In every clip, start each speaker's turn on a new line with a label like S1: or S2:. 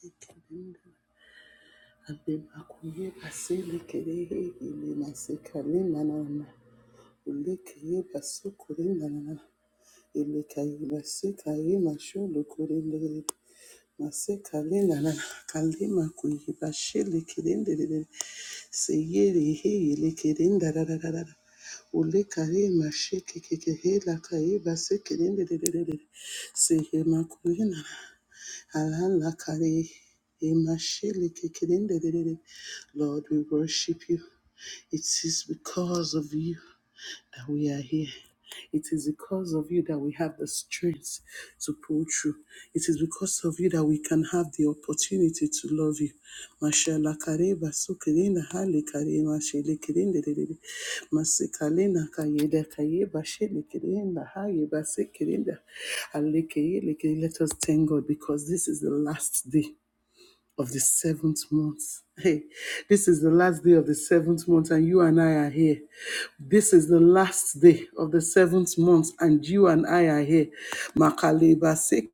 S1: Ilika yibasika yimasho lukurinde Masekalinda na kalima kuyibashili kirinde rere seyiri hili kirinda rararara ule karima shiki kiki hila kaiba sekirinde rere rere sehema kulina alala kari imashili kikirinde rere Lord we worship you it is because of you that we are here it is because of you that we have the strength to pull through. It is because of you that we can have the opportunity to love you. Mashallah kareba sukirinda hali karema shele kirinde dedede. Masikalina kayeda kayeba shele kirinda hayeba sekirinde. Alekeye lekeye. Let us thank God because this is the last day of the seventh month. Hey, this is the last day of the seventh month, and you and I are here. This is the last day of the seventh month, and you and I are here. Makaleba se-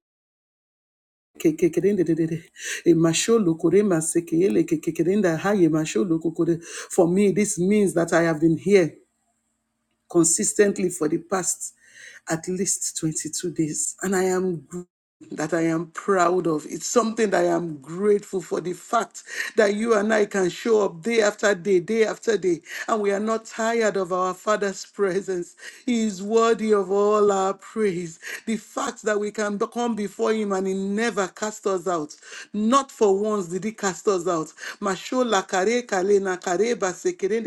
S1: ke- ke- ke- den- de- de- de- de. E masho loko re mase ke ele ke- ke- ke- den da ha ye masho loko ko For me, this means that I have been here consistently for the past at least 22 days, and I am that I am proud of. It's something that I am grateful for the fact that you and I can show up day after day, day after day, and we are not tired of our Father's presence. He is worthy of all our praise. The fact that we can be- come before Him and He never cast us out. Not for once did He cast us out. Mashola kare kale na kare base kere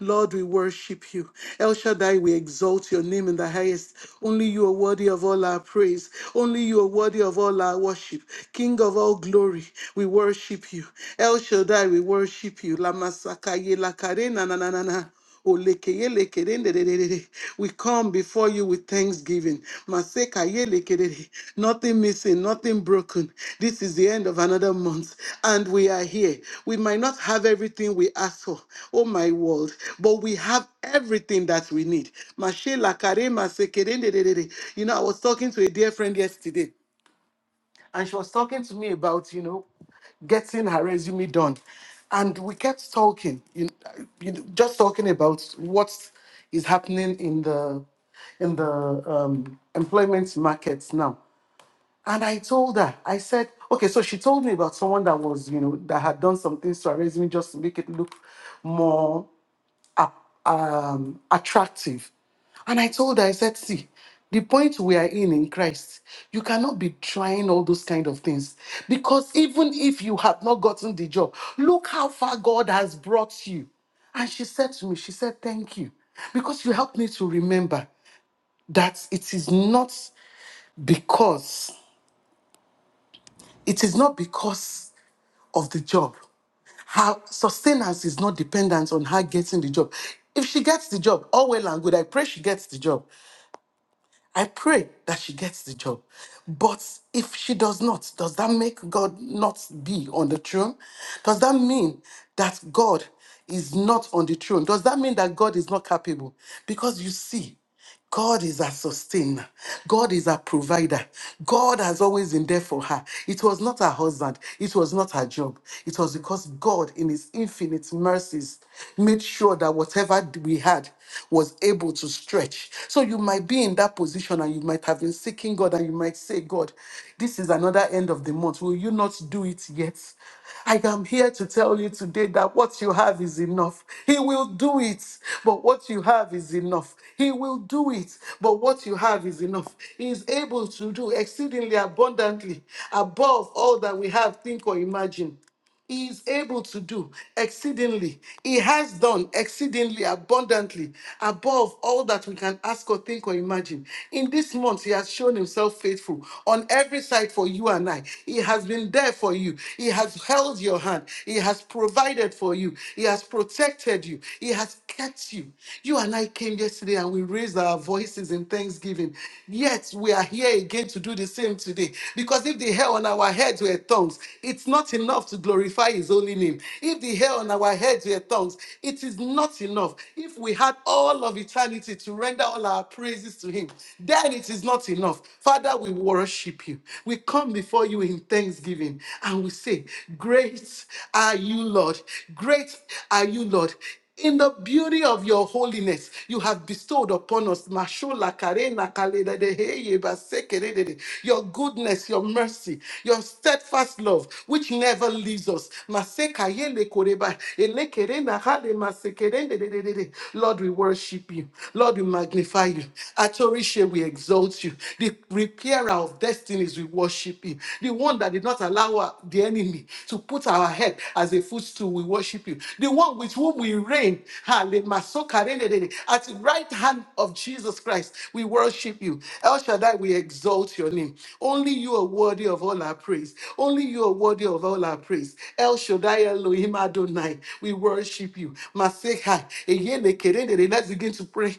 S1: Lord, we worship you. El Shaddai, we exalt your name in the highest. Only you are worthy of all our praise. Only you are you are worthy of all our worship. King of all glory, we worship you. El Shaddai, we worship you. Lamasakaye lakare na na na na na. Olekeye lekere ndererere. We come before you with thanksgiving. Masekaye lekerere. Nothing missing, nothing broken. This is the end of another month, and we are here. We might not have everything we asked for, oh my world, but we have everything that we need. Mashe lakare masekere ndererere. You know, I was talking to a dear friend yesterday and she was talking to me about you know getting her resume done and we kept talking you know, you know, just talking about what is happening in the in the um, employment markets now and i told her i said okay so she told me about someone that was you know that had done something to her resume just to make it look more a- um, attractive. And I told her, I said, see, the point we are in in Christ, you cannot be trying all those kind of things. Because even if you have not gotten the job, look how far God has brought you. And she said to me, she said, thank you. Because you helped me to remember that it is not because, it is not because of the job. Her sustenance is not dependent on her getting the job. If she gets the job, all well and good. I pray she gets the job. I pray that she gets the job. But if she does not, does that make God not be on the throne? Does that mean that God is not on the throne? Does that mean that God is not capable? Because you see, God is our sustainer. God is our provider. God has always been there for her. It was not her husband. It was not her job. It was because God, in His infinite mercies, made sure that whatever we had was able to stretch. So you might be in that position and you might have been seeking God and you might say, God, this is another end of the month. Will you not do it yet? I am here to tell you today that what you have is enough. He will do it, but what you have is enough. He will do it, but what you have is enough. He is able to do exceedingly abundantly above all that we have, think, or imagine. He is able to do exceedingly. He has done exceedingly abundantly above all that we can ask or think or imagine. In this month, He has shown Himself faithful on every side for you and I. He has been there for you. He has held your hand. He has provided for you. He has protected you. He has kept you. You and I came yesterday and we raised our voices in thanksgiving. Yes, yet we are here again to do the same today. Because if the hair on our heads were tongues, it's not enough to glorify His holy name. If the hair on our heads were tongues, it is not enough. If we had all of eternity to render all our praises to Him, then it is not enough. Father, we worship You. We come before You in thanksgiving and we say, Great are You, Lord. Great are You, Lord. In the beauty of your holiness, you have bestowed upon us Mashola karena kalededeheye basekeredede, your goodness, your mercy, your steadfast love, which never leaves us. Masekayele koreba, elekerena hale masekerendedededede. Lord, we worship you. Lord, we magnify you. Atorishe, we exalt you. The repairer of destinies, we worship you the one that did not allow our- the enemy to put our head as a footstool. We worship you. The one with whom we reign, ha, at the right hand of Jesus Christ, we worship you. El Shaddai, we exalt your name. Only you are worthy of all our praise. Only you are worthy of all our praise. El Shaddai Elohim Adonai, we worship you. Masehai, Eyele Let's begin to pray.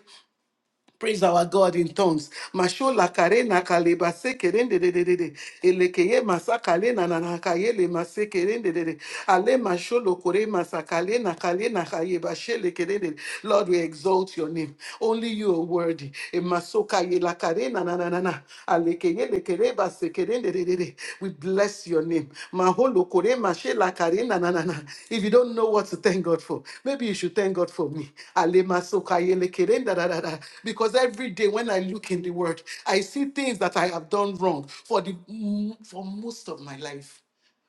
S1: Praise our God in tongues. Mashola karena kaleba sekerende de de de de. Elekeye masakale na na na kayele masekerende de de. Ale masholo kore masakale na kale na kayeba shele kerende. Lord, we exalt your name. Only you are worthy. E yela karena na na na na. Alekeye lekereba sekerende de de de. We bless your name. Maholo kore mashela karena na na na. If you don't know what to thank thank God for. Maybe you should thank God for me. Alema soka yele kerenda da da da. Because every day when I look in the word, I see things that I have done wrong for the mm, for most of my life.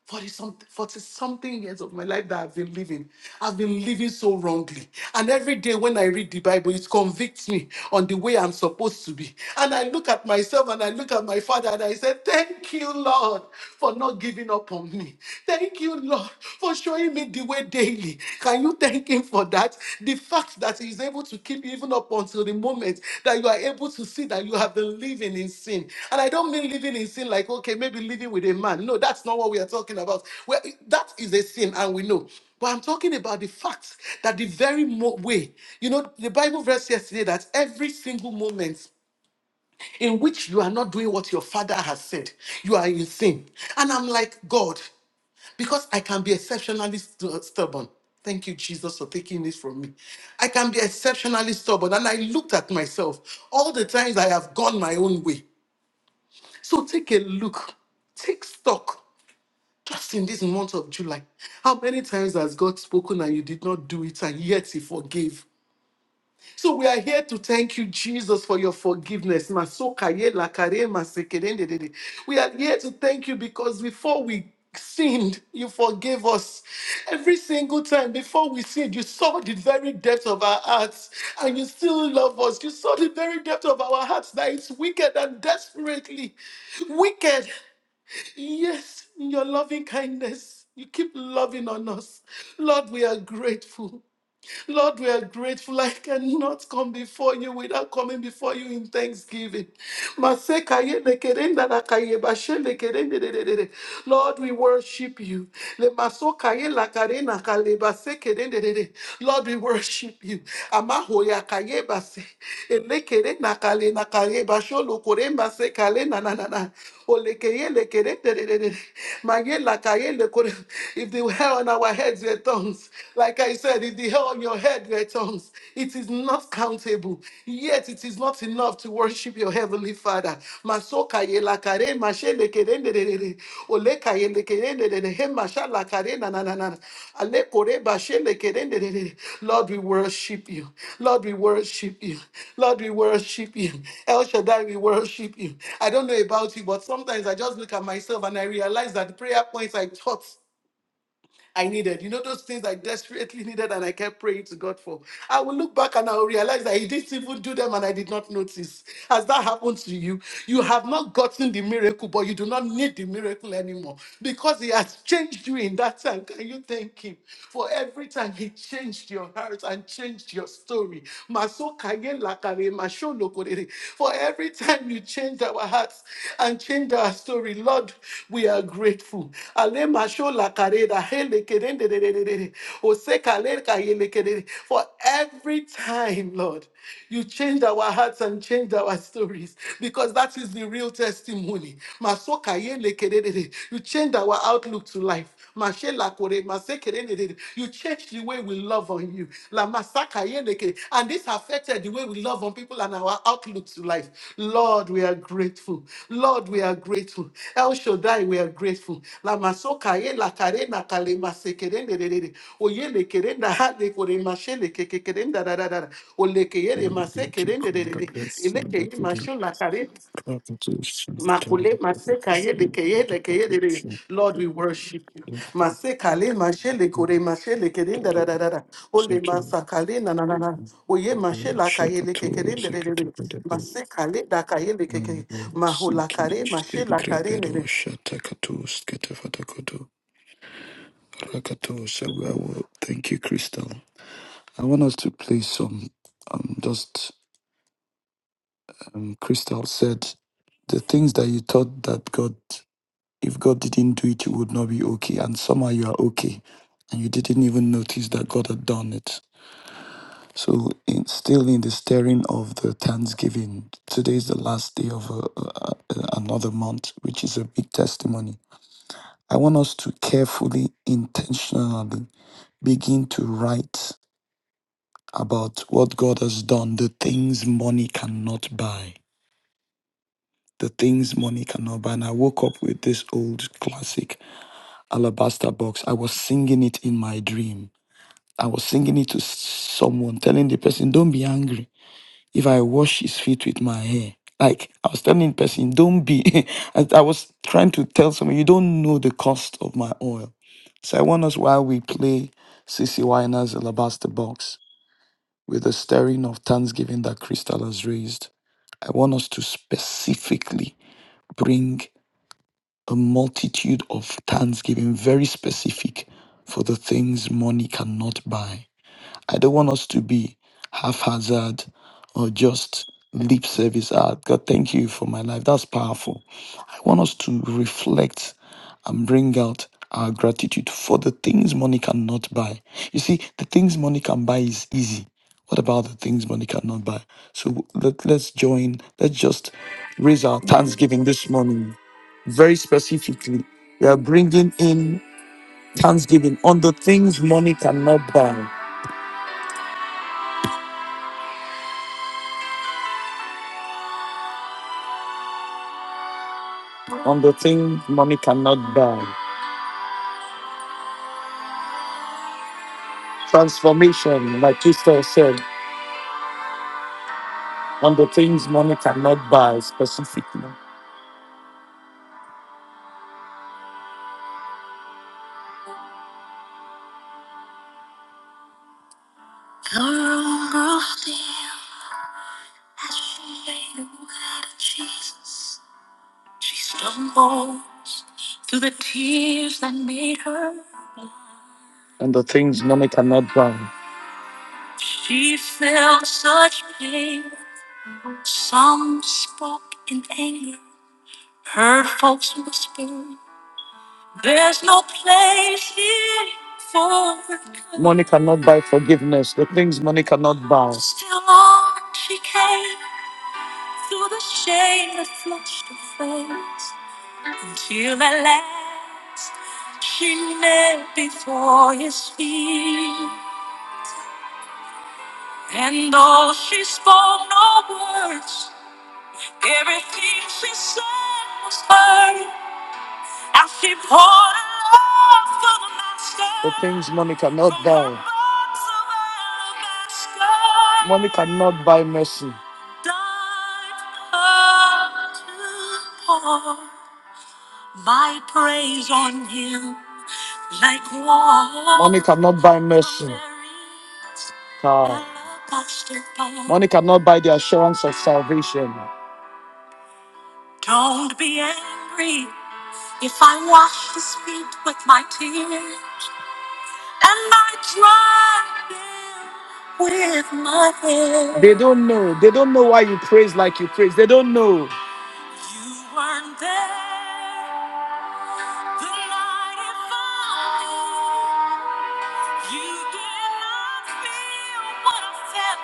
S1: 40 something, 40 something years of my life that I've been living. I've been living so wrongly. And every day when I read the Bible, it convicts me on the way I'm supposed to be. And I look at myself and I look at my father and I say, Thank you, Lord, for not giving up on me. Thank you, Lord, for showing me the way daily. Can you thank Him for that? The fact that He is able to keep you even up until the moment that you are able to see that you have been living in sin. And I don't mean living in sin like, okay, maybe living with a man. No, that's not what we are talking about. Well, that is a sin, and we know. But I'm talking about the fact that the very mo- way, you know, the Bible verse yesterday that every single moment in which you are not doing what your father has said. You are in sin. And I'm like, God, because I can be exceptionally st- stubborn. Thank you, Jesus, for taking this from me. I can be exceptionally stubborn. And I looked at myself all the times I have gone my own way. So take a look, take stock. Just in this month of July, how many times has God spoken and you did not do it, and yet He forgave? So we are here to thank you, Jesus, for your forgiveness. Masoka lakare masekerendedede. We are here to thank you because before we sinned, you forgave us. Every single time before we sinned, you saw the very depth of our hearts and you still love us. You saw the very depth of our hearts that it's wicked and desperately wicked. Yes, in your loving kindness. You keep loving on us. Lord, we are grateful. Lord, we are grateful. I cannot come before you without coming before you in thanksgiving. Masekaye lekerenda lakaye bashende kerende dededede. Lord, we worship you. Lemasokaye lakarena kale basekerende dede. Lord, we worship you. Amahoya kaye base. Elekerena kale nakaye basholo koremba sekale na na na na. Olekeye lekere tererere. Maye lakaye lekore. If the hair on our heads were tongues, like I said, if the hair on your head were tongues, it is not countable. Yet it is not enough to worship your heavenly Father. Masokaye lakare, mashe lekere tererere. Ole kayele kerende de de he mashala karena na na na. Ale kore bashele kerende de de. Lord, we worship you. Lord, we worship you. Lord, we worship you. El Shaddai, we worship you. I don't know about you, but sometimes I just look at myself and I realize that prayer points I taught I needed. You know, those things I desperately needed and I kept praying to God for. I will look back and I will realize that He didn't even do them and I did not notice. Has that happened to you? You have not gotten the miracle, but you do not need the miracle anymore because He has changed you in that time. Can you thank Him for every time He changed your heart and changed your story? Masokaye lakare, masholokore. For every time you change our hearts and change our story, Lord, we are grateful. Ale masho la kareda, hele kerende de de de de de, ose kaler ka yele kerede. For every time, Lord, you changed our hearts and changed our stories because that is the real testimony. Masoka yele kerede de. You changed our outlook to life. Mashela kore, masekerendere. You changed the way we love on you. La masaka yeneke. And this affected the way we love on people and our outlook to life. Lord, we are grateful. Lord, we are grateful. El Shaddai, we are grateful. La masoka ye la kare na kale masekerendere. Oye le kerenda ha le kore mashele ke ke da da da. da. Ole ke yere
S2: Thank
S1: masekerendere.
S2: you,
S1: Ele ke ye mashola kare Makule, maseka, yele, ke, yele, ke, yele, re. Lord, we worship you. Maseka, le, mashele, kore, mashele, ke, da, da, da, da, da. Ole, masaka, le, na, na, na, na. Oye, mashela, ka, yele, ke, ke, da, da, da, da. Maseka, le, da, ka, yele, ke, ke. Mahula, ka, re, mashela, ka, ne, ne.
S2: Crystal. I want us to play some. Um, just um, Crystal said the things that you thought that God If God didn't do it, you would not be okay. And somehow you are okay. And you didn't even notice that God had done it. So, in, still in the stirring of the Thanksgiving, today is the last day of a, a, a- another month, which is a big testimony. I want us to carefully, intentionally begin to write about what God has done, the things money cannot buy the things money cannot buy. And I woke up with this old classic. alabaster box. I was singing it in my dream. I was singing it to someone, telling the person, Don't be angry if I wash his feet with my hair. Like I was telling the person, Don't be. I, I was trying to tell someone, You don't know the cost of my oil. So I want us while we play C. C. Winer's alabaster box with the stirring of thanksgiving that Crystal has raised. I want us to specifically bring a multitude of thanksgiving, very specific for the things money cannot buy. I don't want us to be haphazard or just lip service. Ah, God, thank you for my life. That's powerful. I want us to reflect and bring out our gratitude for the things money cannot buy. You see, the things money can buy is easy. What about the things money cannot buy? So let, let's join, let's just raise our thanksgiving this morning very specifically. We are bringing in thanksgiving on the things money cannot buy, on the things money cannot buy. Transformation, like Crystal said, on the things money cannot buy specifically. And the things money cannot buy. Some spoke in anger, heard folks whisper, There's no place here for good." Money cannot buy forgiveness, the things money cannot buy. Still on she came through the shame that flushed her face, until at last she knelt before his feet. And though she spoke no words, everything she said was heard. the things money cannot buy. Money cannot buy mercy. Died My praise on him like water. Money cannot buy mercy. Ah. Money cannot buy the assurance of salvation. Don't be angry if I wash his feet with my tears. Am I driving with my head? They don't know. They don't know why you praise like you praise. They don't know. You weren't there the night it fell. You did not feel what I felt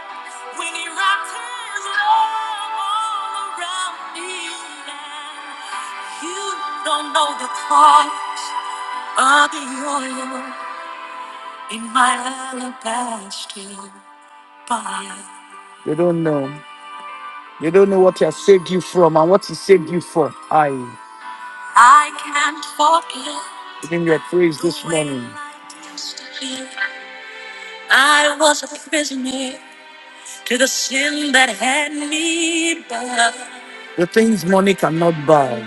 S2: when he wrapped his love all around me. And you don't know the cost of the oil in my alabaster box. They don't know. They don't know what he has saved you from and what he saved you for. I. I can't forget. Give him your praise this the way morning. I used to be. I was a prisoner to the sin that had me bound. The things money cannot buy.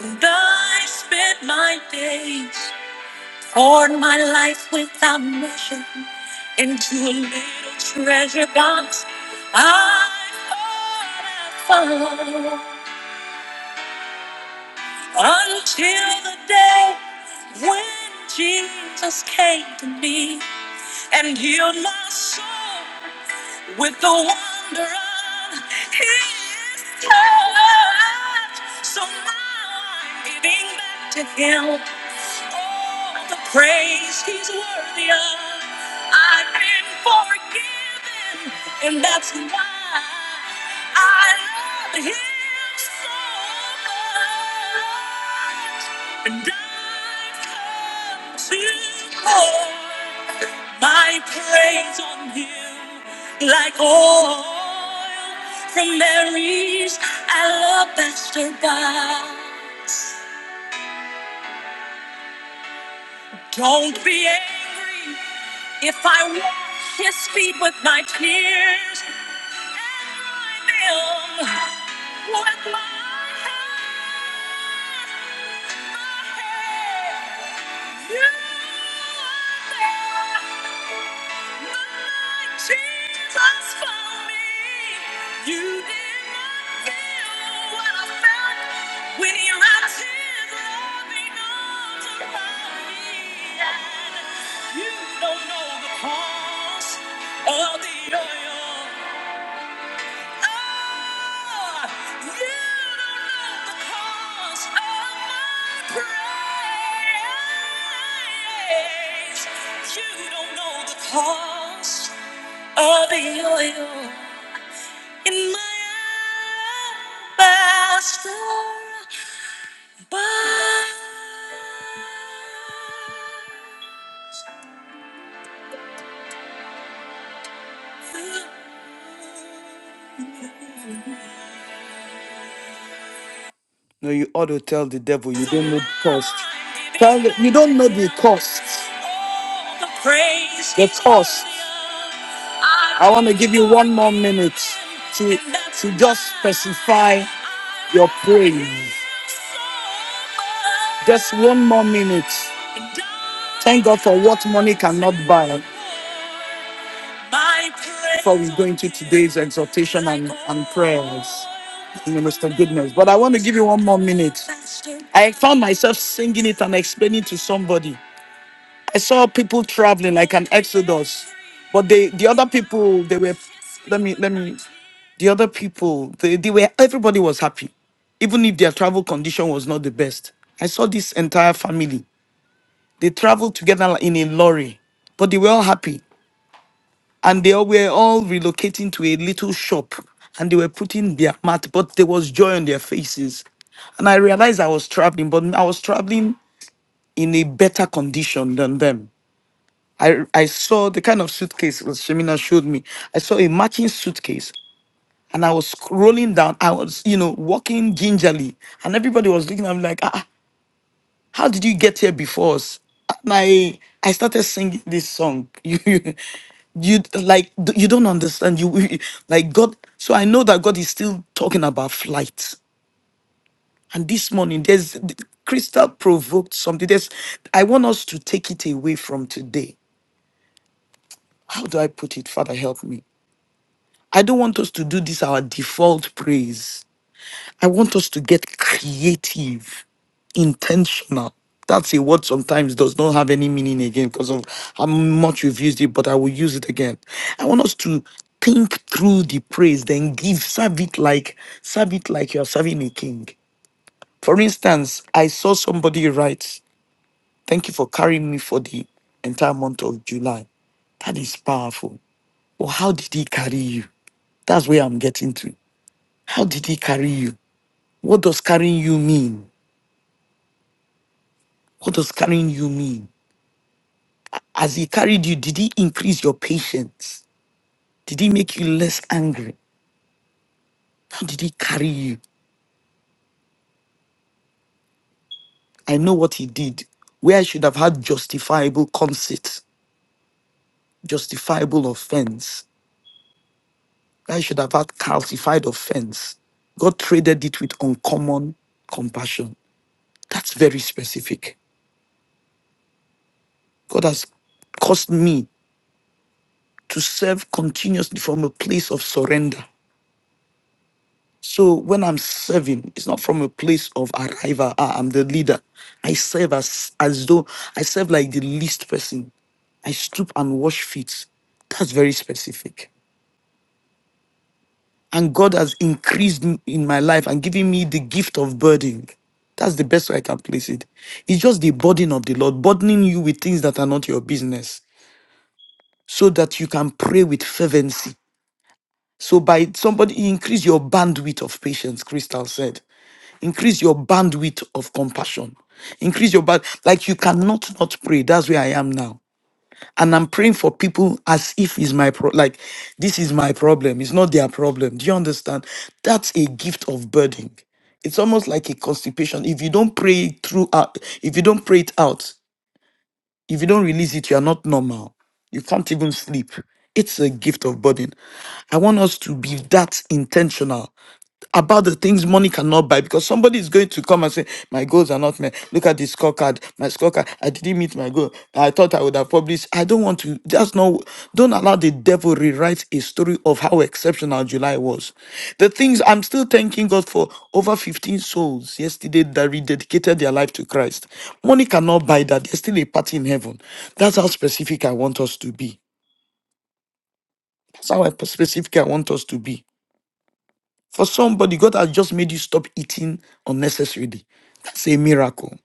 S2: And I spent my days Poured my life without measure into a little treasure box. I thought I found until the day when Jesus came to me and healed my soul with the wonder of his touch. So now I'm giving back to him all the praise he's worthy of. I've been forgiven, and that's why I love him so much. And I've come to pour my praise on You like oil from Mary's alabaster box. Don't be angry if I wash his feet with my tears and dry them with my hair. You don't know the cost of the oil. Oh, you don't know the cost of my praise. You don't know the cost of the oil in my alabaster box. No, you ought to tell the devil you don't know the cost. Tell the, you don't know the cost. The cost. I want to give you one more minute to to just specify your praise. Just one more minute. Thank God for what money cannot buy. Before we go into today's exhortation and, and prayers, Minister Goodness, but I want to give you one more minute. I found myself singing it and explaining to somebody. I saw people traveling like an exodus, but they the other people they were. Let me let me. The other people they, they were everybody was happy even if their travel condition was not the best. I saw this entire family. They traveled together in a lorry, but they were all happy and they all were all relocating to a little shop and they were putting their mat, but there was joy on their faces. And I realized I was traveling, but I was traveling in a better condition than them. I, I saw the kind of suitcase was Shemina showed me. I saw a matching suitcase and I was rolling down. I was, you know, walking gingerly and everybody was looking at me like, ah, ah, how did you get here before us? My, I started singing this song. You, you, you like d- you don't understand. You you- like God. So I know that God is still talking about flight. And this morning, there's Crystal provoked something. There's, I want us to take it away from today. How do I put it? Father, help me. I don't want us to do this our default praise. I want us to get creative, intentional. That's a word sometimes does not have any meaning again because of how much you've used it, but I will use it again. I want us to think through the praise, then give, serve it like serve it like you're serving a king. For instance, I saw somebody write, Thank you for carrying me for the entire month of July. That is powerful. But how did he carry you? That's where I'm getting to. How did he carry you? What does carrying you mean? What does carrying you mean? As he carried you, did he increase your patience? Did he make you less angry? How did he carry you? I know what he did. Where I should have had justifiable conceit, justifiable offense, where I should have had calcified offense, God traded it with uncommon compassion. That's very specific. God has caused me to serve continuously from a place of surrender. So when I'm serving, it's not from a place of arrival. Ah, I'm the leader. I serve as as though I serve like the least person. I stoop and wash feet. That's very specific. And God has increased m- in my life and given me the gift of burdening. That's the best way I can place it. It's just the burden of the Lord, burdening you with things that are not your business, so that you can pray with fervency. So by somebody he increase your bandwidth of patience, Crystal said. increase your bandwidth of compassion increase your band like you cannot not pray that's where i am now and i'm praying for people as if is my pro like this is my problem it's not their problem do you understand that's a gift of burden it's almost like a constipation if you don't pray it through uh, if you don't pray it out if you don't release it you are not normal you can't even sleep it's a gift of burden i want us to be that intentional about the things money cannot buy because somebody is going to come and say, My goals are not met. Look at the scorecard. My scorecard, I didn't meet my goal. I thought I would have published. I don't want to. just not. Don't allow the devil rewrite a story of how exceptional July was. The things I'm still thanking God for over 15 souls yesterday that rededicated their life to Christ. Money cannot buy that. There's still a party in heaven. That's how specific I want us to be. That's how specific I want us to be. For somebody, God has just made you stop eating unnecessarily. That's a miracle.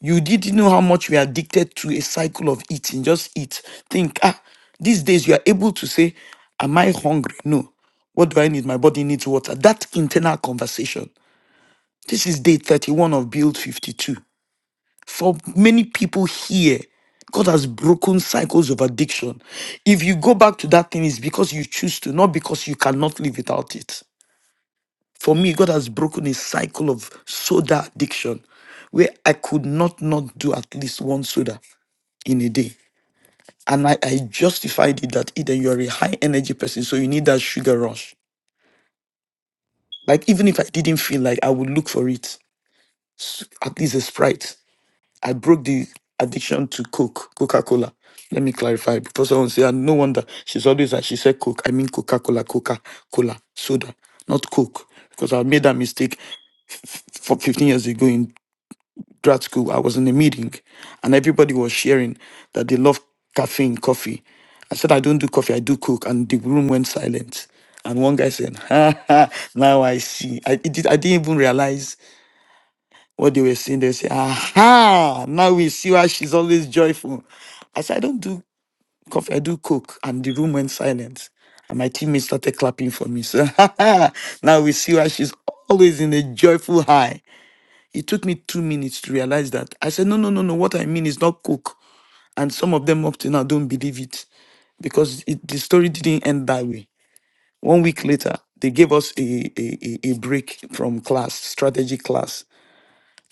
S2: You didn't know how much we are addicted to a cycle of eating. Just eat. Think, ah, these days you are able to say, Am I hungry? No. What do I need? My body needs water. That internal conversation. This is day 31 of Build 52. For many people here, God has broken cycles of addiction. If you go back to that thing, it's because you choose to, not because you cannot live without it. For me, God has broken a cycle of soda addiction where I could not not do at least one soda in a day. And I, I justified it that either you're a high energy person, so you need that sugar rush. Like, even if I didn't feel like I would look for it, at least a Sprite. I broke the addiction to Coke, Coca Cola. Let me clarify because someone say, and no wonder she's always like, she said Coke. I mean Coca Cola, Coca Cola, soda, not Coke. Because I made that mistake for 15 years ago in. grad school, I was in a meeting and everybody was sharing that they love caffeine, coffee. I said, I don't do coffee, I do cook. And the room went silent. And one guy said, ha, ha now I see. I, it did, I didn't even realize what they were saying. They said, aha, now we see why she's always joyful. I said, I don't do coffee, I do cook. And the room went silent. And my teammates started clapping for me. So, ha, ha, now we see why she's always in a joyful high. It took me two minutes to realize that. I said, no, no, no, no. What I mean is not cook. And some of them up to now don't believe it because it, the story didn't end that way. One week later, they gave us a, a, a a break from class, strategy class.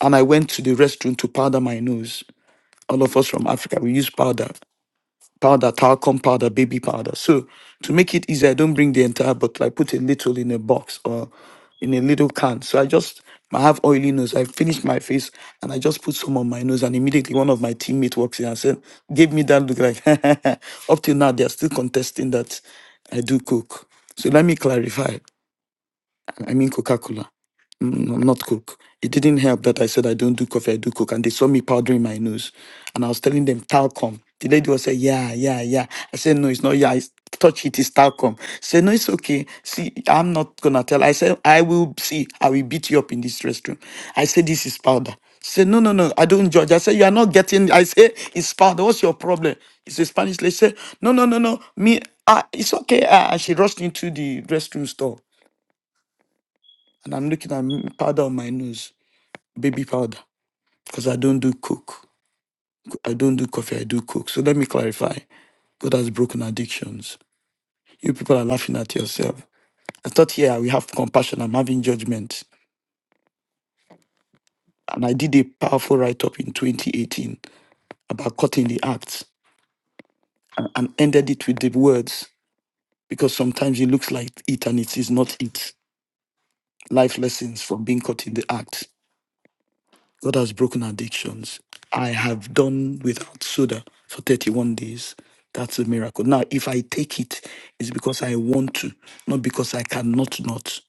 S2: And I went to the restroom to powder my nose. All of us from Africa, we use powder powder, talcum powder, baby powder. So to make it easy, I don't bring the entire bottle. I put a little in a box or in a little can. So I just I have oily nose. I finished my face and I just put some on my nose and immediately one of my teammates walks in and said, gave me that look like up till now they're still contesting that I do coke. So let me clarify. I mean Coca-Cola no- not cook. It didn't help that I said I don't do coffee, I do cook. And they saw me powdering my nose. And I was telling them, talcum. The lady was saying, yeah, yeah, yeah. I said, no, it's not, yeah, it's, touch it, it's talcum. She said, no, it's okay. See, I'm not going to tell. I said, I will see, I will beat you up in this restroom. I said, this is powder. She said, no, no, no, I don't judge. I said, you are not getting, I say, it's powder. What's your problem? It's a Spanish lady. She said, no, no, no, no, me, ah, it's okay. Ah, and she rushed into the restroom store and I'm looking at m- powder on my nose baby powder because I don't do coke. I don't do coffee. I do coke. So let me clarify. God has broken addictions. You people are laughing at yourself. I thought, yeah, we have compassion. I'm having judgment. And I did a powerful write up in 2018 about cutting the act and and ended it with the words because sometimes it looks like it and it is not it. Life lessons from being caught in the act. God has broken addictions. I have done without soda for 31 days. That's a miracle. Now, if I take it, it's because I want to, not because I cannot not.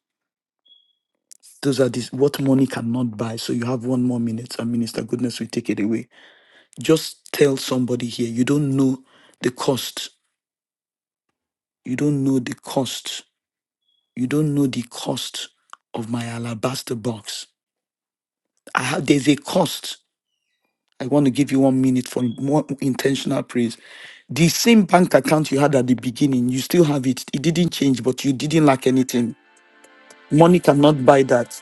S2: Those are these what money cannot buy. So you have one more minute, and Minister Goodness will take it away. Just tell somebody here you don't know the cost. You don't know the cost. You don't know the cost of my alabaster box. I have there's a cost I want to give you one minute for more intentional praise. The same bank account you had at the beginning, you still have it. It didn't change, but you didn't lack anything. Money cannot buy that.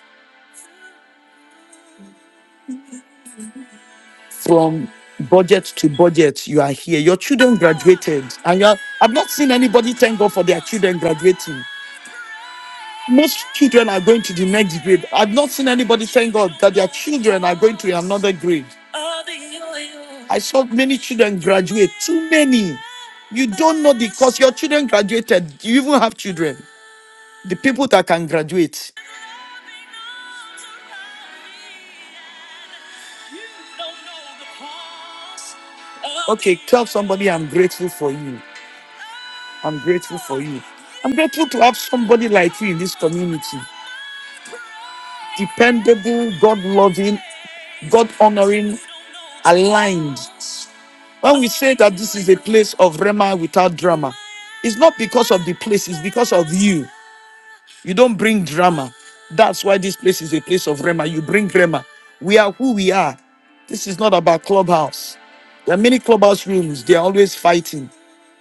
S2: From budget to budget, you are here. Your children graduated, and you are, I've not seen anybody thank God for their children graduating. Most children are going to the next grade. I've not seen anybody thank God that their children are going to another grade. I saw many children graduate, too many. You don't know the because your children graduated. You even have children. The people that can graduate. Okay, tell somebody I'm grateful for you. I'm grateful for you. I'm grateful for you in this community. Dependable, God loving, God honoring, aligned. When we say that this is a place of Rema without drama, it's not because of the place, it's because of you. You don't bring drama. That's why this place is a place of Rema. You bring Rema. We are who we are. This is not about clubhouse. There are many clubhouse rooms. They are always fighting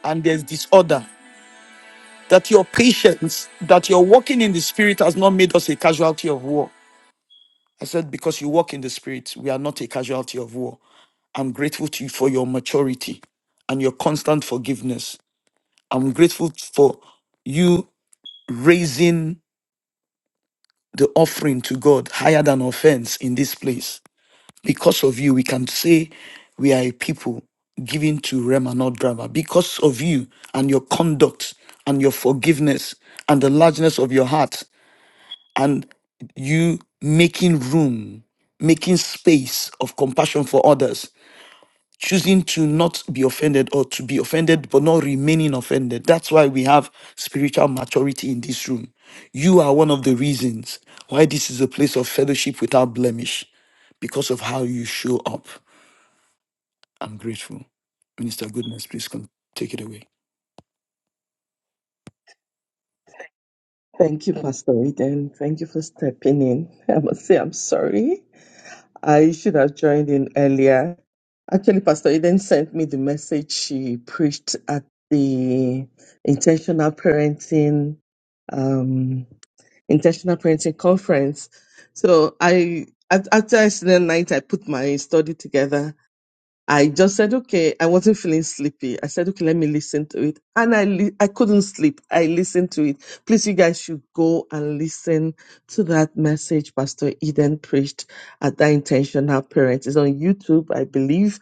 S2: and there's disorder. That your patience, that your walking in the spirit has not made us a casualty of war. I said, because you walk in the spirit, we are not a casualty of war. I'm grateful to you for your maturity and your constant forgiveness. I'm grateful for you raising the offering to God higher than offense in this place. Because of you, we can say we are a people given to Rema, not drama. Because of you and your conduct and your forgiveness and the largeness of your heart and you making room, making space of compassion for others, choosing to not be offended or to be offended but not remaining offended. That's why we have spiritual maturity in this room. You are one of the reasons why this is a place of fellowship without blemish because of how you show up. I'm grateful. Minister Goodness, please come take it away.
S3: Thank you, Pastor Eden. Thank you for stepping in. I must say I'm sorry. I should have joined in earlier. Actually, Pastor Eden sent me the message she preached at the intentional parenting um, intentional parenting conference. So I at, after yesterday night, I put my study together I just said, okay, I wasn't feeling sleepy. I said, okay, let me listen to it. And I, li- I couldn't sleep. I listened to it. Please, you guys should go and listen to that message Pastor Eden preached at that intentional parents It's on YouTube, I believe.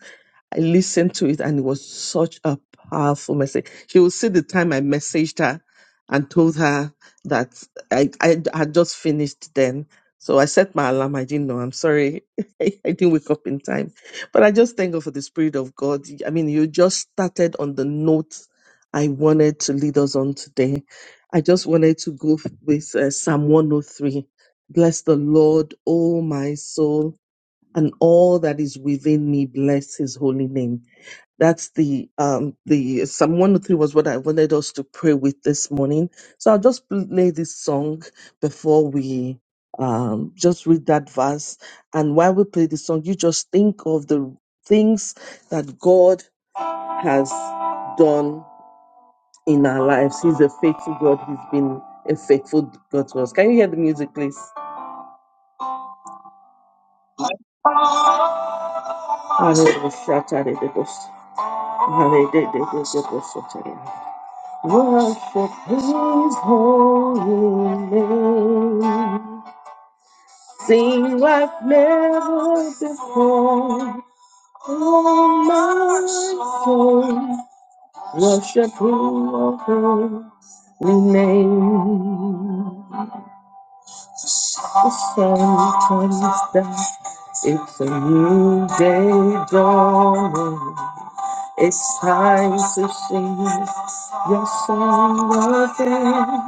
S3: I listened to it and it was such a powerful message. She will see the time I messaged her and told her that I, I had just finished then. So I set my alarm. I didn't know. I'm sorry. I didn't wake up in time but I just thank God for the Spirit of God. I mean, you just started on the note I wanted to lead us on today. I just wanted to go with uh, Psalm 103. Bless the Lord, O my soul, and all that is within me, bless his holy name. That's the um the Psalm 103 was what I wanted us to pray with this morning. So I'll just play this song before we um just read that verse. And while we play the song, you just think of the things that God has done in our lives. He's a faithful God. He's been a faithful God to us. Can you hear the music, please? Worship his holy name. Sing like never before. Oh, my soul, worship his holy name. The sun comes down, it's a new day dawning. It's time to sing your song again.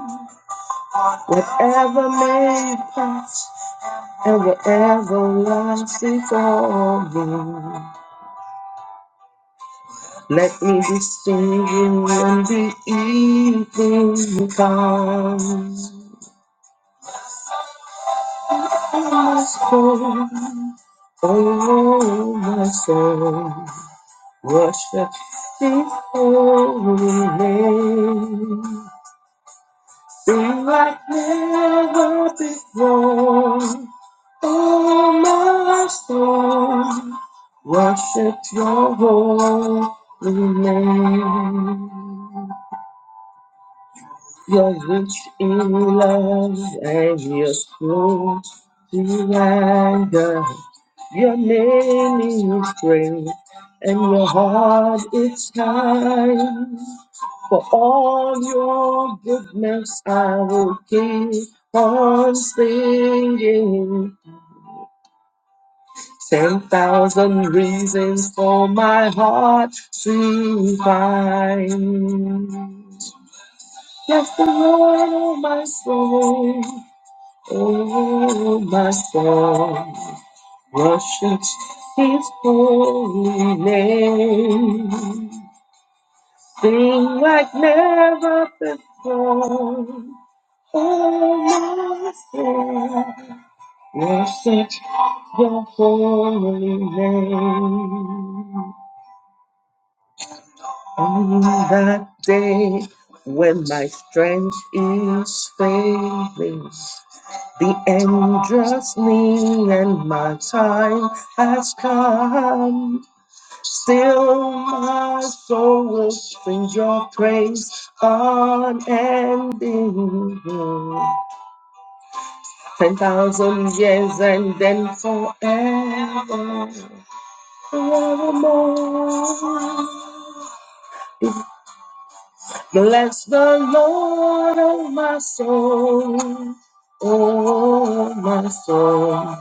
S3: Whatever may pass. And ever, everlasting sorrow. Let me be singing when the evening comes. Oh, my soul, oh, my soul, worship the holy name. Sing like never before. All of my life long, worshipped your holy name. You're rich in love and you're slow to anger. Your name is great and your heart is kind. For all your goodness, I will keep on singing. 10,000 reasons for my heart to find. Bless the Lord, oh my soul, oh my soul. Worship his holy name. Sing like never before. Oh my soul, worship your holy name. On that day when my strength is failing, the end draws near and my time has come. Still, my soul will sing your praise unending. Ten thousand years and then forever, forevermore. The Bless the Lord, oh my soul, oh my soul,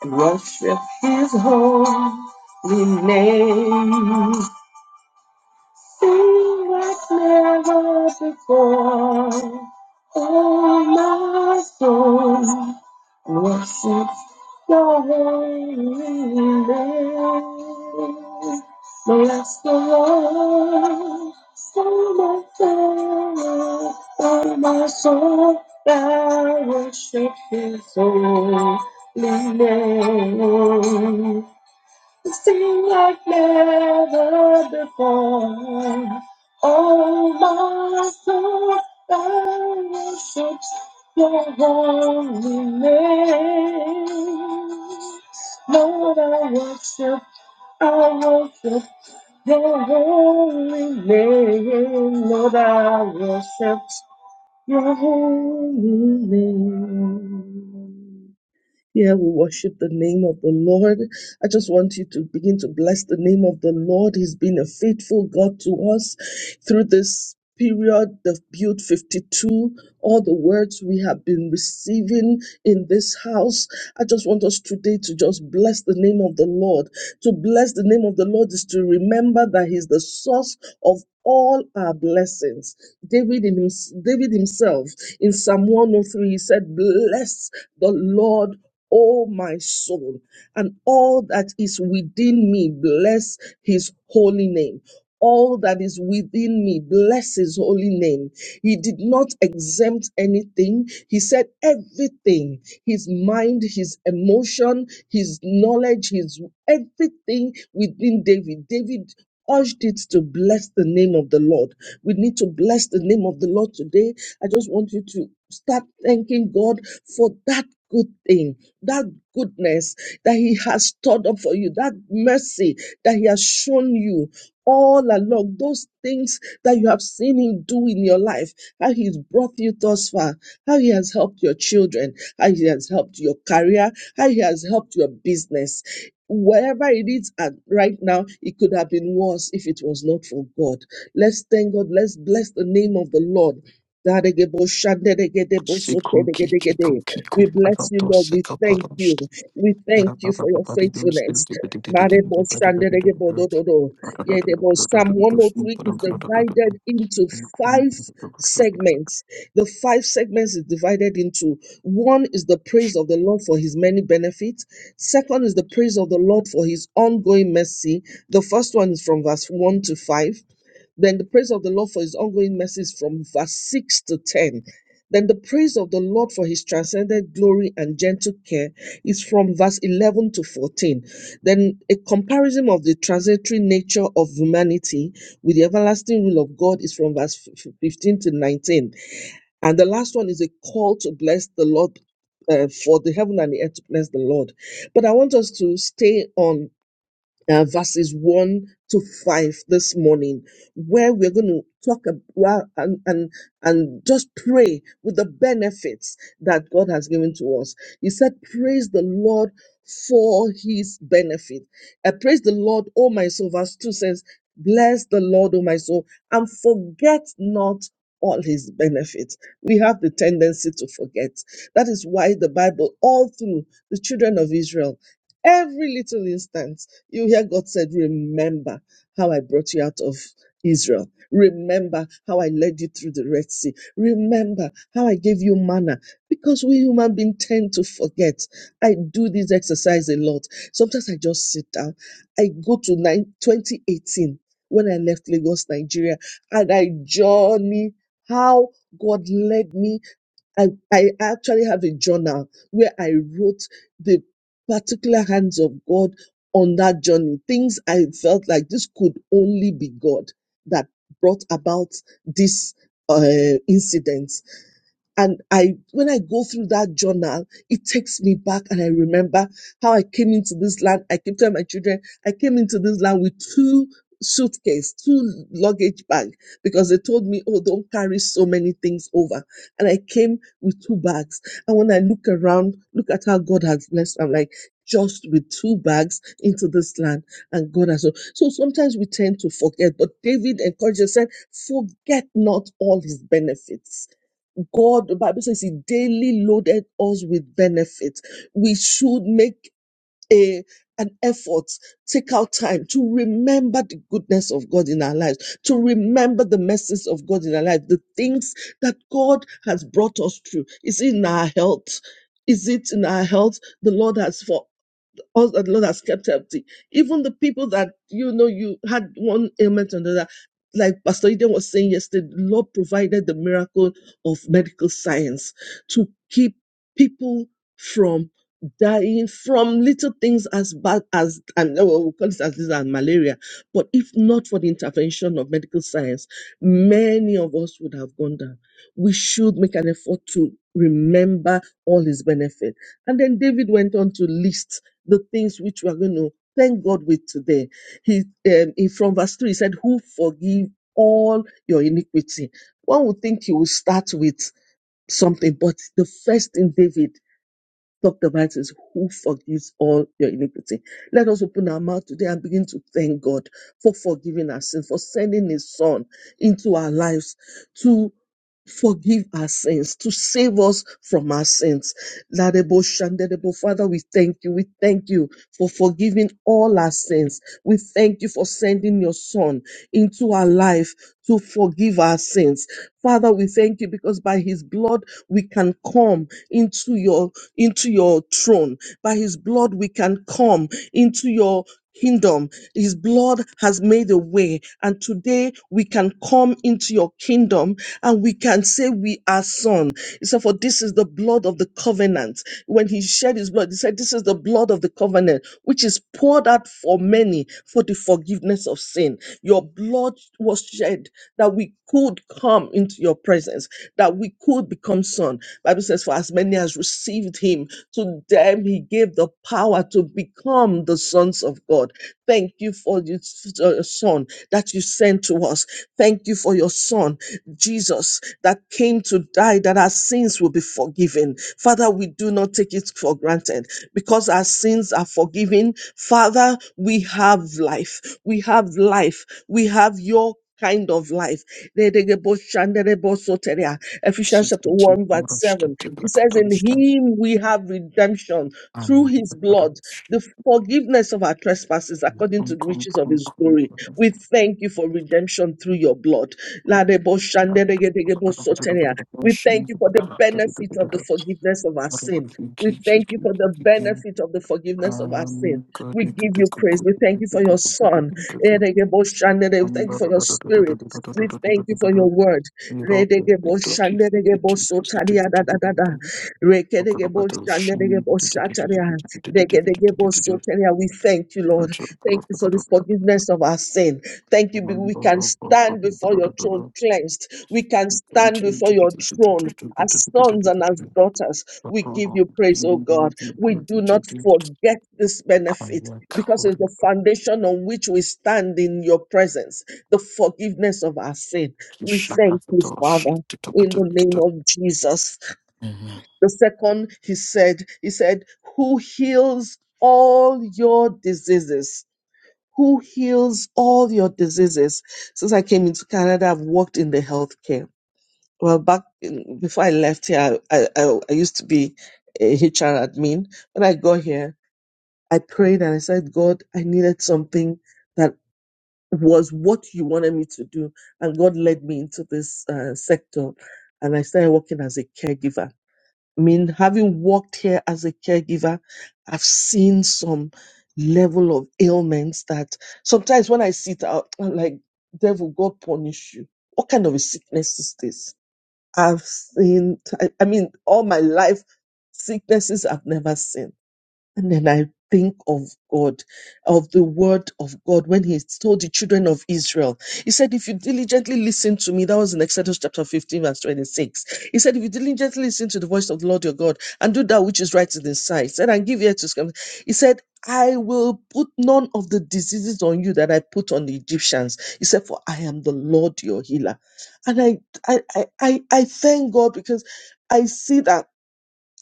S3: and worship his holy name. Sing like never before. Oh, my soul worships your holy name. Bless the Lord, oh my soul, oh my soul, I worship His holy name. Sing like never before. Oh, my soul, I worship your holy name. Lord, I worship, I worship your holy name. Lord, I worship your holy name. Yeah, we worship the name of the Lord. I just want you to begin to bless the name of the Lord. He's been a faithful God to us through this period of Build 52, all the words we have been receiving in this house. I just want us today to just bless the name of the Lord. To bless the name of the Lord is to remember that He's the source of all our blessings. David, in hims- David himself in Psalm 103, he said, Bless the Lord O my soul, and all that is within me, bless his holy name. All that is within me, bless his holy name. He did not exempt anything. He said everything his mind, his emotion, his knowledge, his everything within David. David urged it to bless the name of the Lord. We need to bless the name of the Lord today. I just want you to start thanking God for that good thing that goodness that He has stored up for you, that mercy that He has shown you all along, those things that you have seen Him do in your life, how He's brought you thus far, how He has helped your children, how He has helped your career, how He has helped your business. Wherever it is at right now, it could have been worse if it was not for God. Let's thank God. Let's bless the name of the Lord.
S2: Siku kiki kuki ku
S3: We bless you,
S2: parato
S3: Lord. We
S2: seka
S3: thank you.
S2: paromst.
S3: We thank
S2: Era
S3: you
S2: papa
S3: for your
S2: papa di dum stil
S3: faithfulness.
S2: di di di di di di di
S3: Marebo
S2: di
S3: shanderege bodododo. Yedebo. Psalm
S2: di di
S3: 103 is divided into five
S2: di di.
S3: segments. The five segments is divided into one is the praise of the Lord for his many benefits. Second is the praise of the Lord for his ongoing mercy. The first one is from verse 1 to 5. Then the praise of the Lord for his ongoing mercies from verse 6 to 10. Then the praise of the Lord for his transcendent glory and gentle care is from verse 11 to 14. Then a comparison of the transitory nature of humanity with the everlasting will of God is from verse 15 to 19. And the last one is a call to bless the Lord uh, for the heaven and the earth to bless the Lord. But I want us to stay on uh, verses 1 to 5 this morning, where we're going to talk about and, and, and just pray with the benefits that God has given to us. He said, Praise the Lord for his benefit. Uh, praise the Lord, O my soul. Verse 2 says, Bless the Lord, O my soul, and forget not all his benefits. We have the tendency to forget. That is why the Bible, all through the children of Israel, every little instance, you hear God said, Remember how I brought you out of Israel. Remember how I led you through the Red Sea. Remember how I gave you manna. Because we human beings tend to forget. I do this exercise a lot. Sometimes I just sit down. I go to nine, 2018 when I left Lagos, Nigeria, and I journey how God led me I, I actually have a journal where I wrote the particular hands of God on that journey. Things I felt like this could only be God that brought about this uh, incident and I, when I go through that journal, it takes me back and I remember how I came into this land. I keep telling my children, I came into this land with two suitcase, two luggage bag, because they told me, oh, don't carry so many things over. And I came with two bags. And when I look around, look at how God has blessed. I'm like, just with two bags into this land and God has. So sometimes we tend to forget, but David encourages said, forget not all his benefits God, the Bible says He daily loaded us with benefits. We should make a an effort, take out time to remember the goodness of God in our lives, to remember the message of God in our life, the things that God has brought us through. Is it in our health? Is it in our health? The Lord has for us that the Lord has kept healthy. Even the people that you know you had one ailment or another, like Pastor Eden was saying yesterday, the Lord provided the miracle of medical science to keep people from dying from little things as bad as and oh, we call it as this and malaria. But if not for the intervention of medical science, many of us would have gone down. We should make an effort to remember all his benefit. And then David went on to list the things which we are going to thank God with today. He, um, he from verse three he said, "Who forgive all your iniquity." One would think he would start with something, but the first thing David Talked about is Who forgives all your iniquity? Let us open our mouth today and begin to thank God for forgiving our sins, for sending His Son into our lives to forgive our sins, to save us from our sins. Ladebo Shandedebo, Father, we thank you. We thank you for forgiving all our sins. We thank you for sending your Son into our life to forgive our sins. Father, we thank you because by his blood we can come into your into your throne. By his blood, we can come into your kingdom. His blood has made a way. And today we can come into your kingdom and we can say we are son. He said, for this is the blood of the covenant. When he shed his blood, he said, this is the blood of the covenant, which is poured out for many for the forgiveness of sin. Your blood was shed that we could come into your presence, that we could become son. Bible says, For as many as received him, to them he gave the power to become the sons of God. Thank you for your s- uh, son that you sent to us. Thank you for your son Jesus that came to die that our sins will be forgiven. Father, we do not take it for granted because our sins are forgiven. Father, we have life. We have life. We have your kind of life. Ephesians chapter
S2: Siku ki
S3: 1, verse
S2: paromst
S3: 7.
S2: te
S3: It says, In
S2: bakatomst.
S3: him we have redemption through
S2: And
S3: his
S2: the
S3: blood,
S2: paromst.
S3: the forgiveness of our trespasses according
S2: Kum
S3: to the
S2: kum
S3: riches of
S2: kum
S3: his
S2: kum
S3: glory
S2: kum.
S3: we thank you for redemption through your blood. Ladeboshanderegedegemosoteria. We
S2: Machine.
S3: thank you for the benefit of the forgiveness of our sin. We thank you for the benefit of the forgiveness of our sin.
S2: Um, God,
S3: We
S2: we could
S3: give
S2: do
S3: you
S2: good,
S3: praise.
S2: good,
S3: We thank you for
S2: good,
S3: your
S2: good, good, good,
S3: son.
S2: good, good, good, good.
S3: Eregeboshandere. We
S2: Um,
S3: thank you
S2: da-
S3: for
S2: da-
S3: your
S2: da- da- da- da- da-
S3: spirit.
S2: da- da-
S3: We
S2: da- da- da- da-
S3: thank you
S2: da- da-
S3: for your
S2: da.
S3: word.
S2: We rock it, we do it, we do it, we do it,
S3: Redegeboshanderegebosotaria
S2: we
S3: da da
S2: do it,
S3: da
S2: we
S3: da.
S2: do it. Oh, God, oh, God, oh, shame. Do- do- do- do- do-
S3: Rekedegeboshanderegeboshataria.
S2: do- do- do- do- do- do- do- do- do- do- do.
S3: Rekedegebosotenia. We thank you, Lord.
S2: Rachel, oh,
S3: Thank
S2: God,
S3: you
S2: oh,
S3: for
S2: God,
S3: the
S2: oh, God, oh, God.
S3: forgiveness of our sin. Thank you. be-
S2: Um,
S3: We
S2: da-
S3: can stand before
S2: da-
S3: your
S2: da- God, we could do- do- do-
S3: throne
S2: do.
S3: cleansed. We can
S2: Um, God,
S3: stand
S2: change,
S3: before
S2: do- do-
S3: your
S2: do- do- do-
S3: throne
S2: do- do- do- do-
S3: as
S2: do-
S3: sons
S2: do-
S3: and
S2: do-
S3: as
S2: do.
S3: daughters.
S2: Oh,
S3: We
S2: God,
S3: give
S2: oh,
S3: you praise,
S2: you
S3: oh
S2: know,
S3: God.
S2: do-
S3: We
S2: do-
S3: do
S2: do- do-
S3: not
S2: do.
S3: forget this
S2: I'm
S3: benefit
S2: like,
S3: because
S2: oh,
S3: it's the foundation on which we stand in your presence, the forgiveness of our sin.
S2: you
S3: We
S2: shut
S3: thank
S2: up,
S3: you,
S2: oh,
S3: Father, in the
S2: shit,
S3: name of Jesus.
S2: Amen.
S3: The second, he said, he said, who heals all your diseases who heals all your diseases. Since I came into Canada, I've worked in the healthcare. Well, back in, before I left here, I, I, I used to be a HR admin. When I got here, I prayed and I said, God, I needed something that was what you wanted me to do. And God led me into this uh, sector. And I started working as a caregiver I mean, having worked here as a caregiver, I've seen some level of ailments that sometimes when I sit out, I'm like, devil, God punish you. What kind of a sickness is this? I've seen, I I mean, all my life, sicknesses I've never seen and then I think of God, of the word of God, when he told the children of Israel, he said, If you diligently listen to me, that was in Exodus chapter 15, verse 26. He said, If you diligently listen to the voice of the Lord your God and do that which is right in his sight, said, and give ear to his commandments." He said, I will put none of the diseases on you that I put on the Egyptians. He said, For I am the Lord your healer. And I I I I, I thank God because I see that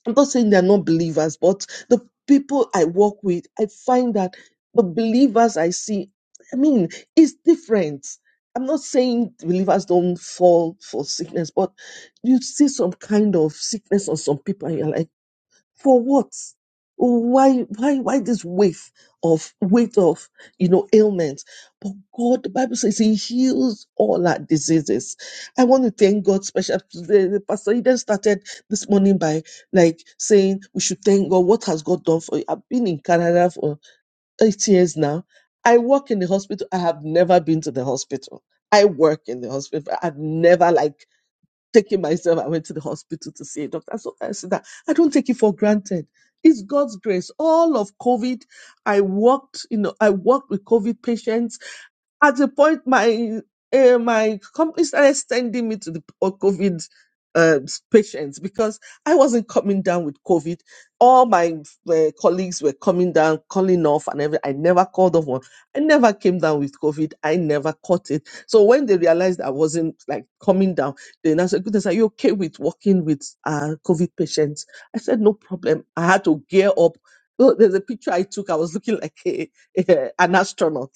S3: I'm not saying they're not believers, but the people I work with, I find that the believers I see, I mean, it's different. I'm not saying believers don't fall for sickness, but you see some kind of sickness on some people, and you're like for what? Oh, Why, why, why this weight of weight of you know ailments? But God, the Bible says He heals all our diseases. I want to thank God. Special the- the Pastor Eden started this morning by like saying we should thank God. What has God done for you? I've been in Canada for eight years now. I work in the hospital. I have never been to the hospital. I work in the hospital. I've never like taking myself, I went to the hospital to see a doctor. So I said that I don't take it for granted. It's God's grace. All of COVID, I worked, you know, I worked with COVID patients. At the point, my uh, my company started sending me to the uh, COVID uh, patients because I wasn't coming down with COVID. All my uh, colleagues were coming down, calling off, and everything. I never called off one. I never came down with COVID. I never caught it. So when they realized I wasn't like coming down, then I said, goodness, are you okay with working with uh, COVID patients? I said, no problem. I had to gear up. Oh, there's a picture I took. I was looking like a, a- an astronaut.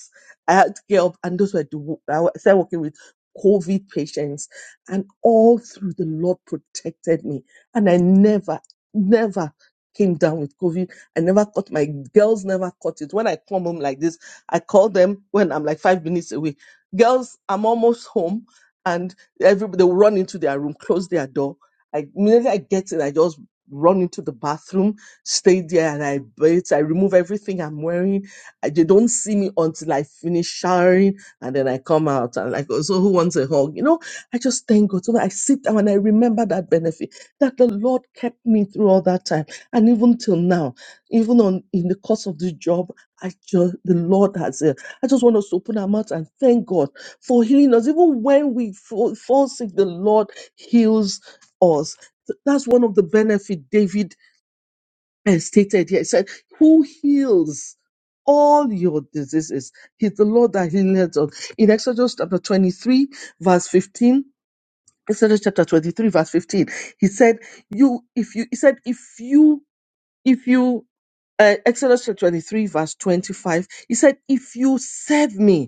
S3: I had to gear up, and those were the wo- I wa- started working with COVID patients, and all through the Lord protected me, and I never, never came down with COVID. I never caught my girls never caught it. When I come home like this, I call them when I'm like five minutes away. Girls, I'm almost home Everybody they will run into their room, close their door. I immediately I get in, I just run into the bathroom, stay there, and I bathe. I remove everything I'm wearing. I, they don't see me until I finish showering, and then I come out and like, oh, so who wants a hug? You know, I just thank God. So I sit down and I remember that benefit that the Lord kept me through all that time, and even till now, even on in the course of this job, I just the Lord has. Uh, I just want us to open our mouth and thank God for healing us. Even when we fall, fall sick, the Lord heals us. Th- That's one of the benefit David eh, stated here. He said, Who heals? All your diseases. He's the Lord that healeth us. In Exodus chapter 23, verse 15, Exodus chapter 23, verse 15, he said, You, if you, he said, if you, if you, uh, Exodus chapter 23, verse 25, he said, if you serve me,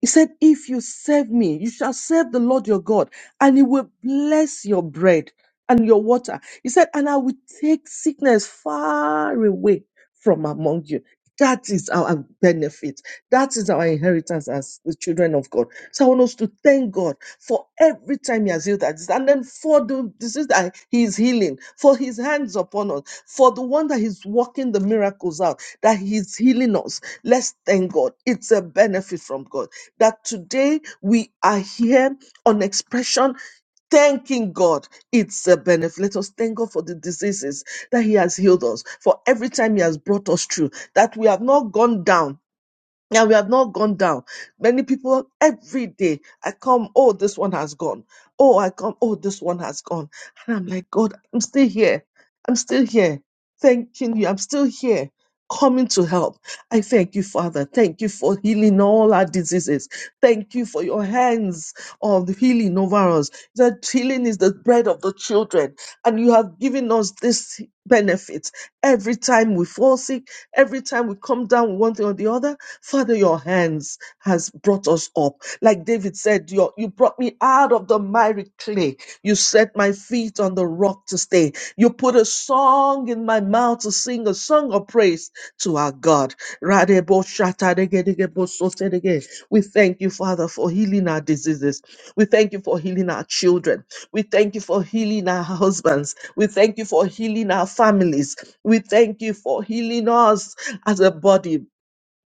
S3: He said, If you serve me, you shall serve the Lord your God, and he will bless your bread and your water. He said, And I will take sickness far away from among you. That is our benefit. That is our inheritance as the children of God. So I want us to thank God for every time He has healed us, and then for the disease that He is healing, for His hands upon us, for the one that He's working the miracles out, that He's healing us. Let's thank God. It's a benefit from God that today we are here on expression thanking God. It's a benefit. Let us thank God for the diseases that He has healed us, for every time He has brought us through, that we have not gone down and we have not gone down. Many people every day, I come, oh, this one has gone. Oh, I come, oh, this one has gone. And I'm like, God, I'm still here. I'm still here. Thanking you. I'm still here. Coming to help. I thank you, Father. Thank you for healing all our diseases. Thank you for your hands of healing over us. That healing is the bread of the children. And you have given us this benefit Every time we fall sick, every time we come down with one thing or the other, Father, your hands has brought us up. Like David said, your, you brought me out of the miry clay. You set my feet on the rock to stay. You put a song in my mouth to sing a song of praise to our God. Radebo shatadegedegebo sotedege. We thank you, Father, for healing our diseases. We thank you for healing our children. We thank you for healing our husbands. We thank you for healing our families. We thank you for healing us as a body.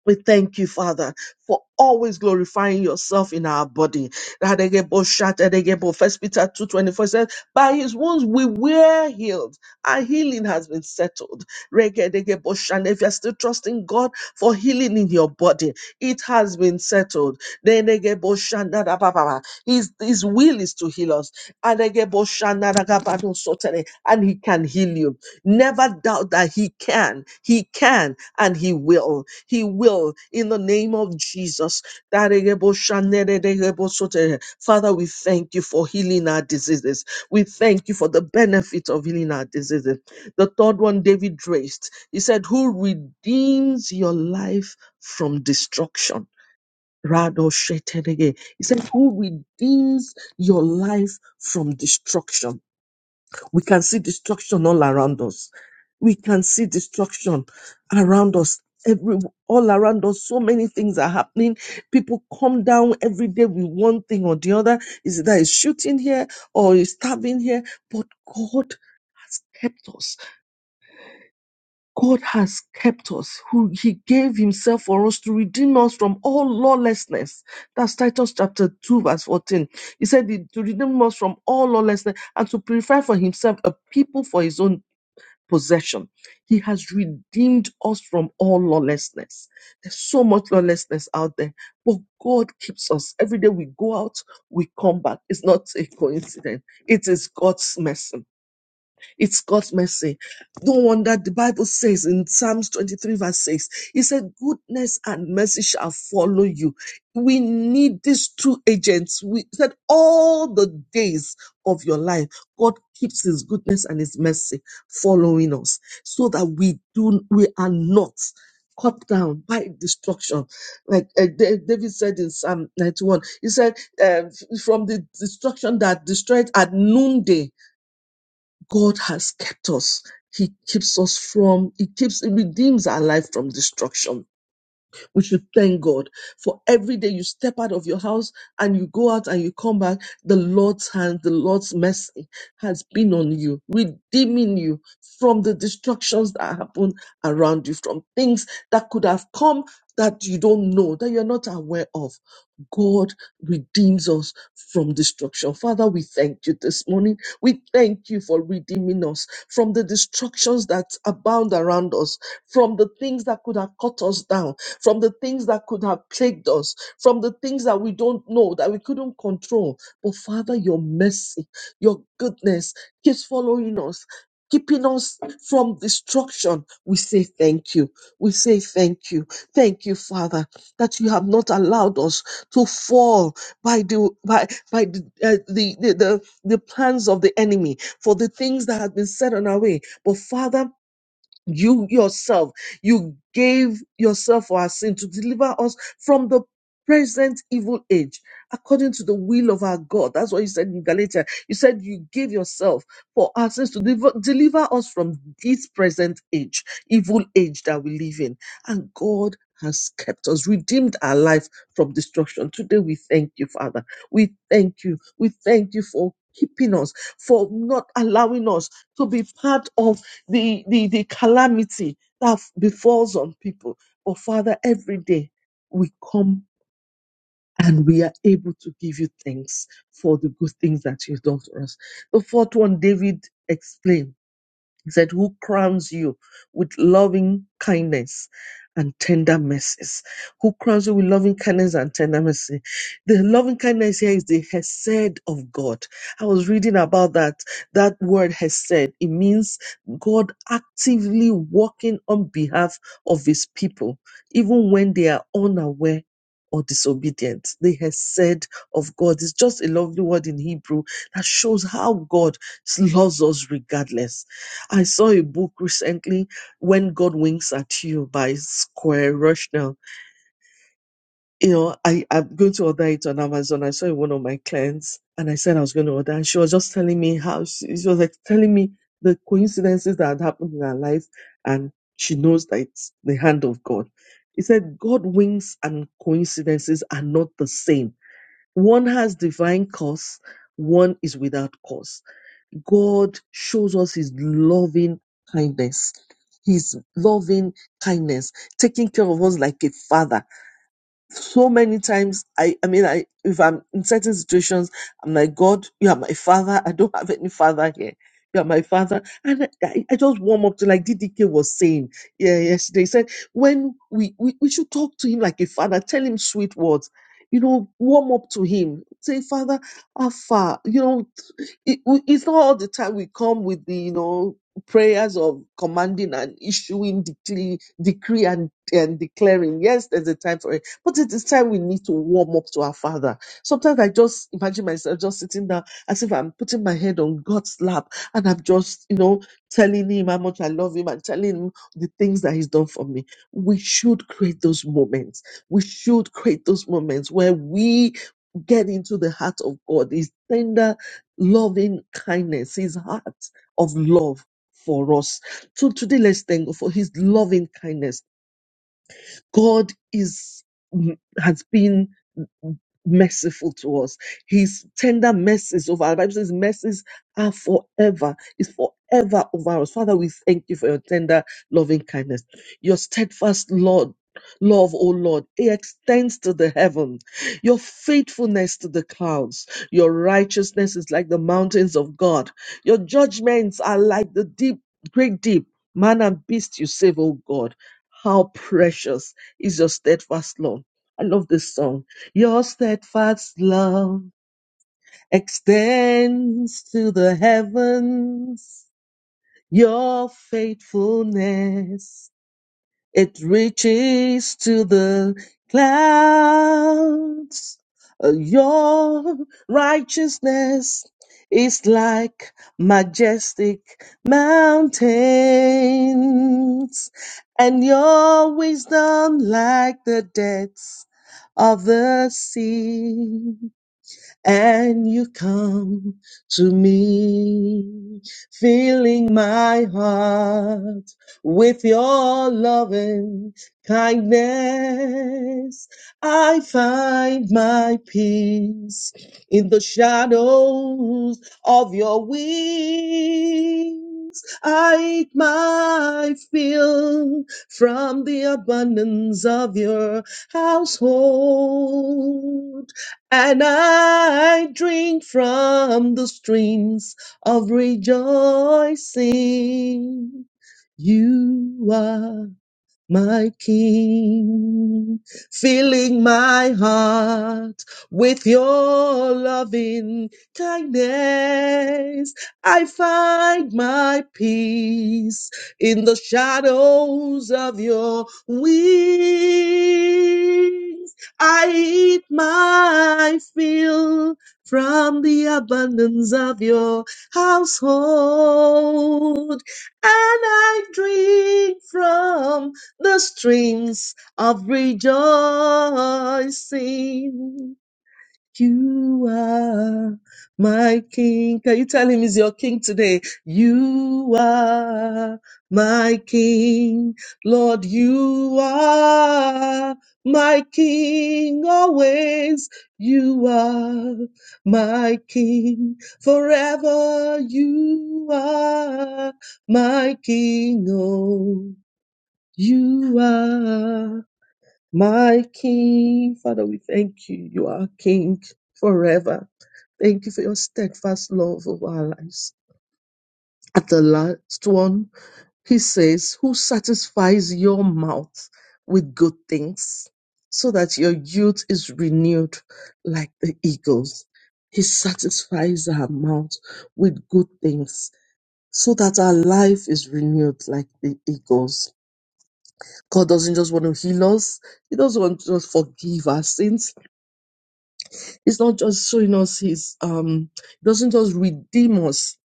S3: We thank you, Father, for always glorifying yourself in our body. Radegebo shatadegebo. First Peter 2.24 says, By his wounds we were healed. Our healing has been settled. Regedegebo shan- If you're still trusting God for healing in your body, it has been settled. Denegebo shandadabababa. His, his will is to heal us. Adegebo shandadagabadosotene. And he can heal you. Never doubt that He can, He can, and He will. He will in the name of Jesus. Father, we thank you for healing our diseases. We thank you for the benefit of healing our diseases. The third one, David raised, he said, Who redeems your life from destruction? Rado Sheterege. He said, Who redeems your life from destruction? We can see destruction all around us. We can see destruction around us. Every all around us, so many things are happening. People come down every day with one thing or the other. Is that is shooting here or is stabbing here? But God has kept us. God has kept us. Who He gave Himself for us to redeem us from all lawlessness. That's Titus chapter 2, verse 14. He said to redeem us from all lawlessness and to purify for himself a people for his own possession. He has redeemed us from all lawlessness. There's so much lawlessness out there, but God keeps us. Every day we go out, we come back. It's not a coincidence, it is God's mercy. It's God's mercy. No wonder the Bible says in Psalms 23, verse 6, He said, Goodness and mercy shall follow you. We need these two agents. We said, All the days of your life, God keeps His goodness and His mercy following us so that we do, we are not cut down by destruction. Like uh, Da- David said in Psalm 91, he said, uh, From the destruction that destroyed at noonday, God has kept us. He keeps us from, He keeps, He redeems our life from destruction. We should thank God for every day you step out of your house and you go out and you come back. The Lord's hand, the Lord's mercy has been on you, redeeming you from the destructions that happen around you, from things that could have come that you don't know, that you're not aware of. God redeems us from destruction. Father, we thank you this morning. We thank you for redeeming us from the destructions that abound around us, from the things that could have cut us down, from the things that could have plagued us, from the things that we don't know, that we couldn't control. But Father, your mercy, your goodness keeps following us. Keeping us from destruction, we say thank you. We say thank you. Thank you, Father, that you have not allowed us to fall by the by by the, uh, the, the the the plans of the enemy for the things that have been set on our way. But Father, you yourself, you gave yourself for our sin to deliver us from the present evil age according to the will of our God. That's what you said in Galatia. You said you gave yourself for our sins to deliver, deliver us from this present age, evil age that we live in. And God has kept us, redeemed our life from destruction. Today we thank you, Father. We thank you. We thank you for keeping us, for not allowing us to be part of the, the, the calamity that befalls on people. But Father, every day we come and we are able to give you thanks for the good things that you've done for us. The fourth one, David explained he said, Who crowns you with loving kindness and tender mercies? Who crowns you with loving kindness and tender mercy? The loving kindness here is the Hesed of God. I was reading about that. That word Hesed, it means God actively working on behalf of his people, even when they are unaware. Or disobedient. The Hesed of God is just a lovely word in Hebrew that shows how God loves us regardless I saw a book recently, When God Winks at You by Square Rushnell. You know, I, I'm going to order it on Amazon. I saw it one of my clients and I said I was going to order. And she was just telling me how she, she was like telling me the coincidences that had happened in her life. And she knows that it's the hand of God. He said, God winks and coincidences are not the same. One has divine cause, one is without cause God shows us his loving kindness, his loving kindness, taking care of us like a father so many times i i mean i if i'm in certain situations i'm like god you are my father i don't have any father here you are my father and i, I I just warm up to like ddk was saying yeah yesterday he said when we, we we should talk to him like a father tell him sweet words you know warm up to him say father how far you know it, we- it's not all the time we come with the you know prayers of commanding and issuing decree, decree and, and declaring yes there's a time for it. But it is time we need to warm up to our Father. Sometimes I just imagine myself just sitting down as if I'm putting my head on God's lap and I'm just, you know, telling Him how much I love Him and telling Him the things that He's done for me. We should create those moments. We should create those moments where we get into the heart of God, His tender, loving kindness, His heart of love for us. So today, let's thank God for His loving kindness God is has been merciful to us. His tender mercies over our Bible says mercies are forever. It's forever over us. Father, we thank you for your tender loving kindness. Your steadfast Lord. Love, O Lord, it extends to the heaven. Your faithfulness to the clouds. Your righteousness is like the mountains of God. Your judgments are like the deep, great deep. Man and beast you save, O God. How precious is your steadfast love. I love this song. Your steadfast love extends to the heavens. Your faithfulness it reaches to the clouds. Uh, Your righteousness is like majestic mountains, and your wisdom like the depths of the sea and you come to me, filling my heart with your loving kindness. I find my peace in the shadows of your wings. I eat my fill from the abundance of your household. And I drink from the streams of rejoicing. You are my King, filling my heart with your loving kindness. I find my peace in the shadows of your wings. I eat my fill from the abundance of your household, and I drink from the streams of rejoicing. You are my king. Can you tell him he's your king today? You are my king. Lord, you are my king always. You are my king forever. You are my king. oh. You are my King. Father, we thank you. You are King forever. Thank you for your steadfast love of our lives. At the last one, he says, Who satisfies your mouth with good things so that your youth is renewed like the eagles? He satisfies our mouth with good things so that our life is renewed like the eagles. God doesn't just want to heal us. He doesn't want to just forgive our sins. He's not just showing us his um he doesn't just redeem us.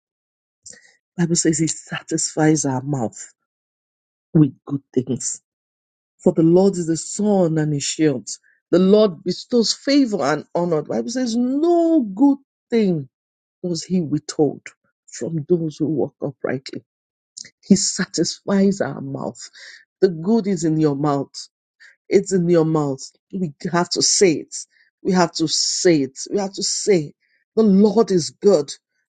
S3: Bible says he satisfies our mouth with good things. For the Lord is a sun and a shield. The Lord bestows favor and honor. Bible says no good thing does he withhold from those who walk uprightly. He satisfies our mouth. The good is in your mouth. It's in your mouth. We have to say it. We have to say it. We have to say, the Lord is good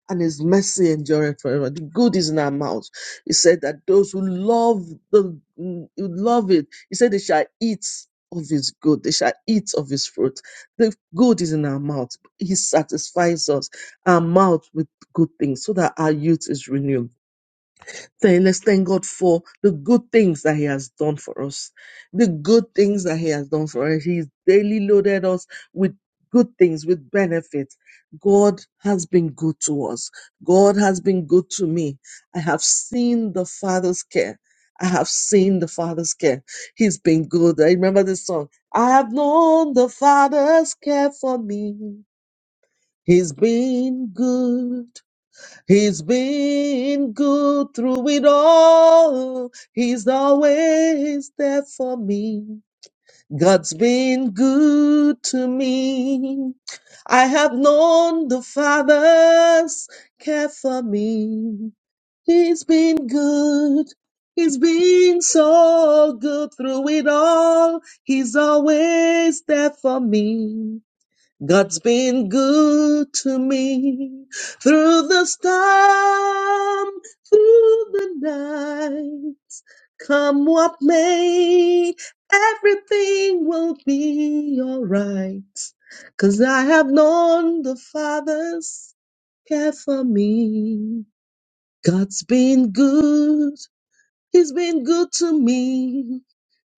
S3: and his mercy endureth forever. The good is in our mouth. He said that those who love the who love it, he said they shall eat of his good, they shall eat of his fruit. The good is in our mouth. He satisfies us, our mouth with good things, so that our youth is renewed. Thank- Let's thank God for the good things that He has done for us. The good things that He has done for us. He's daily loaded us with good things, with benefits. God has been good to us. God has been good to me. I have seen the Father's care. I have seen the Father's care. He's been good. I remember this song. I have known the Father's care for me. He's been good. He's been good through it all. He's always there for me. God's been good to me. I have known the Father's care for me. He's been good. He's been so good through it all. He's always there for me. God's been good to me through the storm, through the night. Come what may, everything will be alright, 'cause I have known the Father's care for me. God's been good. He's been good to me.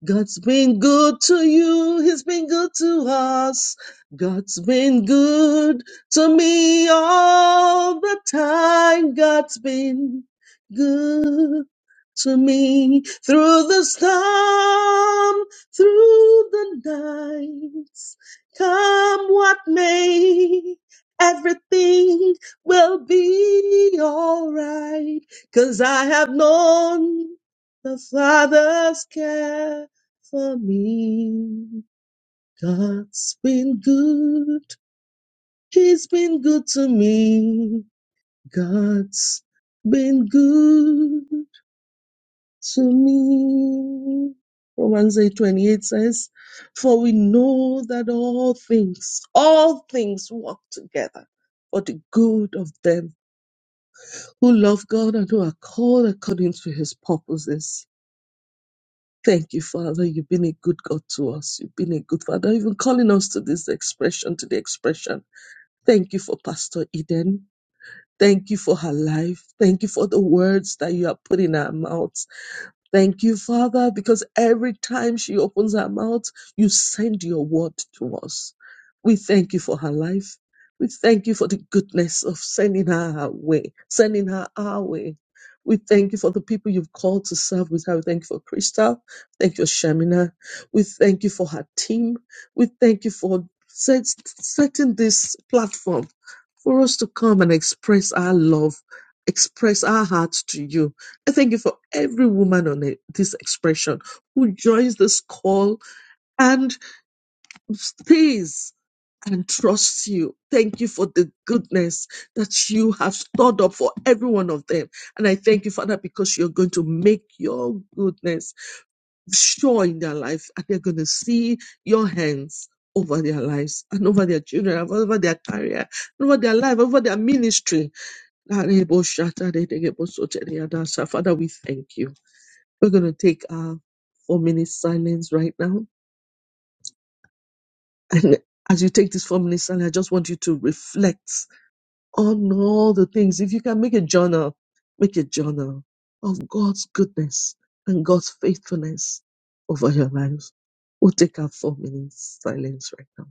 S3: God's been good to you. He's been good to us. God's been good to me all the time. God's been good to me through the storm, through the nights. Come what may, everything will be alright 'cause I have known the Father's care for me. God's been good. He's been good to me. God's been good to me. Romans 8:28 says, For we know that all things, all things work together for the good of them who love God and who are called according to his purposes. Thank you, Father. You've been a good God to us. You've been a good Father, even calling us to this expression, to the expression. Thank you for Pastor Eden. Thank you for her life. Thank you for the words that you have put in her mouth. Thank you, Father, because every time she opens her mouth, you send your word to us. We thank you for her life. We thank you for the goodness of sending her our way, sending her our way. We thank you for the people you've called to serve with her. We thank you for Crystal. Thank you, for Shamina. We thank you for her team. We thank you for set, setting this platform for us to come and express our love, express our hearts to you I thank you for every woman on e- this expression who joins this call and stays and trusts you. Thank you for the goodness that you have stored up for every one of them. And I thank you, Father, because you're going to make your goodness sure in their life and they're going to see your hands over their lives and over their children, and over their career, and over their life, over their ministry. Father, we thank you. We're going to take our four minutes silence right now. And as you take this four minutes silence, I just want you to reflect on all the things. If you can make a journal, make a journal of God's goodness and God's faithfulness over your life. We'll take our four minutes silence right now.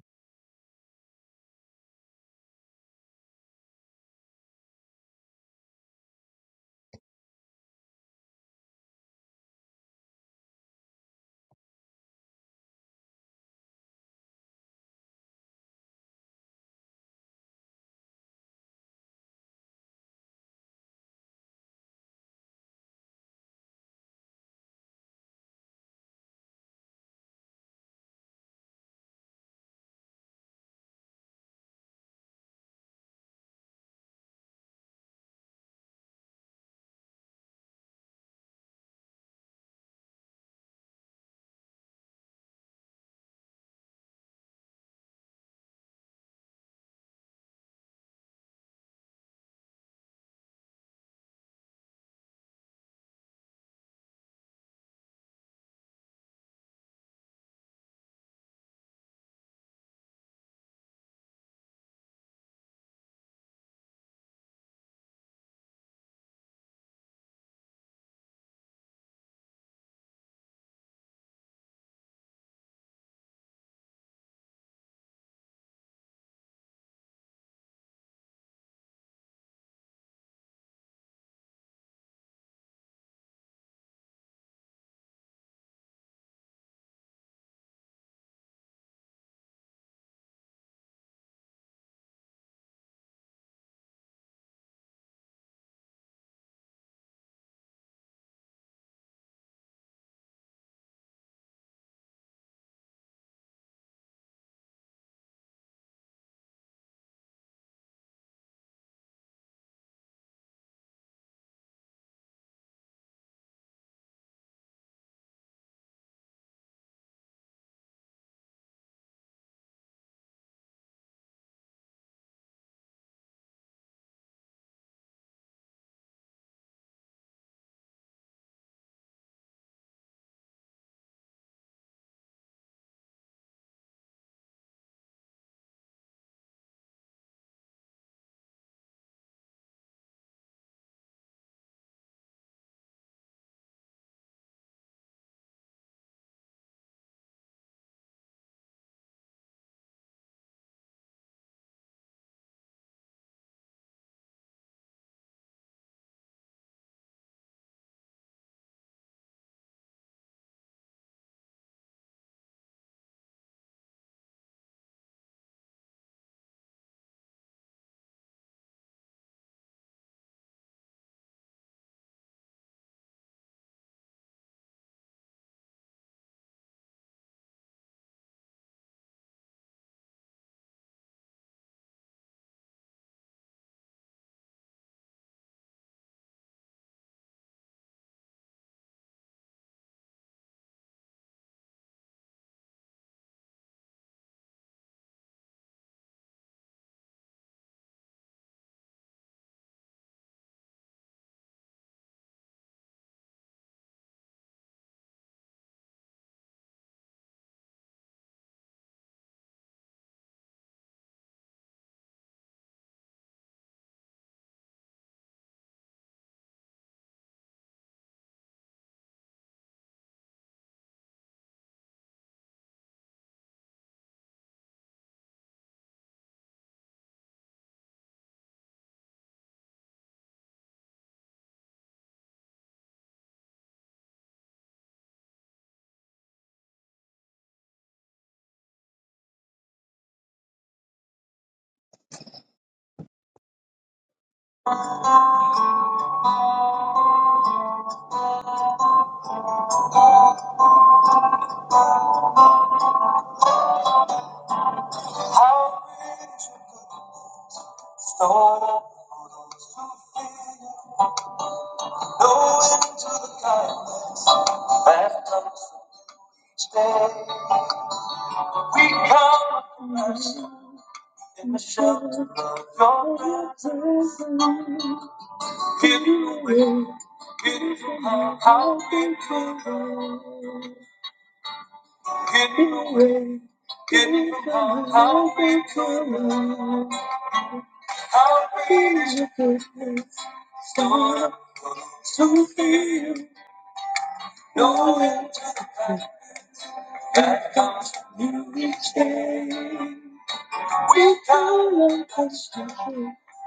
S3: How great is your goodness, Lord, for those who fear you. Knowing to the kindness that comes from each day. We come. with mercy and the shelter of your presence. Give you away, give you up, I'll be true. Give you away, give you up, I'll be true. I'll be your goodness, start to feel no end to the fact that comes from you each day. We Without a question, you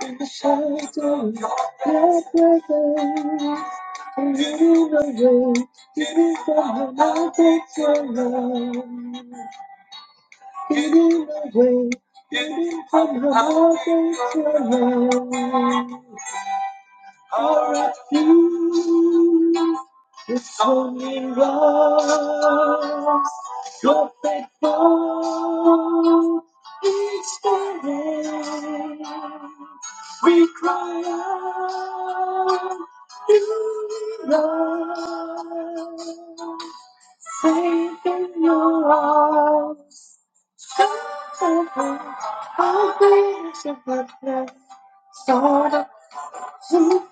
S3: in the shelter of your presence, and you know it, giving from the mountains your love. Giving away, giving from the mountains your love. Our refuge is only love. your faithful. It's the name Christ. You to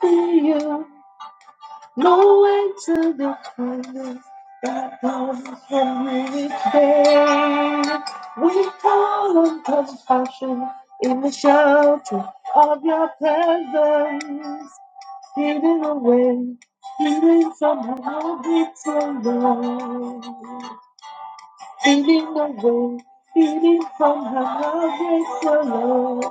S3: be you. No way to the kindness that comes from reaching. We call on compassion in the shelter of your presence. Hidden away, hidden somehow, it's alone. And in the wind, feeding from her heartbreak alone,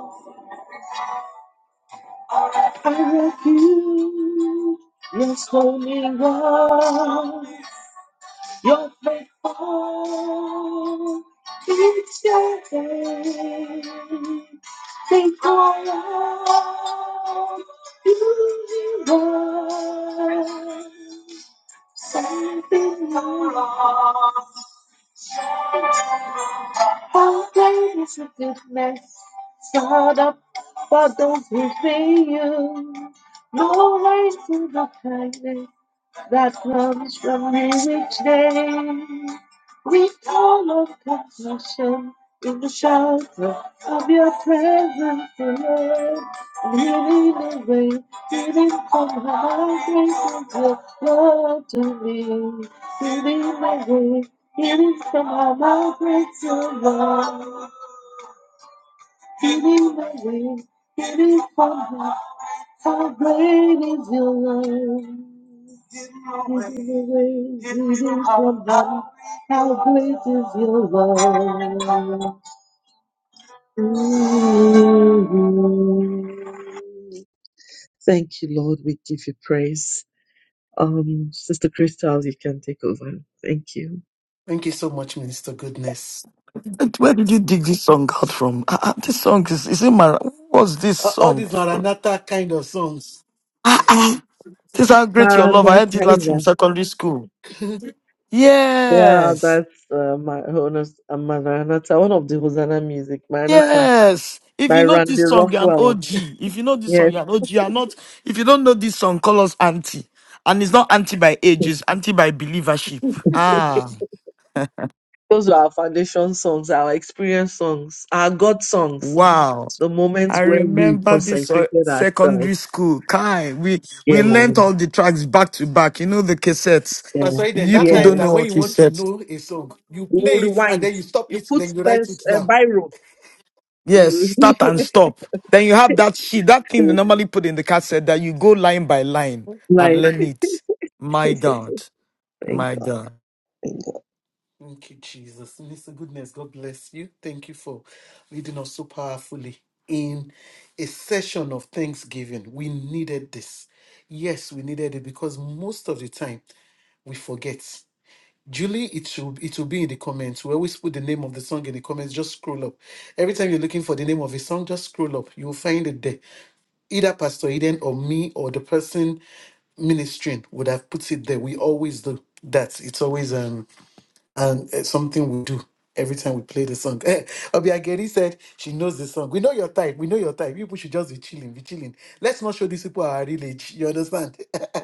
S3: each day they call out, "You are something new." How great is the mess, start up for those who fear you? No rise to the kindness. That love is growing each day. We all of compassion in the shelter of your presence, Lord. Leading the way, leading from high grace of your love to me. Leading the way, leading from high grace of love. Leading the way, leading from high how great is your love? How great is your love? Mhm. Thank you, Lord. We give you praise. Um, Sister Crystal, you can take over. Thank you.
S1: Thank you so much, Minister Goodness.
S2: And Where did you dig this song out from? Ah, ah, this song is, is it my, what's this
S1: A- All
S2: song?
S1: these Maranatha kind of songs.
S2: This is how great your love. I heard it last
S3: Maranatha.
S2: in secondary school.
S3: Yeah,
S2: Yes.
S3: that's uh, my Honas uh, Maranatha, one of the Hosanna music, Maranatha,
S2: Yes. If
S3: by
S2: you know
S3: Randy
S2: this song, you're an
S3: Rockwell.
S2: OG. If you know this song,
S3: Yes,
S2: you're an OG. You're not, if you don't know this song, call us auntie. And it's not anti by age, it's anti by believership. Ah,
S3: those were our foundation songs, our experience songs, our God songs,
S2: wow.
S3: the
S2: I
S3: moments where we
S2: remember this uh,
S3: consecrated ourselves.
S2: secondary school. Kai, we
S3: Yeah,
S2: we learnt all the tracks back to back. You know the cassettes.
S3: yeah,
S1: Pastor Eden,
S2: You
S1: that
S2: people
S1: time
S2: don't
S3: yes.
S1: that
S2: know
S1: when
S2: what
S1: you want to
S2: cassettes.
S1: know a song, you
S3: You will
S1: play it and
S3: rewind.
S1: then you stop
S3: You
S1: it,
S3: put
S1: then you write
S3: pens,
S1: it
S3: uh,
S1: down.
S3: biro.
S2: Yes,
S3: You
S2: start and stop. Then you have that sheet, that thing they normally put in the cassette that you go line by line and
S3: like.
S2: learn it. My God,
S3: Thank
S2: my
S3: God,
S2: God.
S3: thank God.
S1: Thank you, Jesus. Mister Goodness, God bless you. Thank you for leading us so powerfully in a session of Thanksgiving. We needed this. Yes, we needed it because most of the time we forget. Julie, it should it will be in the comments. We always put the name of the song in the comments. Just scroll up. Every time you're looking for the name of a song, just scroll up. You will find it there. Either Pastor Eden or me or the person ministering would have put it there. We always do that. It's always um and it's something we do every time we play the song. Eh, Obi Ageri said she knows the song. We know your type. We know your type. You people should just be chilling, be chilling. Let's not show these people our real age. You understand?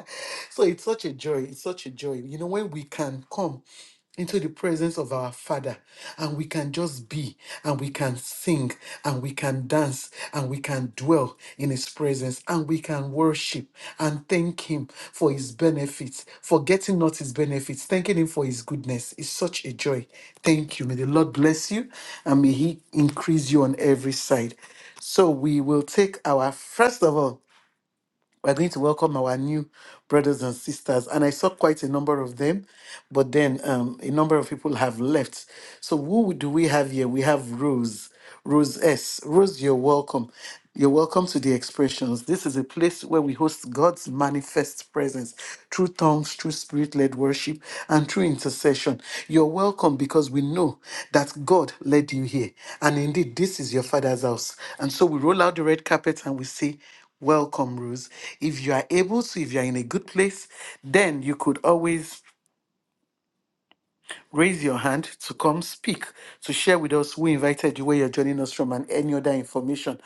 S1: so it's such a joy. It's such a joy. You know when we can come into the presence of our Father and we can just be and we can sing sing and we can dance and we can dwell in His presence and we can worship and thank Him for His benefits, forgetting not His benefits, thanking Him for His goodness. It's such a joy. Thank you. May the Lord bless you and may He increase you on every side. So we will take our first of all we're going to welcome our new brothers and sisters. And I saw quite a number of them, but then um, a number of people have left. So who do we have here? We have Rose, Rose S. Rose, you're welcome. You're welcome to the expressions. This is a place where we host God's manifest presence through tongues, through spirit led worship, and through intercession. You're welcome because we know that God led you here. And indeed, this is your Father's house. And so we roll out the red carpet and we say, Welcome, Ruth. If you are able to, if you are in a good place, then you could always raise your hand to come speak, to share with us who invited you, where you're joining us from, and any other information.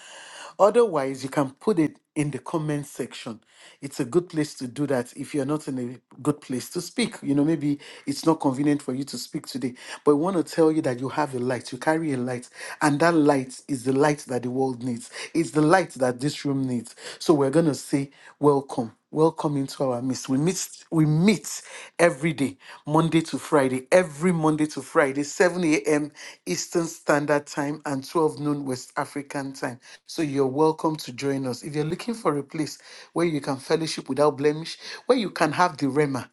S1: Otherwise, you can put it in the comment section. It's a good place to do that if you're not in a good place to speak. You know, maybe it's not convenient for you to speak today, but we want to tell you that you have a light, you carry a light, and that light is the light that the world needs. It's the light that this room needs. So we're going to say, Welcome. Welcome into our midst. We meet we meet every day, Monday to Friday. Friday, every Monday to Friday, 7 a.m. Eastern Standard Time and 12 noon West African Time. So you're welcome to join us. If you're looking for a place where you can fellowship without blemish, where you can have the Rema,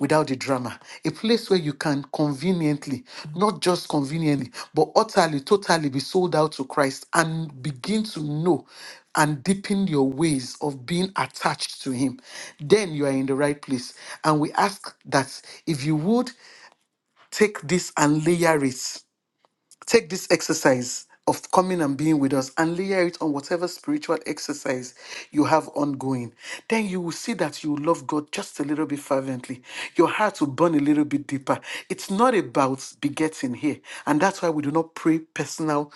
S1: without the drama. A place where you can conveniently, not just conveniently, but utterly, totally be sold out to Christ and begin to know and deepen your ways of being attached to Him. Then you are in the right place. And we ask that if you would, take this and layer it. Take this exercise of coming and being with us and layer it on whatever spiritual exercise you have ongoing. Then you will see that you love God just a little bit fervently. Your heart will burn a little bit deeper. It's not about begetting here. And that's why we do not pray personal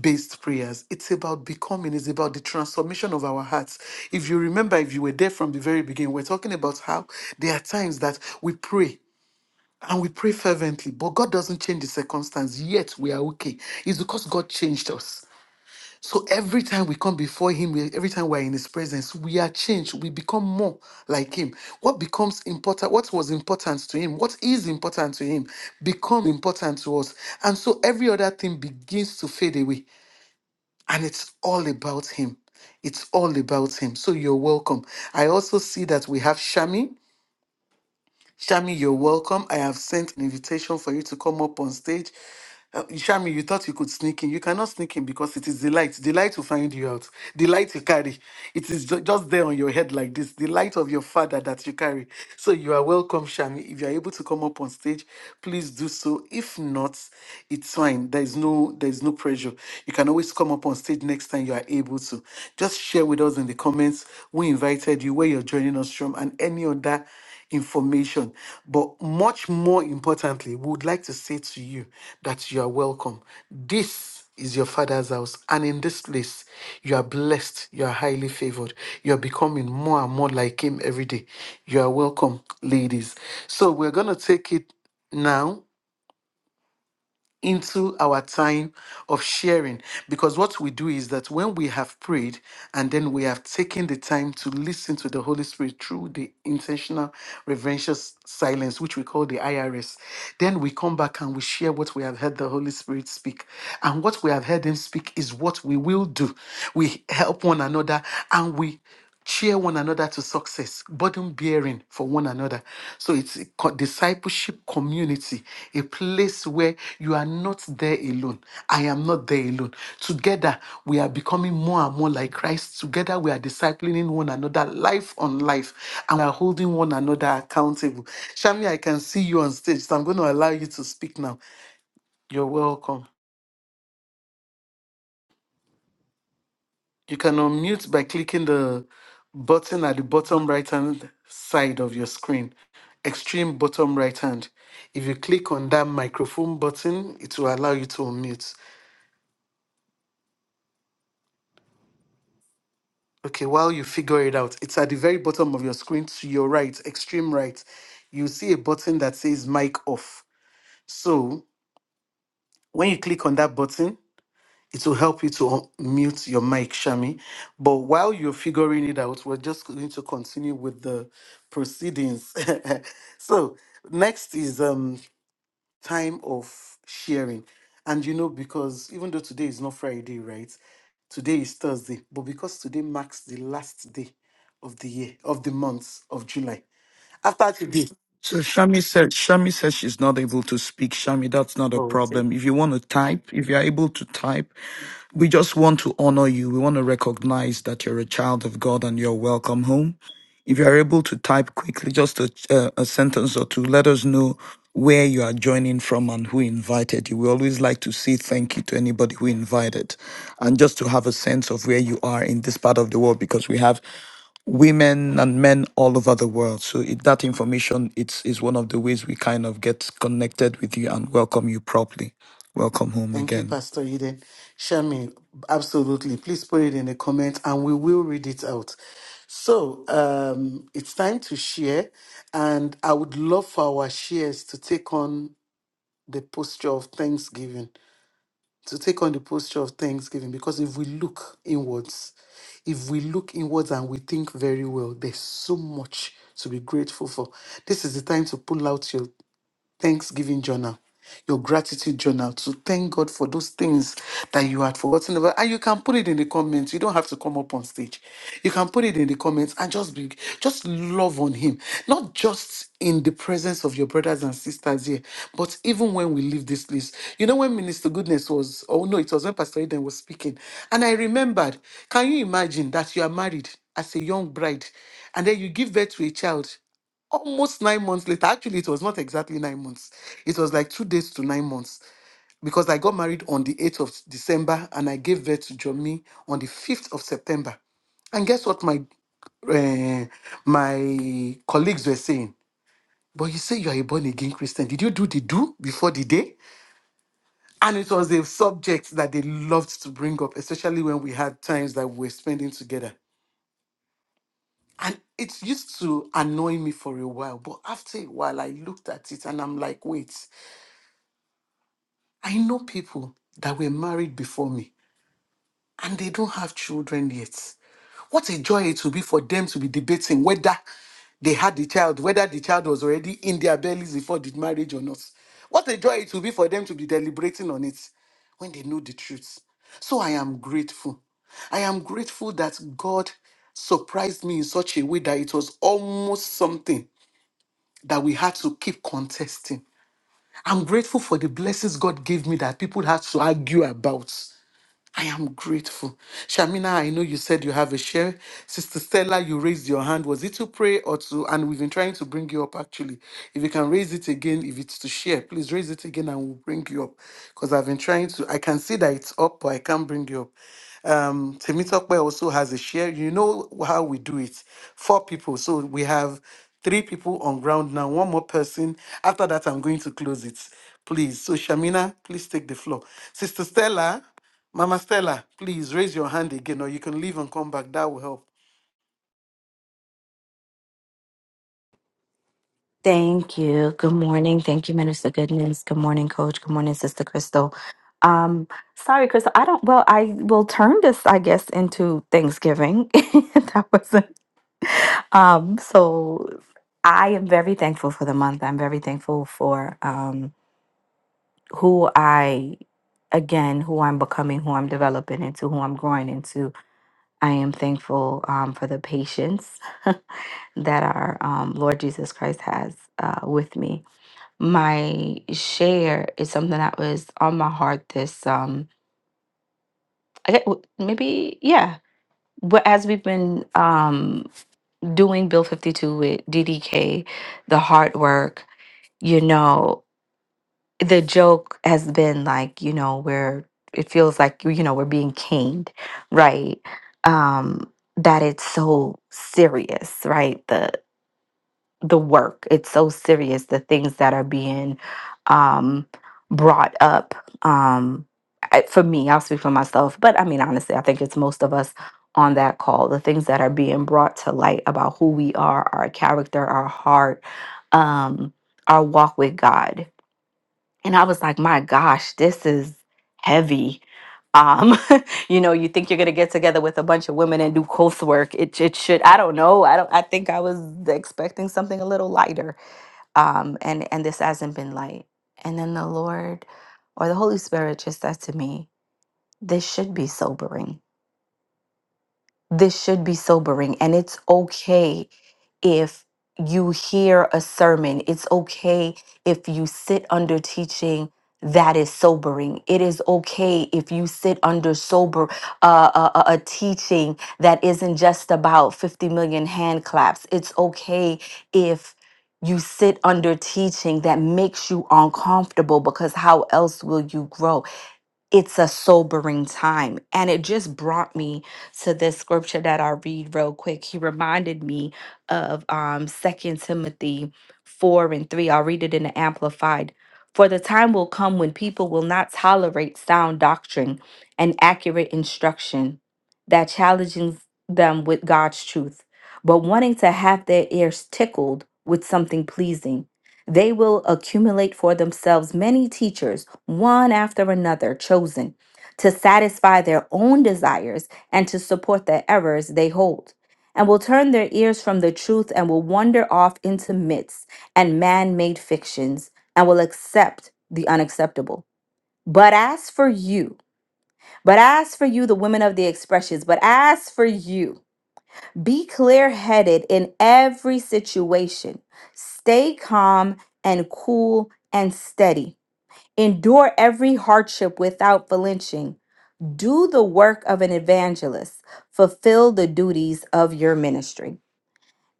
S1: based prayers. It's about becoming, it's about the transformation of our hearts. If you remember, if you were there from the very beginning, we're talking about how there are times that we pray and we pray fervently, but God doesn't change the circumstance, yet we are okay. It's because God changed us. So every time we come before Him, we- every time we're in His presence, we are changed. We become more like Him. What becomes important, what was important to Him, what is important to Him, becomes important to us. And so every other thing begins to fade away. And it's all about Him. It's all about Him. So you're welcome. I also see that we have Shami. Shami, you're welcome. I have sent an invitation for you to come up on stage. Uh, Shami, you thought you could sneak in. You cannot sneak in because it is the light. The light will find you out. The light you carry. It is ju- just there on your head like this. The light of your father that you carry. So you are welcome, Shami. If you are able to come up on stage, please do so. If not, it's fine. There is no there is no pressure. You can always come up on stage next time you are able to. Just share with us in the comments. We invited you, where you're joining us from, and any other information. But much more importantly, we would like to say to you that you are welcome. This is your father's house, and in this place, you are blessed, you are highly favored, you are becoming more and more like him every day. You are welcome, ladies. So, we're going to take it now into our time of sharing because what we do is that when we have prayed and then we have taken the time to listen to the holy spirit through the intentional reverential s- silence which we call the irs then we come back and we share what we have heard the holy spirit speak and what we have heard him speak is what we will do we help one another and we cheer one another to success, burden bearing for one another. So it's a co- discipleship community, a place where you are not there alone. I am not there alone. Together, we are becoming more and more like Christ. Together, we are disciplining one another, life on life, and we are holding one another accountable. Shami, I can see you on stage, so I'm going to allow you to speak now. You're welcome. You can unmute by clicking the button at the bottom right hand side of your screen, extreme bottom right hand. If you click on that microphone button, it will allow you to unmute. Okay, while you figure it out, it's at the very bottom of your screen to your right, extreme right. You see a button that says mic off. So when you click on that button, it will help you to mute your mic, Shami. But while you're figuring it out, we're just going to continue with the proceedings. so next is um time of sharing. And you know, because even though today is not Friday, right? Today is Thursday, but because today marks the last day of the year, of the month of July. After today.
S2: So Shami said, Shami says she's not able to speak. Shami, that's not a problem. If you want to type, if you're able to type, we just want to honor you. We want to recognize that you're a child of God and you're welcome home. If you're able to type quickly, just a, a, a sentence or two, let us know where you are joining from and who invited you. We always like to say thank you to anybody who invited and just to have a sense of where you are in this part of the world because we have women and men all over the world. So it, that information it's is one of the ways we kind of get connected with you and welcome you properly. Welcome home
S1: Thank you,
S2: again.
S1: Pastor Eden. Shami, absolutely. Please put it in the comment and we will read it out. So um, it's time to share, and I would love for our shares to take on the posture of thanksgiving. To take on the posture of thanksgiving, because if we look inwards, if we look inwards and we think very well, there's so much to be grateful for. This is the time to pull out your Thanksgiving journal, your gratitude journal to thank God for those things that you had forgotten about. And you can put it in the comments. You don't have to come up on stage. You can put it in the comments and just be just love on him. Not just in the presence of your brothers and sisters here, but even when we leave this place. You know, when Minister Goodness was, oh no, it was when Pastor Eden was speaking. And I remembered, can you imagine that you are married as a young bride and then you give birth to a child? almost nine months later. Actually, it was not exactly nine months. It was like two days to nine months because I got married on the 8th of December and I gave birth to Jomi on the 5th of September. And guess what my uh, my colleagues were saying? But you say you are a born again Christian. Did you do the do before the day? And it was a subject that they loved to bring up, especially when we had times that we were spending together. And it used to annoy me for a while, but after a while, I looked at it and I'm like, wait, I know people that were married before me and they don't have children yet. What a joy it will be for them to be debating whether they had the child, whether the child was already in their bellies before the marriage or not. What a joy it will be for them to be deliberating on it when they know the truth. So I am grateful. I am grateful that God surprised me in such a way that it was almost something that we had to keep contesting. I'm grateful for the blessings God gave me that people had to argue about. I am grateful. Shamina, I know you said you have a share. Sister Stella, you raised your hand. Was it to pray or to? And we've been trying to bring you up actually. If you can raise it again, if it's to share, please raise it again and we'll bring you up. Because I've been trying to, I can see that it's up, but I can't bring you up um Temitope also has a share. You know how we do it. Four people. So we have three people on ground now, one more person. After that, I'm going to close it. Please. So Shamina, please take the floor. Sister Stella, Mama Stella, please raise your hand again, or you can leave and come back. That will help.
S4: Thank you. Good morning. Thank you, Minister Goodness. Good morning, Coach. Good morning, Sister Crystal. Um, sorry, Crystal. I don't. Well, I will turn this, I guess, into Thanksgiving. that wasn't. Um, so I am very thankful for the month. I'm very thankful for um who I, again, who I'm becoming, who I'm developing into, who I'm growing into. I am thankful um for the patience that our um, Lord Jesus Christ has uh, with me my share is something that was on my heart this um I get, maybe yeah but as we've been um doing bill 52 with ddk the hard work you know the joke has been like you know where it feels like you know we're being caned right um that it's so serious right the work. It's so serious, the things that are being um, brought up. Um, I- for me, I'll speak for myself, but I mean, honestly, I think it's most of us on that call. The things that are being brought to light about who we are, our character, our heart, um, our walk with God and I was like, my gosh, this is heavy. Um, you know, you think you're gonna get together with a bunch of women and do coursework. It it should. I don't know. I don't. I think I was expecting something a little lighter. Um, and and this hasn't been light. And then the Lord, or the Holy Spirit, just said to me, this should be sobering this should be sobering, and it's okay if you hear a sermon. It's okay if you sit under teaching that is sobering. It is okay if you sit under sober uh, a, a a teaching that isn't just about 50 million hand claps. It's okay if you sit under teaching that makes you uncomfortable because how else will you grow? it's a sobering time. And it just brought me to this scripture that I'll read real quick. He reminded me of um 2 Timothy 4 and 3. I'll read it in the amplified. For the time will come when people will not tolerate sound doctrine and accurate instruction that challenges them with God's truth, but wanting to have their ears tickled with something pleasing. They will accumulate for themselves many teachers, one after another, chosen to satisfy their own desires and to support the errors they hold, and will turn their ears from the truth and will wander off into myths and man made fictions and will accept the unacceptable. But as for you, but as for you, the women of the expressions, but as for you, be clear headed in every situation. Stay calm and cool and steady. Endure every hardship without flinching. Do the work of an evangelist. Fulfill the duties of your ministry.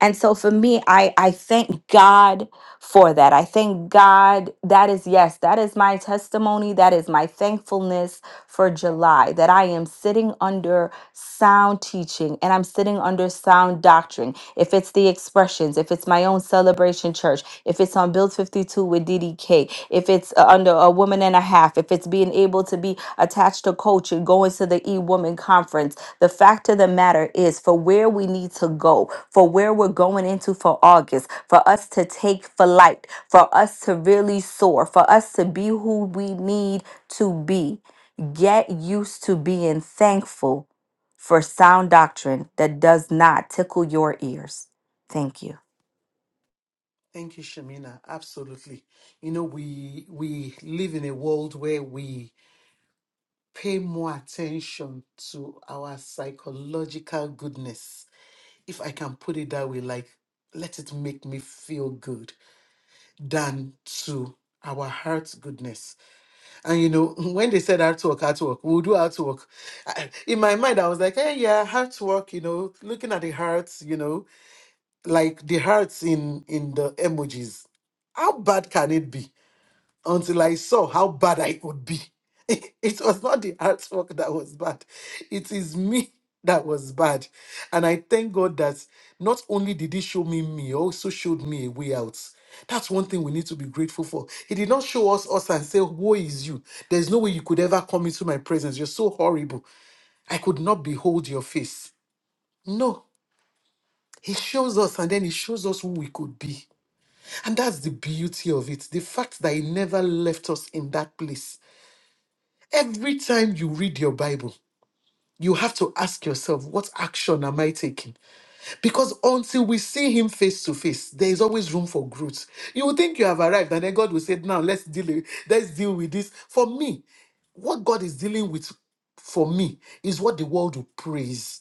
S4: And so for me, I, I thank God for that. I thank God. That is, yes, that is my testimony. That is my thankfulness for July, that I am sitting under sound teaching and I'm sitting under sound doctrine, if it's the expressions, if it's my own celebration church, if it's on Build 52 with DDK, if it's uh, under a woman and a half, if it's being able to be attached to culture, going to the e woman conference, the fact of the matter is for where we need to go, for where we're going into for August, for us to take flight, for us to really soar, for us to be who we need to be. Get used to being thankful for sound doctrine that does not tickle your ears. Thank you.
S1: Thank you, Shamina. Absolutely. You know, we we live in a world where we pay more attention to our psychological goodness if I can put it that way, like let it make me feel good than to our heart's goodness. And you know, when they said artwork, artwork, we'll do artwork. I- In my mind, I was like, hey, yeah, artwork, you know, looking at the hearts, you know, like the hearts in in the emojis. How bad can it be? until I saw how bad I could be. It was not the artwork that was bad, it is me that was bad. And I thank God that not only did He show me me, He also showed me a way out. That's one thing we need to be grateful for. He did not show us us and say, Woe is you. There's no way you could ever come into my presence. You're so horrible. I could not behold your face. No. He shows us and then he shows us who we could be. And that's the beauty of it. The fact that he never left us in that place Every time you read your Bible, you have to ask yourself, what action am I taking? Because until we see him face to face, there is always room for growth. You will think you have arrived, and then God will say, Now let's deal with, let's deal with this. For me, what God is dealing with for me is what the world will praise.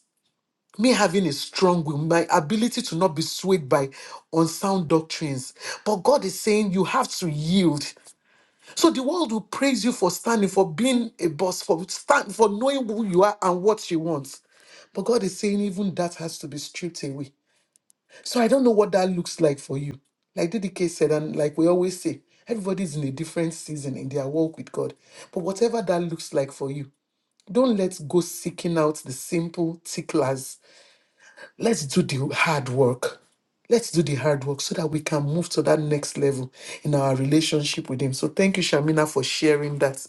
S1: Me having a strong will, my ability to not be swayed by unsound doctrines. But God is saying you have to yield. So the world will praise you for standing, for being a boss, for stand, for knowing who you are and what you want. But God is saying even that has to be stripped away. So I don't know what that looks like for you. Like DDK said, and like we always say, everybody's in a different season in their walk with God. But whatever that looks like for you, don't let's go seeking out the simple ticklers. Let's do the hard work. Let's do the hard work so that we can move to that next level in our relationship with Him. So, thank you, Shamina, for sharing that.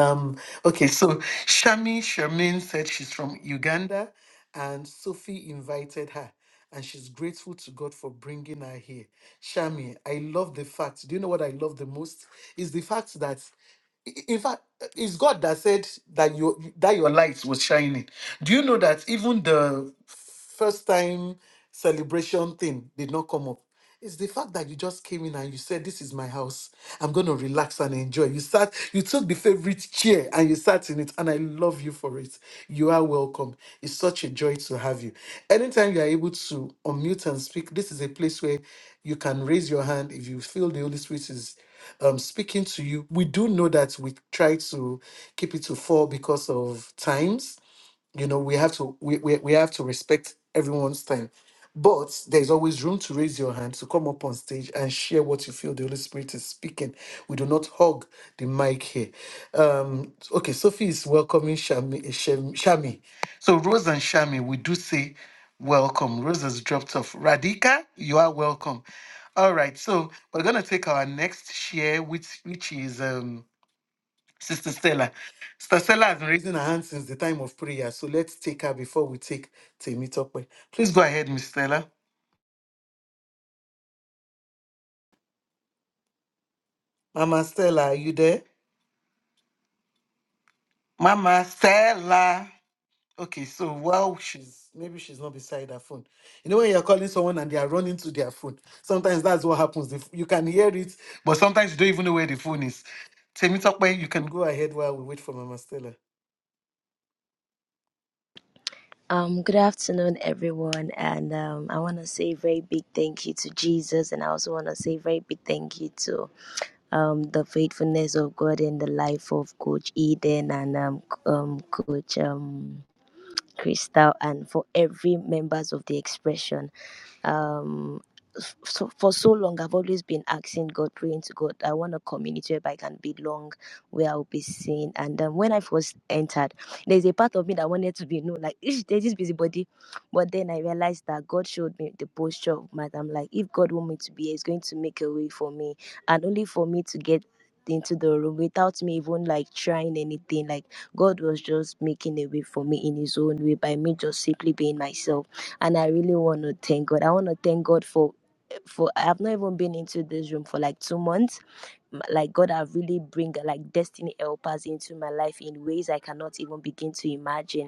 S1: Um, okay, so Shami Shermaine said she's from Uganda, and Sophie invited her, and she's grateful to God for bringing her here. Shami, I love the fact. Do you know what I love the most? Is the fact that in fact it's god that said that you that your light was shining do you know that even the first time celebration thing did not come up it's the fact that you just came in and you said this is my house i'm going to relax and enjoy you sat you took the favorite chair and you sat in it and i love you for it you are welcome it's such a joy to have you anytime you are able to unmute and speak this is a place where you can raise your hand if you feel the holy spirit is um, speaking to you. We do know that we try to keep it to four because of times you know we have to we, we, we have to respect everyone's time but there's always room to raise your hand to come up on stage and share what you feel the holy spirit is speaking we do not hog the mic here um okay sophie is welcoming shami eh, Shem- shami so rose and shami we do say welcome rose has dropped off radhika you are welcome all right so we're gonna take our next share which which is um Sister Stella. Sister Stella has been raising her hand since the time of prayer, so let's take her before we take Temitope. Please go ahead, Miss Stella. Mama Stella, are you there? Mama Stella. Okay, so while she's maybe she's not beside her phone. You know when you're calling someone and they are running to their phone, sometimes that's what happens. If you can hear it, but sometimes you don't even know where the phone is. Temitope, you can go ahead while we wait for Mama Stella.
S5: Um, good afternoon, everyone, and um, I want to say a very big thank you to Jesus, and I also want to say a very big thank you to um, the faithfulness of God in the life of Coach Eden and um, c- um, Coach um, Crystal, and for every members of the expression um f- so for so long i've always been asking god praying to god i want a community where i can belong where i'll be seen and um, when i first entered there's a part of me that wanted to be known like "Ish, there's this busybody but then i realized that god showed me the posture of man. I'm like if god want me to be here he's going to make a way for me and only for me to get into the room without me even like trying anything like god was just making a way for me in his own way by me just simply being myself and I really want to thank God. I want to thank God for for I've not even been into this room for like two months. Like God have really bring like destiny helpers into my life in ways I cannot even begin to imagine.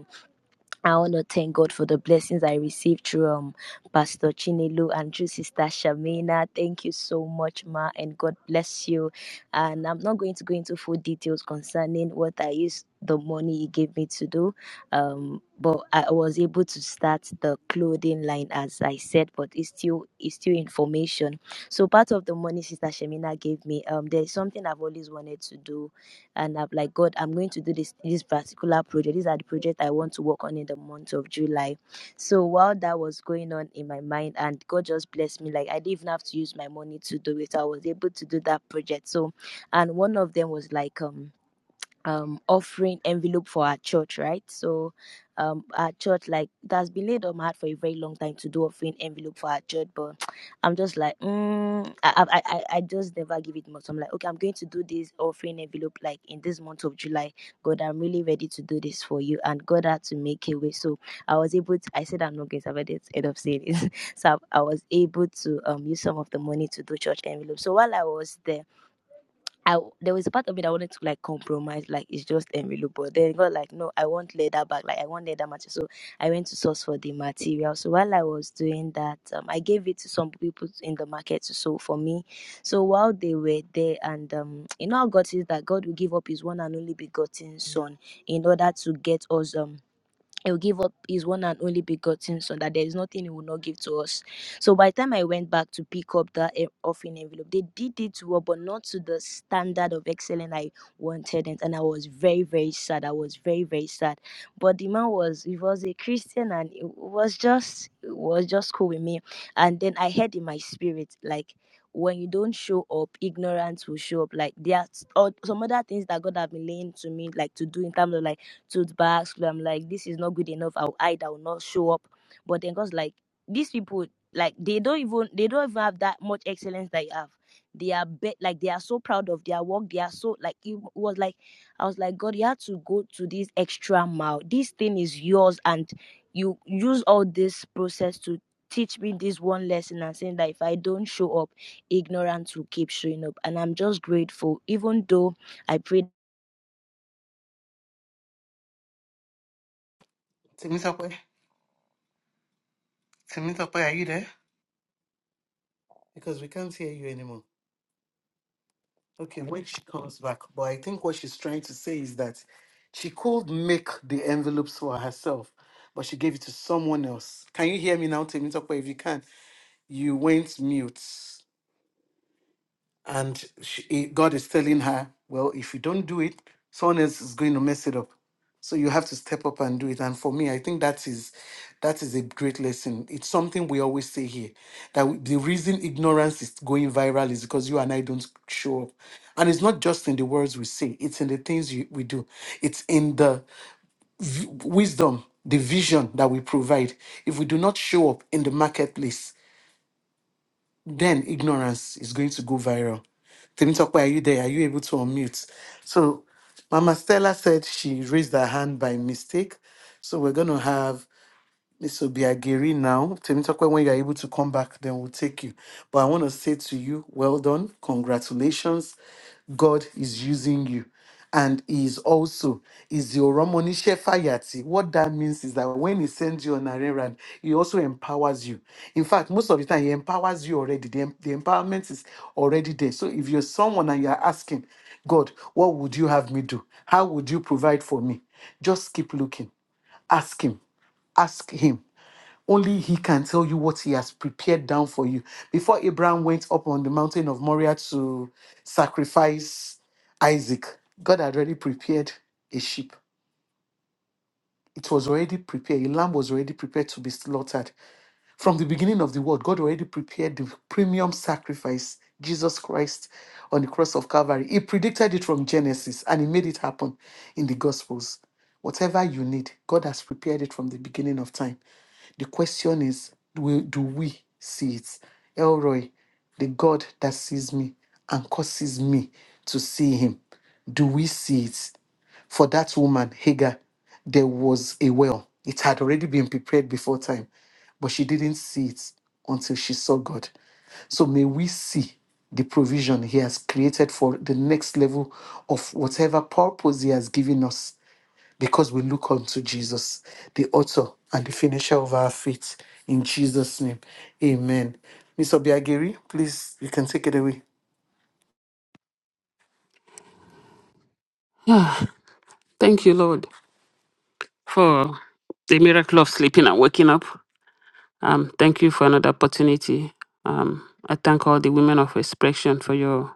S5: I want to thank God for the blessings I received through um, Pastor Chinelu and through Sister Shamina. Thank you so much, Ma, and God bless you. And I'm not going to go into full details concerning what I used the money He gave me to do, um, but I was able to start the clothing line, as I said. But it's still it's still information. So part of the money Sister Shamina gave me, um, there's something I've always wanted to do and I'm like, God, I'm going to do this this particular project. These are the projects I want to work on in the month of July. So while that was going on in my mind, and God just blessed me, like I didn't even have to use my money to do it. So I was able to do that project. So, and one of them was like um um offering envelope for our church, right? So um our church like that's been laid on my heart for a very long time to do offering envelope for our church, but I'm just like mm, I, I I I just never give it much. I'm like okay, I'm going to do this offering envelope like in this month of July. God, I'm really ready to do this for you, and God had to make a way. So I was able to. I said I'm not going to have it. End of saying it. so I, I was able to um use some of the money to do church envelope. So while I was there. I w- there was a part of me that wanted to like compromise, like it's just envelope, but then God like no, I want leather bag, like I want leather material. So I went to source for the material. So while I was doing that, um, I gave it to some people in the market to sew for me. So while they were there, and um, you know how God says that God will give up His one and only begotten Son in order to get us um he will give up his one and only begotten son that there is nothing he will not give to us so by the time i went back to pick up that en- offering envelope they did it well but not to the standard of excellence i wanted it and i was very very sad i was very very sad but the man was he was a christian and it was just it was just cool with me and then i heard in my spirit like when you don't show up ignorance will show up like there are s- or some other things that god have been laying to me like to do in terms of like tote bags. So I'm like, this is not good enough. I'll hide. I will not show up. But then God's like, these people, like they don't even they don't even have that much excellence that you have. They are be- like they are so proud of their work. They are so like it was like I was like, God, you had to go to this extra mile. This thing is yours, and you use all this process to teach me this one lesson and saying that if I don't show up, ignorance will keep showing up. And I'm just grateful, even though I prayed.
S1: Temitope, Temitope, are you there? Because we can't hear you anymore. Okay, when she comes back. But I think what she's trying to say is that she could make the envelopes for herself, but she gave it to someone else. Can you hear me now, Temitope? If you can, you went mute and she, God is telling her, well, if you don't do it, someone else is going to mess it up. So you have to step up and do it. And for me, I think that is that is a great lesson. It's something we always say here that the reason ignorance is going viral is because you and I don't show up. And it's not just in the words we say; it's in the things you, we do. It's in the v- wisdom, the vision that we provide. If we do not show up in the marketplace, then ignorance is going to go viral. Temitope, are you there? Are you able to unmute? So Mama Stella said she raised her hand by mistake. So we're going to have this will be Agiri now. Temitope, when you are able to come back, then we'll take you. But I want to say to you, well done, congratulations. God is using you. And he is also is your Romonishe Fayati. What that means is that when he sends you on an errand, he also empowers you. In fact, most of the time he empowers you already. The, em- the empowerment is already there. So if you're someone and you're asking, God, what would you have me do? How would you provide for me? Just keep looking. Ask him. Ask him only he can tell you what he has prepared down for you. Before Abraham went up on the mountain of Moriah to sacrifice Isaac, God had already prepared a sheep. It was already prepared. A lamb was already prepared to be slaughtered. From the beginning of the world, God already prepared the premium sacrifice, Jesus Christ on the cross of Calvary. He predicted it from Genesis and he made it happen in the Gospels. Whatever you need, God has prepared it from the beginning of time. The question is, do do we see it? Elroy, the God that sees me and causes me to see him, do we see it? For that woman, Hagar, there was a well. It had already been prepared before time, but she didn't see it until she saw God. So may we see the provision He has created for the next level of whatever purpose He has given us because we look unto Jesus, the author and the finisher of our faith. In Jesus' name, amen. Miss Obiagiri, please, you can take it away.
S6: Ah, thank you, Lord, for the miracle of sleeping and waking up. Um, thank you for another opportunity. Um, I thank all the women of expression for your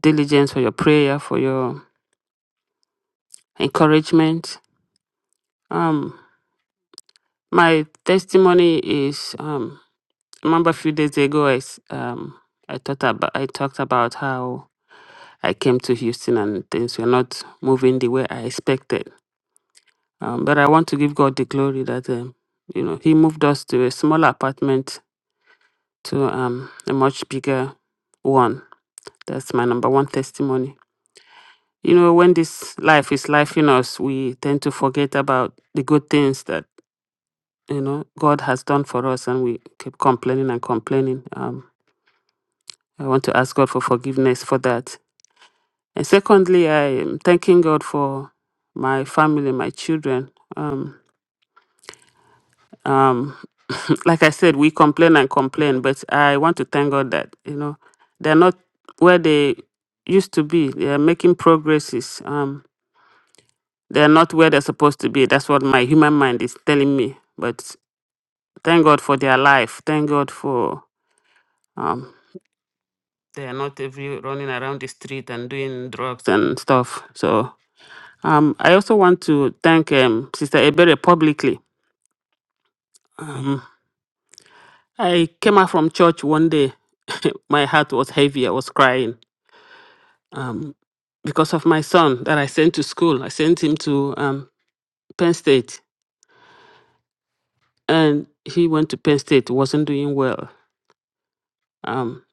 S6: diligence, for your prayer, for your encouragement. Um, my testimony is um, remember a few days ago I s- um, I thought about I talked about how I came to Houston and things were not moving the way I expected. Um, but I want to give God the glory that um, you know He moved us to a small apartment to um, a much bigger one. That's my number one testimony. You know, when this life is life in us, we tend to forget about the good things that, you know, God has done for us and we keep complaining and complaining. Um, I want to ask God for forgiveness for that. And secondly, I am thanking God for my family, my children. Um, Um. like I said, we complain and complain, but I want to thank God that, you know, they're not where they used to be. They are making progresses. Um, they're not where they're supposed to be. That's what my human mind is telling me. But thank God for their life. Thank God for um, they are not every running around the street and doing drugs and stuff. So um, I also want to thank um, Sister Ebere publicly. Um, I came out from church one day. my heart was heavy. I was crying um, because of my son that I sent to school. I sent him to um, Penn State, and he went to Penn State, wasn't doing well. Um,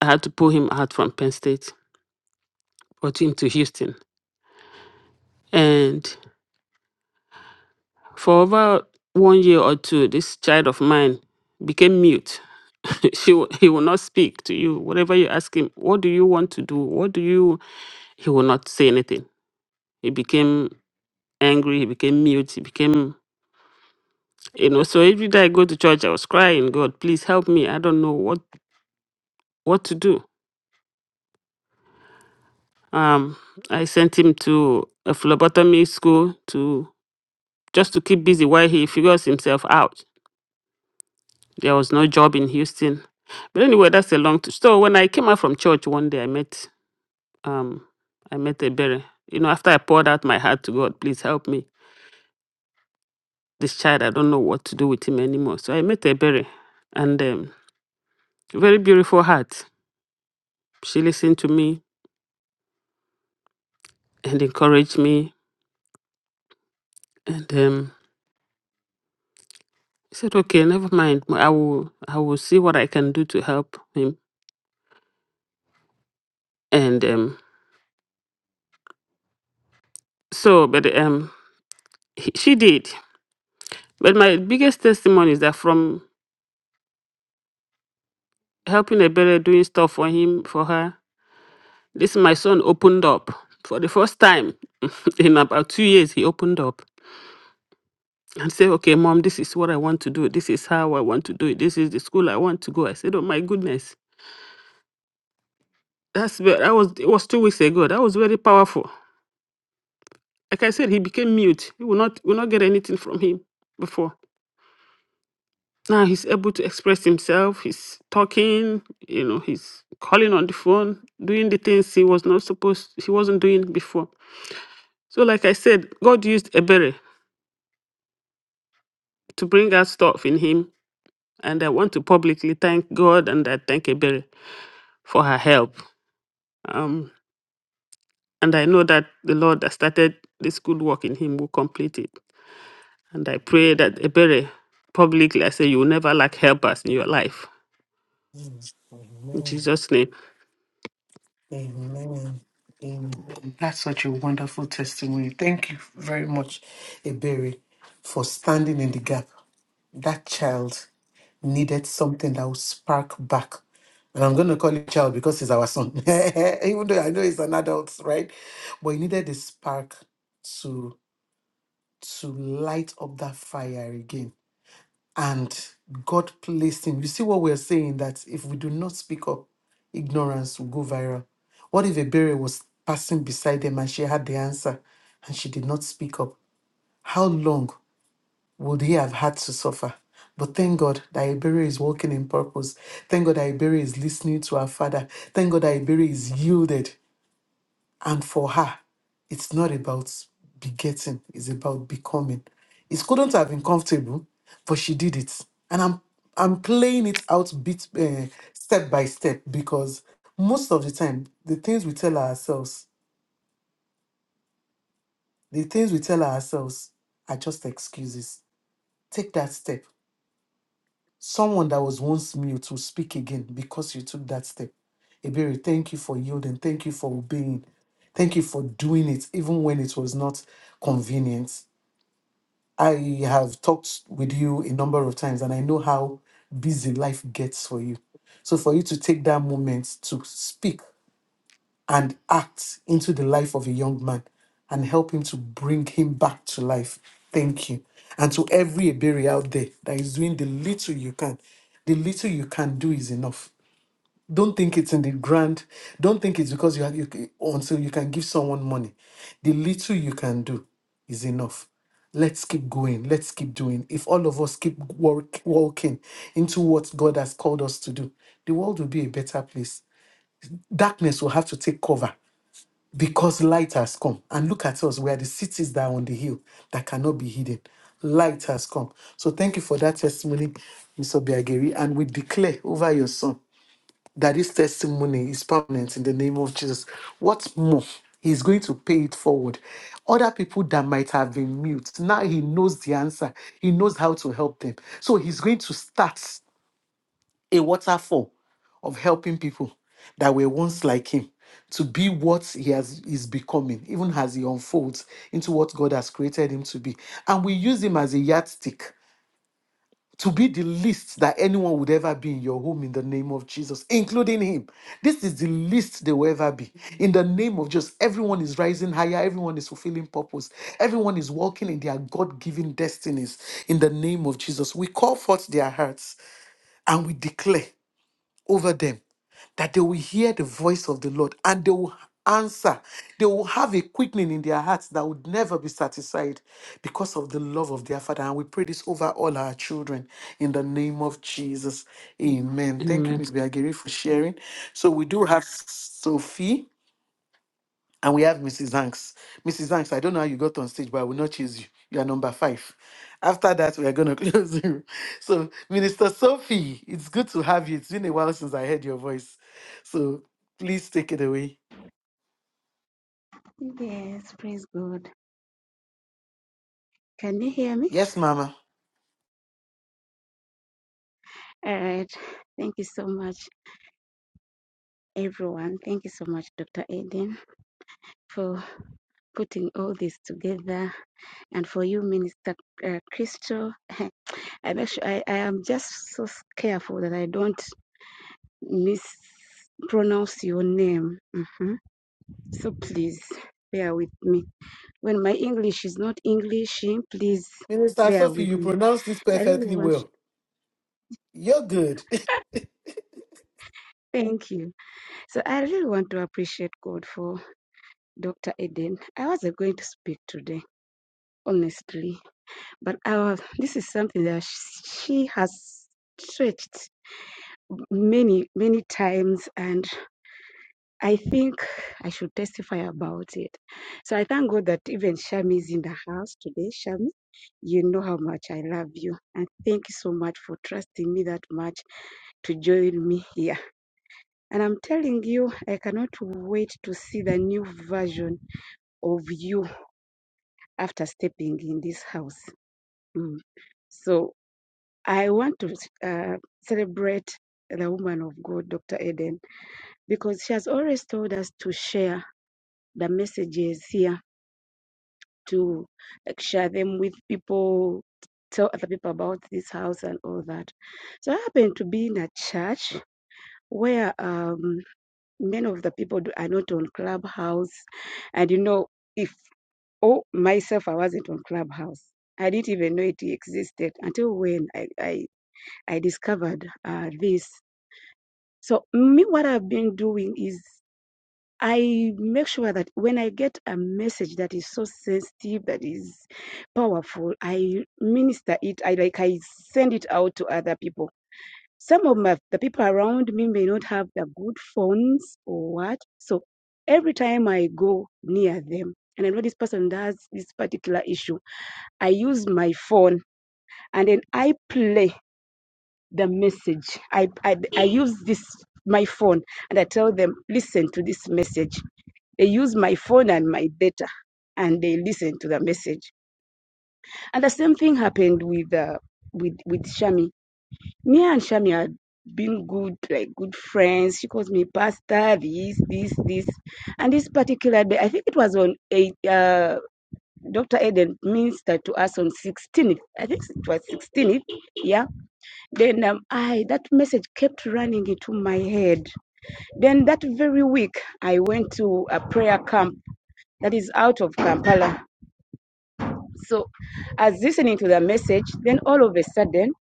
S6: I had to pull him out from Penn State, brought him to Houston. And for over one year or two, this child of mine became mute. she, w- he will not speak to you. Whatever you ask him, what do you want to do? What do you, he will not say anything. He became angry, he became mute, he became You know, so every day I go to church, I was crying, God, please help me. I don't know what, what to do. Um, I sent him to a phlebotomy school to just to keep busy while he figures himself out. There was no job in Houston. But anyway, that's a long t- So when I came out from church one day, I met um, I met a berry. You know, after I poured out my heart to God, please help me. This child, I don't know what to do with him anymore. So I met a berry, and um, very beautiful heart. She listened to me and encouraged me And um, he said, okay, never mind. Well, I will, I will see what I can do to help him. And um, so, but um, he, she did. But my biggest testimony is that from helping Ebere doing stuff for him, for her, this my son opened up for the first time in about two years. He opened up and said, okay, mom, this is what I want to do. This is how I want to do it. This is the school I want to go. I said, oh my goodness. That's ve- that was it was two weeks ago. That was very powerful. like I said, he became mute. We will not we will not get anything from him before. Now he's able to express himself. He's talking. You know, he's calling on the phone, doing the things he was not supposed he wasn't doing before. So, like I said, God used Ebere to bring out stuff in him, and I want to publicly thank God and I thank Ebere for her help. Um, and I know that the Lord that started this good work in him will complete it. And I pray that Ebere publicly, I say, you will never lack helpers in your life In
S1: Amen.
S6: Jesus' name.
S1: Amen. Amen. That's such a wonderful testimony. Thank you very much, Ebere, for standing in the gap. That child needed something that would spark back. And I'm going to call it child because he's our son, even though I know he's an adult, right? But he needed a spark to light up that fire again. And God placed him. You see what we're saying that if we do not speak up, ignorance will go viral. What if a burial was passing beside them and she had the answer and she did not speak up? How long would he have had to suffer? But thank God that Iberi is walking in purpose. Thank God that Iberi is listening to her father. Thank God that Iberi is yielded. And for her, it's not about begetting, it's about becoming. It couldn't have been comfortable, but she did it. And I'm I'm playing it out bit uh, step by step because most of the time the things we tell ourselves, the things we tell ourselves are just excuses. Take that step. Someone that was once mute will speak again because you took that step. Ebere, thank you for yielding. Thank you for obeying. Thank you for doing it, even when it was not convenient. I have talked with you a number of times, and I know how busy life gets for you. So, for you to take that moment to speak and act into the life of a young man and help him to bring him back to life, thank you. And to every Iberi out there that is doing the little you can, the little you can do is enough don't think it's in the grand. Don't think it's because you, have you until you can give someone money. The little you can do is enough. Let's keep going. Let's keep doing. If all of us keep work, walking into what God has called us to do, the world will be a better place. Darkness will have to take cover because light has come. And look at us. We are the cities that are on the hill that cannot be hidden. Light has come. So thank you for that testimony, Mr. Biageri. And we declare over your son that this testimony is permanent in the name of Jesus. What's more, he's going to pay it forward. Other people that might have been mute, now he knows the answer. He knows how to help them. So he's going to start a waterfall of helping people that were once like him to be what he has is becoming, even as he unfolds into what God has created him to be. And we use him as a yardstick to be the least that anyone would ever be in your home in the name of Jesus, including him. This is the least they will ever be. In the name of Jesus, everyone is rising higher, everyone is fulfilling purpose, everyone is walking in their God given destinies. In the name of Jesus, we call forth their hearts and we declare over them that they will hear the voice of the Lord and they will answer. They will have a quickening in their hearts that would never be satisfied because of the love of their Father. And we pray this over all our children in the name of Jesus. Amen. Thank
S6: Amen.
S1: you, Miss Biagiri, for sharing. So we do have Sophie. And we have Mrs. Hanks. Mrs. Hanks, I don't know how you got on stage, but I will not choose you. You are number five. After that, we are going to close the room. So, Minister Sophie, it's good to have you. It's been a while since I heard your voice. So, please take it away.
S7: Yes, praise God. Can you hear me?
S1: Yes, Mama.
S7: All right. Thank you so much, everyone. Thank you so much, Dr. Aden, for putting all this together. And for you, Minister uh, Crystal, I'm actually, I, I am just so careful that I don't mispronounce your name. Mhm. So please bear with me. When my English is not English, please
S1: Minister
S7: bear
S1: Sophie,
S7: with
S1: you
S7: me.
S1: pronounce this
S7: So I really
S1: perfectly
S7: want,
S1: well. You're good.
S7: thank you. So I really want to appreciate God for. Dr. Eden, I wasn't going to speak today, honestly, but I was, this is something that she has stretched many, many times, and I think I should testify about it. So I thank God that even Shami is in the house today. Shami, you know how much I love you, and thank you so much for trusting me that much to join me here. And I'm telling you, I cannot wait to see the new version of you after stepping in this house. Mm. So I want to uh, celebrate the woman of God, Dr. Eden, because she has always told us to share the messages here, to like, share them with people, tell other people about this house and all that. So I happen to be in a church where um, many of the people do- are not on Clubhouse. And you know, if oh myself, I wasn't on Clubhouse. I didn't even know it existed until when I, I I discovered uh, this. So me, what I've been doing is I make sure that when I get a message that is so sensitive, that is powerful, I minister it. I like I send it out to other people. Some of my the people around me may not have the good phones or what. So every time I go near them and I know this person has this particular issue, I use my phone and then I play the message. I, I, I use this, my phone, and I tell them, listen to this message. They use my phone and my data, and they listen to the message. And the same thing happened with, uh, with, with Shami. Me and Shami had been good, like good friends. She calls me pastor, this, this, this. And this particular day, I think it was on eight, uh, Dr. Eden ministered to us on 16th. I think it was 16th. Yeah then um, I that message kept running into my head. Then that very week, I went to a prayer camp that is out of Kampala. So, as listening to the message, then all of a sudden,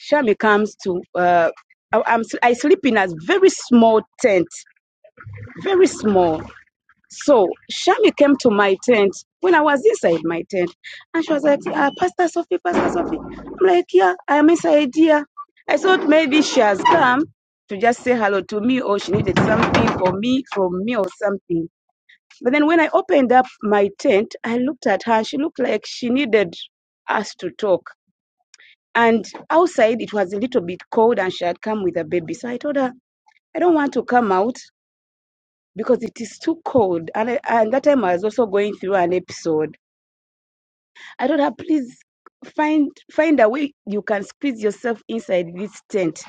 S7: Shami comes to. Uh, I- I'm, I sleep in a very small tent, very small. So Shami came to my tent when I was inside my tent, and she was like, uh, "Pastor Sophie, Pastor Sophie." I'm like, "Yeah, I am inside here." I thought maybe she has come to just say hello to me, or she needed something for me from me, or something. But then when I opened up my tent, I looked at her. She looked like she needed us to talk. And outside, it was a little bit cold, and she had come with a baby. So I told her, "I don't want to come out because it is too cold. And, I, and that time I was also going through an episode. I told her, please find find a way you can squeeze yourself inside this tent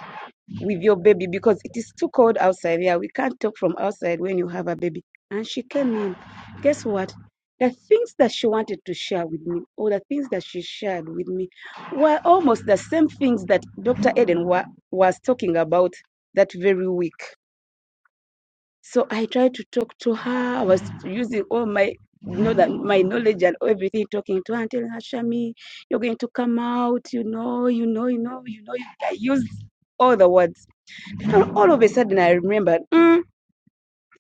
S7: with your baby because it is too cold outside here. We can't talk from outside when you have a baby. And she came in. Guess what? The things that she wanted to share with me, or the things that she shared with me, were almost the same things that Dr. Eden wa- was talking about that very week. So I tried to talk to her. I was using all my you know that my knowledge and everything talking to her and telling her, Shami, you're going to come out, you know, you know, you know, you know. I used all the words. And all of a sudden I remembered, mm,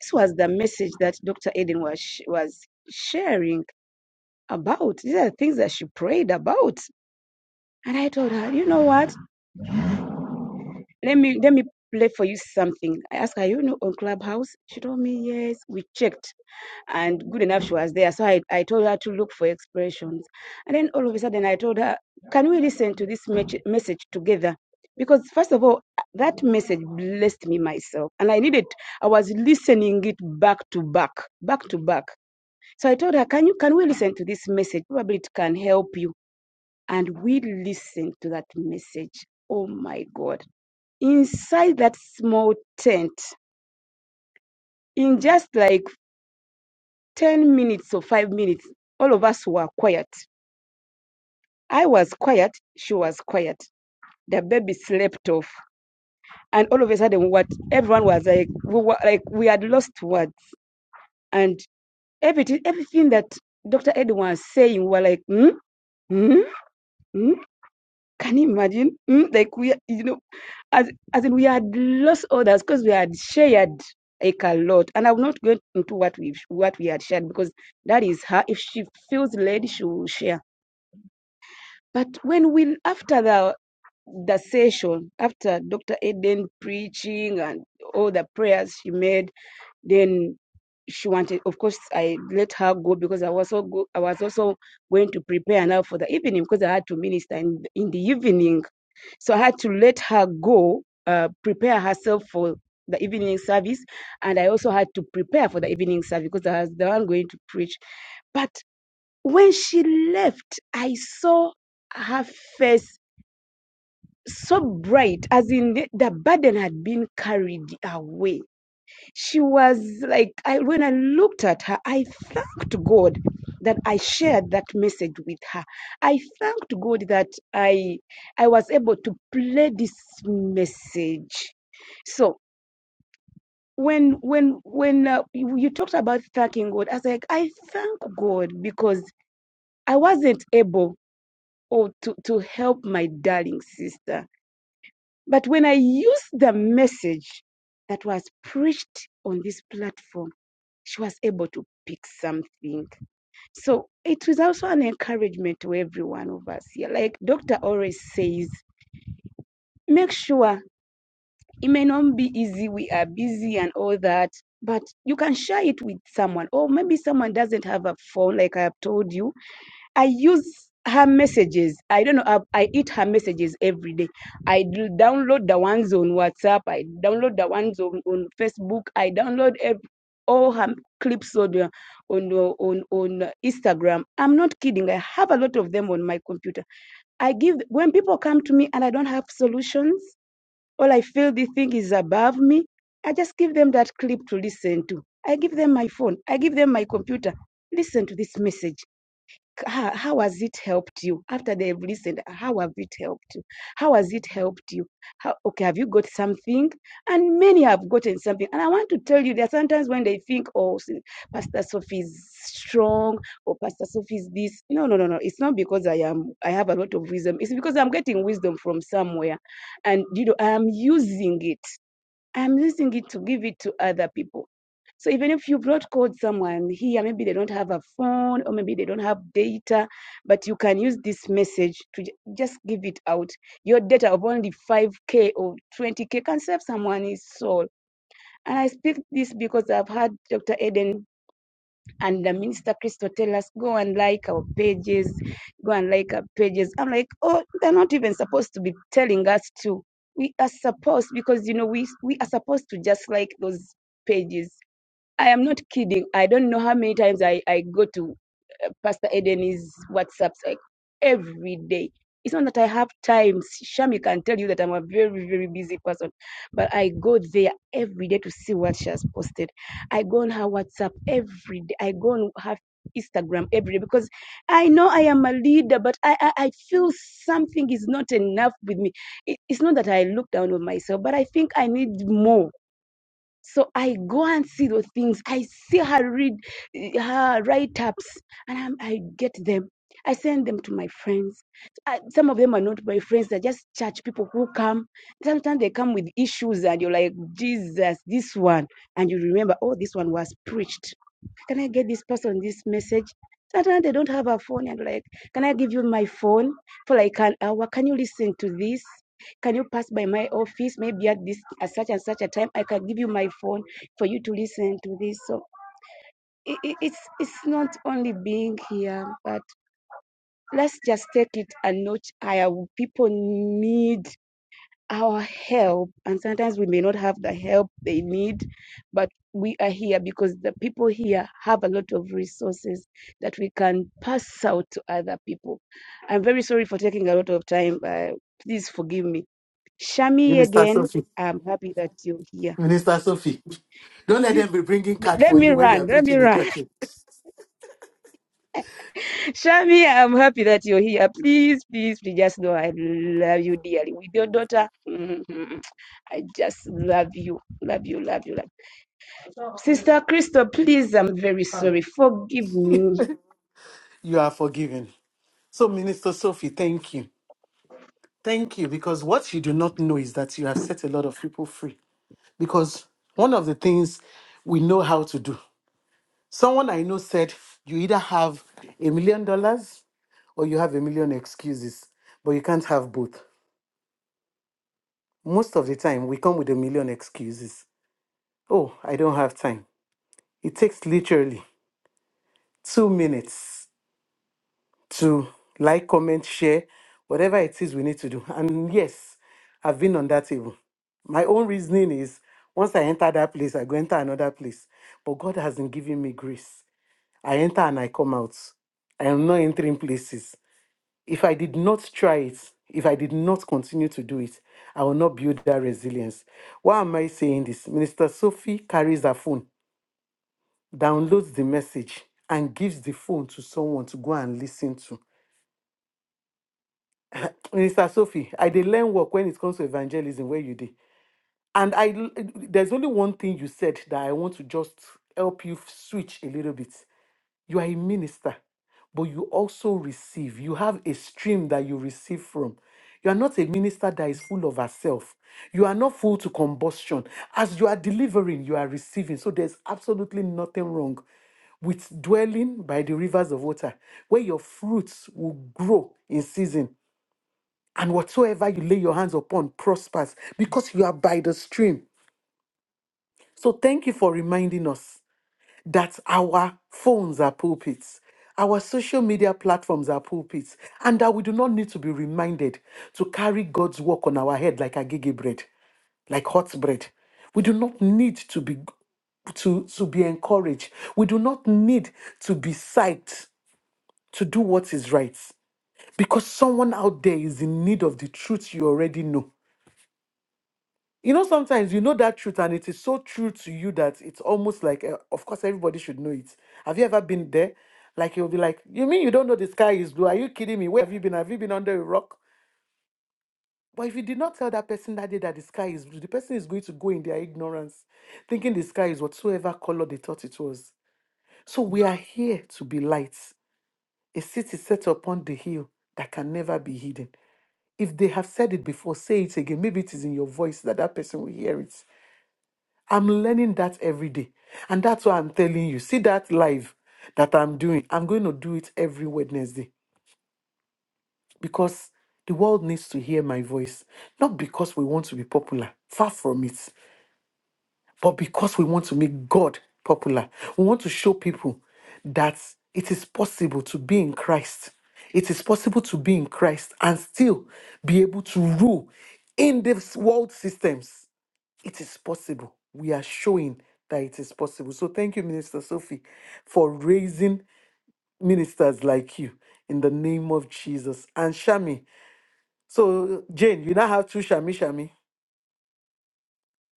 S7: this was the message that Dr. Eden was sh- was sharing about. These are things that she prayed about. And I told her, you know what? Let me let me play for you something. I asked her, you know, on Clubhouse. She told me yes. We checked, and good enough, she was there. So I I told her to look for expressions, and then all of a sudden I told her, can we listen to this mech- message together? Because first of all, that message blessed me myself, and I needed. I was listening it back to back, back to back. So I told her, can you can we listen to this message? Probably it can help you. And we listened to that message. Oh my God inside that small tent, in just like 10 minutes or five minutes, all of us were quiet. I was quiet, she was quiet. The baby slept off. And all of a sudden, what everyone was like, we were like, we had lost words. And everything, everything that Dr. Edwin was saying, we were like, hmm, hmm, hmm. Can you imagine? Mm, like we, you know, as as in we had lost others because we had shared like a lot. And I'm not going into what we what we had shared because that is her. If she feels led, she will share. But when we after the the session, after Dr. Eden preaching and all the prayers she made, then she wanted of course I let her go because I was so go, I was also going to prepare now for the evening because I had to minister in, in the evening so I had to let her go, uh, prepare herself for the evening service. And I also had to prepare for the evening service because I was the one going to preach. But when she left, I saw her face so bright, as in the, the burden had been carried away. She was like, I, when I looked at her, I thanked God that I shared that message with her. I thanked God that I, I was able to play this message. So when, when, when uh, you you talked about thanking God, I was like, I thank God because I wasn't able or to, to help my darling sister. But when I used the message that was preached on this platform, she was able to pick something. So it was also an encouragement to every one of us here. Like Dr. always says, make sure it may not be easy, we are busy and all that, but you can share it with someone. Or maybe someone doesn't have a phone, like I have told you I use her messages. I don't know. I, I eat her messages every day. I do download the ones on WhatsApp. I download the ones on, on Facebook. I download ev- all her clips on the- on the- on on uh, Instagram. I'm not kidding. I have a lot of them on my computer. I give when people come to me and I don't have solutions, all I feel the thing is above me. I just give them that clip to listen to. I give them my phone. I give them my computer. Listen to this message how, how has it helped you after they've listened how have it helped you how has it helped you how, okay have you got something and many have gotten something and i want to tell you there are sometimes when they think oh pastor sophie is strong or pastor sophie is this no no no no it's not because i am i have a lot of wisdom it's because i'm getting wisdom from somewhere and you know i am using it i'm using it to give it to other people so even if you brought code someone here, maybe they don't have a phone or maybe they don't have data, but you can use this message to ju- just give it out. Your data of only 5K or 20K can save someone's soul. And I speak this because I've had Dr. Eden and the Minister Christo tell us, go and like our pages, go and like our pages. I'm like, oh, they're not even supposed to be telling us to. We are supposed, because, you know, we, we are supposed to just like those pages I am not kidding. I don't know how many times I, I go to uh, Pastor Eden's WhatsApps like every day. It's not that I have time. Shami can tell you that I'm a very, very busy person, but I go there every day to see what she has posted. I go on her WhatsApp every day. I go on her Instagram every day because I know I am a leader, but I, I, I feel something is not enough with me. It, it's not that I look down on myself, but I think I need more so I go and see those things. I see her read eh, her write ups, and I'm, I get them. I send them to my friends. I, some of them are not my friends; they're just church people who come. Sometimes they come with issues, and you're like, Jesus, this one, and you remember, oh, this one was preached can I get this person this message? Sometimes they don't have a phone and like, can I give you my phone for like an hour? Can you listen to this? Can you pass by my office maybe at this at such and such a time? I can give you my phone for you to listen to this. So it, it, it's it's not only being here, but let's just take it a notch higher. People need our help and sometimes we may not have the help they need but we are here because the people here have a lot of resources that we can pass out to other people i'm very sorry for taking a lot of time uh, please forgive me shami
S1: Minister
S7: again
S1: Sophie.
S7: i'm happy that you're here
S1: Minister Sophie, don't let
S7: You-
S1: them be bringing card
S7: let
S1: for
S7: me
S1: you when you are
S7: run let me
S1: preaching in
S7: run
S1: church.
S7: shami i'm happy that you're here please please please just know i love you dearly with your daughter i just love you love you love you love you Sister Crystal, please, I'm very sorry. Forgive me.
S1: You are forgiven. So, Minister Sophie, thank you. Thank you. Because what you do not know is that you have set a lot of people free. Because one of the things we know how to do, someone I know said, you either have a million dollars or you have a million excuses, but you can't have both. Most of the time, we come with a million excuses. Oh, I don't have time. It takes literally two minutes to like, comment, share, whatever it is we need to do. And yes, I've been on that table. My own reasoning is once I enter that place, I go enter another place. But God hasn't given me grace. I enter and I come out. I am not entering places. If I did not try it, if I did not continue to do it, I will not build that resilience. Why am I saying this? Minister Sophie carries her phone, downloads the message, and gives the phone to someone to go and listen to. Minister Sophie, I did learn work when it comes to evangelism where you did. And I l- there's only one thing you said that I want to just help you switch a little bit. You are a minister, but you also receive. You have a stream that you receive from. You are not a minister that is full of herself. You are not full to combustion. As you are delivering, you are receiving. So there's absolutely nothing wrong with dwelling by the rivers of water, where your fruits will grow in season and whatsoever you lay your hands upon prospers because you are by the stream. So thank you for reminding us that our phones are pulpits, our social media platforms are pulpits, and that we do not need to be reminded to carry God's work on our head like a gigi bread, like hot bread. We do not need to be to, to be encouraged. We do not need to be psyched to do what is right. Because someone out there is in need of the truth you already know you know sometimes you know that truth and it is so true to you that it's almost like uh, of course everybody should know it have you ever been there like you'll be like you mean you don't know the sky is blue are you kidding me where have you been have you been under a rock but if you did not tell that person that day that the sky is blue the person is going to go in their ignorance thinking the sky is whatsoever color they thought it was so we are here to be lights a city set upon the hill that can never be hidden if they have said it before say it again maybe it is in your voice that that person will hear it I'm learning that every day. And that's why I'm telling you. See that live that I'm doing. I'm going to do it every Wednesday because the world needs to hear my voice. Not because we want to be popular, far from it, but because we want to make God popular. We want to show people that it is possible to be in Christ. It is possible to be in Christ and still be able to rule in these world systems it is possible. We are showing that it is possible. So thank you, Minister Sophie, for raising ministers like you in the name of Jesus. And Shami. So Jane, you now have two Shami Shami.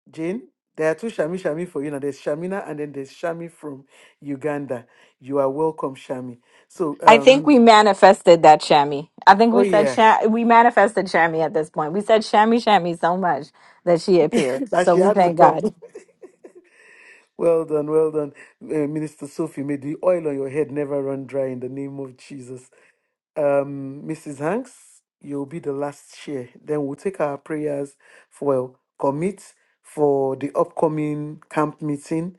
S1: Jane, there are two Shami Shami for you now. There's Shamina and then there's Shami from Uganda. You are welcome, Shami. So
S4: I think
S1: um
S4: we manifested that Shammy. I think
S1: oh
S4: we said
S1: yeah,
S4: Sha- we manifested Shammy at this point. We said Shammy Shammy so much that she appeared.
S1: that
S4: So
S1: she
S4: we
S1: had to
S4: thank
S1: come.
S4: God.
S1: Well done, well done, uh, Minister Sophie. May the oil on your head never run dry in the name of Jesus. um, Mrs. Hanks, you'll be the last share. Then we'll take our prayers for well, commit for the upcoming camp meeting.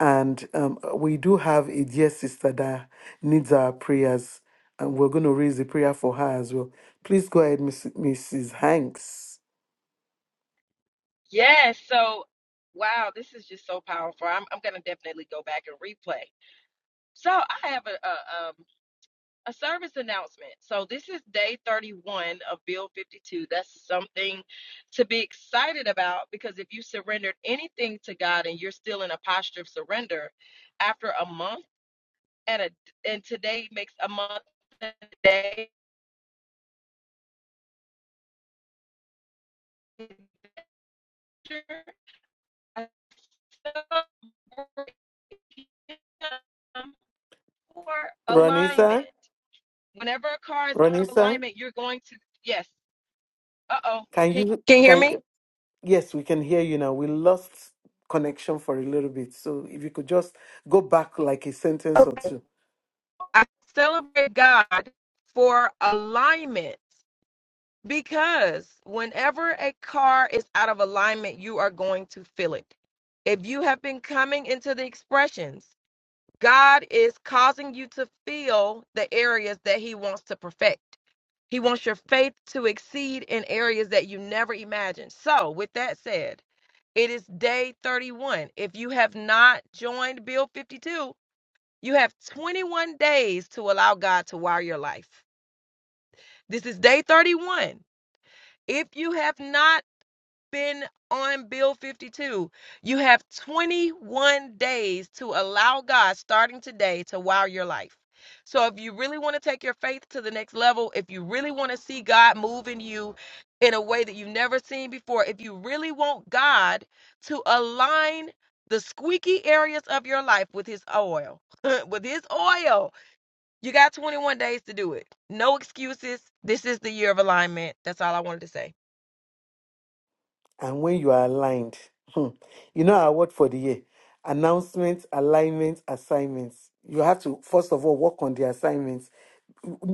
S1: And um, we do have a dear sister that needs our prayers. And we're going to raise the prayer for her as well. Please go ahead, Miss, Mrs. Hanks.
S8: Yes. So, wow, this is just so powerful. I'm I'm gonna definitely go back and replay. So I have a, a um a service announcement. So this is day 31 of Bill 52. That's something to be excited about because if you surrendered anything to God and you're still in a posture of surrender after a month and a and today makes a month and a day. I celebrate for alignment.
S1: Ronisa,
S8: Whenever a car is out of
S1: Ronisa,
S8: alignment, you're going to yes. Uh oh.
S1: can
S8: Can
S1: you,
S8: can you hear
S1: can,
S8: me?
S1: yes, we can hear you now. We lost connection for a little bit. So if you could just go back like a sentence or
S8: Okay.
S1: two.
S8: I celebrate God for alignment because whenever a car is out of alignment, you are going to feel it. If you have been coming into the expressions, God is causing you to feel the areas that He wants to perfect. He wants your faith to exceed in areas that you never imagined. So, with that said, It is day 31. If you have not joined Bill 52, you have 21 days to allow God to wire your life. This is day 31. If you have not been on Bill 52. You have 21 days to allow God, starting today, to wow your life. So, if you really want to take your faith to the next level, if you really want to see God move in you in a way that you've never seen before, if you really want God to align the squeaky areas of your life with His oil, with His oil, you got 21 days to do it. No excuses. This is the year of alignment. That's all I wanted to say.
S1: and when you are aligned, hmm, you know our word for the year announcements, alignments, assignments. You have to, first of all, work on the assignments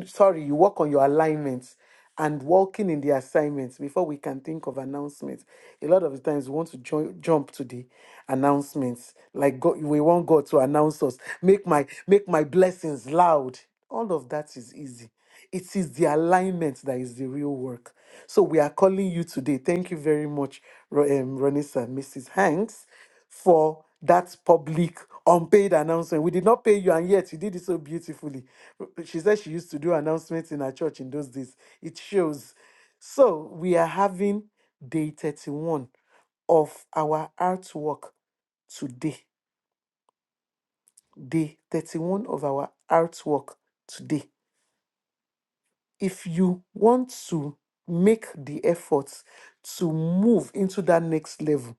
S1: sorry, you work on your alignments and working in the assignments before we can think of announcements. A lot of the times we want to jo- jump to the announcements. Like God, we want God to announce us, make my make my blessings loud. All of that is easy. It is the alignment that is the real work. So we are calling you today. Thank you very much, Ro- um, Ronisa, Mrs. Hanks for that public unpaid announcement. We did not pay you, and yet you did it so beautifully. She said she used to do announcements in her church in those days. It shows. So we are having day 31 of our artwork today. Day 31 of our artwork today. If you want to make the effort to move into that next level,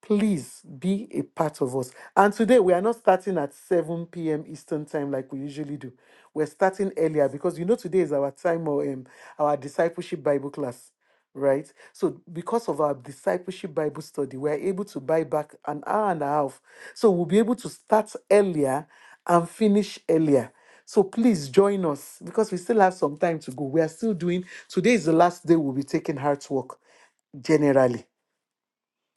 S1: please be a part of us. And today we are not starting at 7 p.m. Eastern time like we usually do. We're starting earlier because you know today is our time or um, our discipleship Bible class, right? So because of our discipleship Bible study, we're able to buy back an hour and a half. So we'll be able to start earlier and finish earlier. So please join us because we still have some time to go. We are still doing today is the last day we'll be taking heart work generally.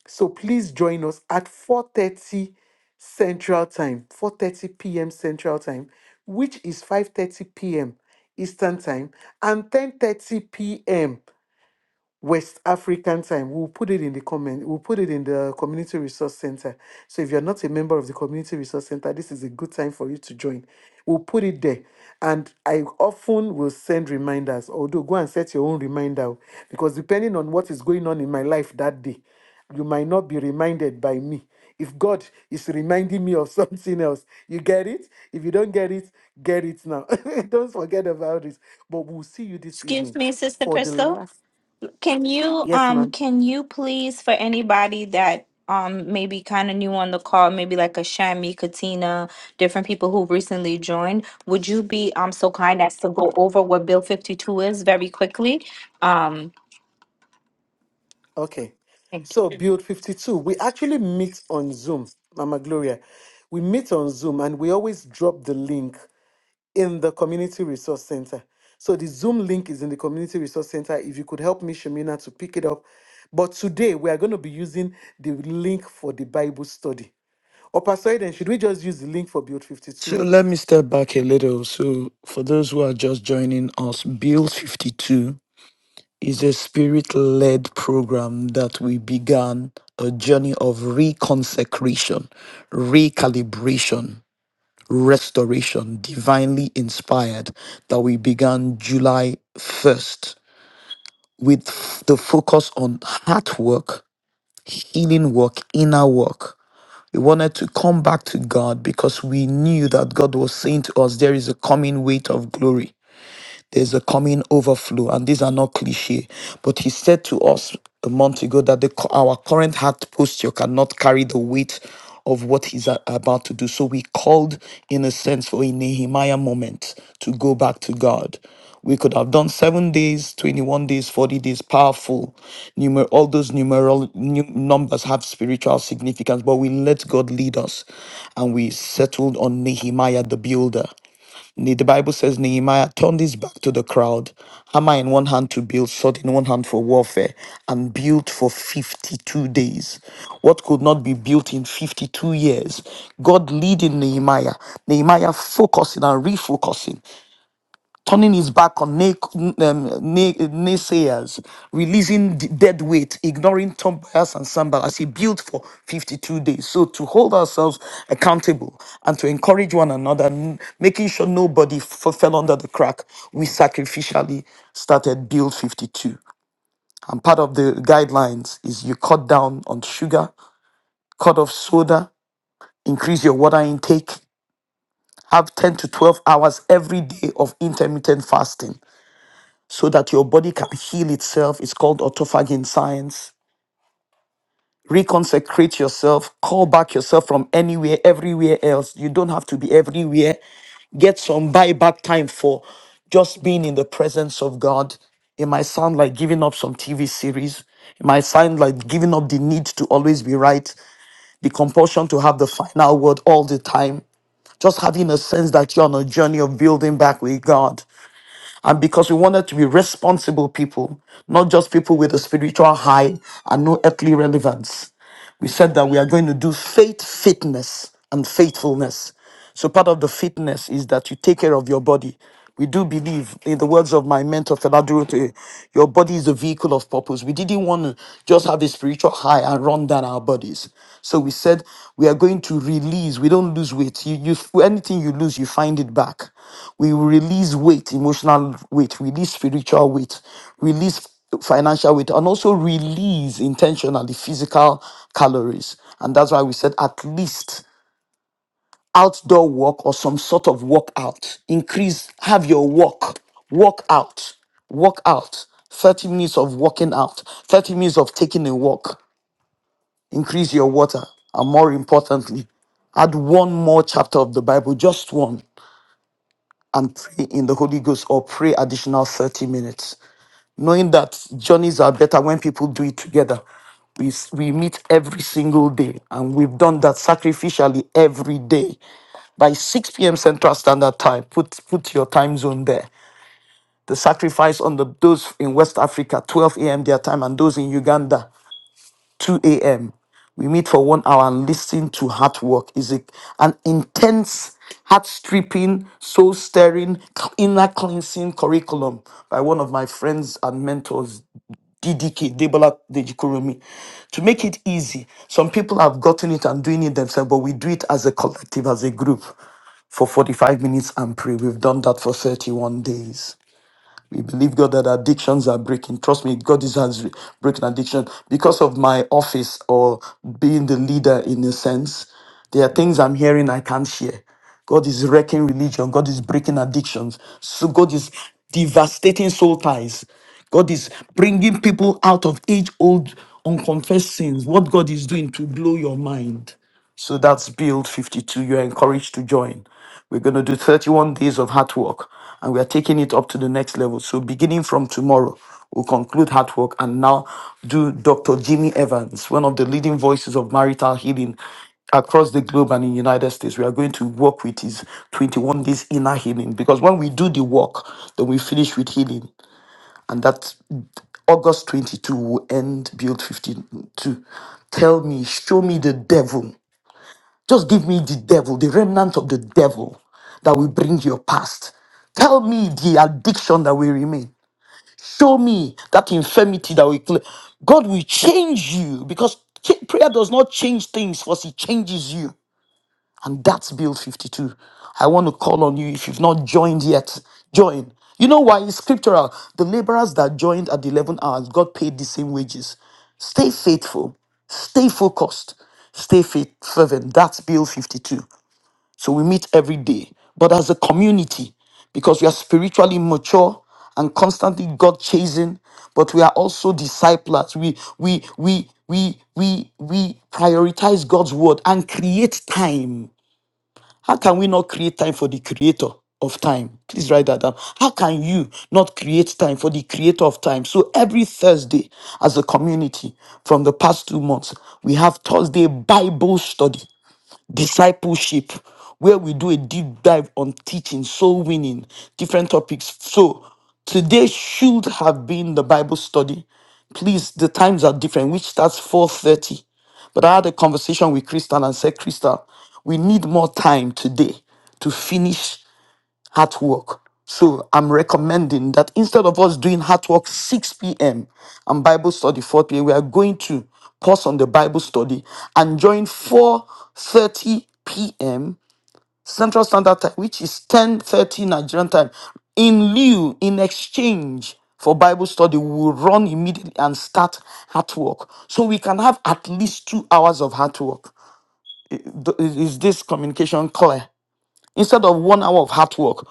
S1: So please join us at 4:30 Central Time, 4:30 p.m. Central Time, which is 5:30 p.m. Eastern Time and 10:30 p.m. West African time. We'll put it in the comment. We'll put it in the Community Resource Center. So if you're not a member of the Community Resource Center, this is a good time for you to join. We'll put it there. And I often will send reminders, although go and set your own reminder o, because depending on what is going on in my life that day, you might not be reminded by me. If God is reminding me of something else, you get it? If you don't get it, get it now. don't forget about it. But we'll see you this
S4: Excuse
S1: evening
S4: me, Sister
S1: for the
S4: Crystal.
S1: last.
S4: Can you
S1: Yes,
S4: um
S1: ma'am.
S4: can you please for anybody that um maybe kind of new on the call, maybe like a Shami, Katina, different people who recently joined, would you be um so kind as to go over what Bill 52 is very quickly? Um
S1: Okay. So build 52. We actually meet on Zoom, Mama Gloria. We meet on Zoom and we always drop the link in the community resource center. So the Zoom link is in the community resource center. If you could help me, Shemina, to pick it up. But today we are going to be using the link for the Bible study. Or Pastor Eden, should we just use the link for build
S2: So
S1: 52?
S2: let me step back a little. So for those who are just joining us, Bill 52 is a spirit-led program that we began a journey of reconsecration, recalibration, restoration, divinely inspired that we began July 1st with f- the focus on heart work, healing work, inner work. We wanted to come back to God because we knew that God was saying to us, There is a coming weight of glory there's a coming overflow, and these are not cliche. But he said to us a month ago that the, cu- our current heart posture cannot carry the weight of what he's a- about to do. So we called, in a sense, for a Nehemiah moment to go back to God. We could have done seven days, 21 days, 40 days, powerful. Numer- all those numeral nu- numbers have spiritual significance, but we let God lead us and we settled on Nehemiah the builder. Ne- The Bible says Nehemiah turned his back to the crowd, hammer in one hand to build, sword in one hand for warfare, and built for 52 days. What could not be built in 52 years? God leading Nehemiah, Nehemiah focusing and refocusing turning his back on nay, um, nay, naysayers, releasing the dead weight, ignoring Tom Bias and Sambal as he built for 52 days. So to hold ourselves accountable and to encourage one another, n- making sure nobody f- fell under the crack, we sacrificially started Build 52. And part of the guidelines is you cut down on sugar, cut off soda, increase your water intake, have 10 to 12 hours every day of intermittent fasting so that your body can heal itself. It's called autophagy in science. Reconsecrate yourself, call back yourself from anywhere, everywhere else. You don't have to be everywhere. Get some buyback time for just being in the presence of God. It might sound like giving up some TV series. It might sound like giving up the need to always be right, the compulsion to have the final word all the time, just having a sense that you're on a journey of building back with God. and because we wanted to be responsible people, not just people with a spiritual high and no earthly relevance we said that we are going to do faith fitness and faithfulness. So part of the fitness is that you take care of your body. We do believe, in the words of my mentor Feladurute, your body is a vehicle of purpose. We didn't want to just have a spiritual high and run down our bodies. So we said we are going to release. We don't lose weight. You, you, anything you lose, you find it back. We will release weight, emotional weight, release spiritual weight, release financial weight and also release intentionally physical calories and that's why we said at least outdoor work or some sort of workout increase have your walk walk out walk out 30 minutes of walking out 30 minutes of taking a walk increase your water and more importantly add one more chapter of the Bible, just one, and pray in the Holy Ghost or pray additional 30 minutes. Knowing that journeys are better when people do it together. We, s- we meet every single day, and we've done that sacrificially every day. By 6 p.m. Central Standard Time, put, put your time zone there. The sacrifice on the, those in West Africa, 12 a.m. their time, and those in Uganda, 2 a.m. We meet for one hour and listen to heart work. Is it an intense, heart stripping, soul stirring, inner cleansing curriculum by one of my friends and mentors, DDK, Debola Dejikurumi. To make it easy, some people have gotten it and doing it themselves, but we do it as a collective, as a group for 45 minutes and pray. We've done that for 31 days. We believe, God, that addictions are breaking. Trust me, God is has breaking addiction. Because of my office or being the leader in a sense, there are things I'm hearing I can't share. God is wrecking religion. God is breaking addictions. So God is devastating soul ties. God is bringing people out of age old unconfessed sins. What God is doing to blow your mind. So that's Build 52. You're encouraged to join. We're going to do 31 days of hard work and we are taking it up to the next level. So, beginning from tomorrow, we'll conclude hard work and now do Dr. Jimmy Evans, one of the leading voices of marital healing across the globe and in United States. We are going to work with his 21 days inner healing because when we do the work, then we finish with healing. And that's August 22 will end Build 52. Tell me, show me the devil just give me the devil, the remnant of the devil that will bring your past. Tell me the addiction that will remain. Show me that infirmity that will. cl- God will change you because ch- prayer does not change things, first, He changes you. And that's Bill 52. I want to call on you if you've not joined yet, join. You know why? It's scriptural. The laborers that joined at the 11 hours got paid the same wages. Stay faithful, stay focused, stay faith fervent. That's Bill 52. So we meet every day, but as a community, because we are spiritually mature and constantly God chasing, but we are also disciples. We we we we we we prioritize God's word and create time. How can we not create time for the creator of time? Please write that down. How can you not create time for the creator of time? So every Thursday, as a community, from the past two months, we have Thursday Bible study discipleship where we do a deep dive on teaching, soul winning, different topics. So today should have been the Bible study. Please, the times are different, which starts 4:30. But I had a conversation with Crystal and said, Crystal, we need more time today to finish heart work. So I'm recommending that instead of us doing heart work 6 p.m. and Bible study 4 p.m., we are going to pause on the Bible study and join 4:30 p.m. Central Standard Time, which is 10:30 Nigerian time. In lieu, in exchange for Bible study, we will run immediately and start heart work. So we can have at least two hours of heart work. Is is this communication clear? Instead of one hour of hard work,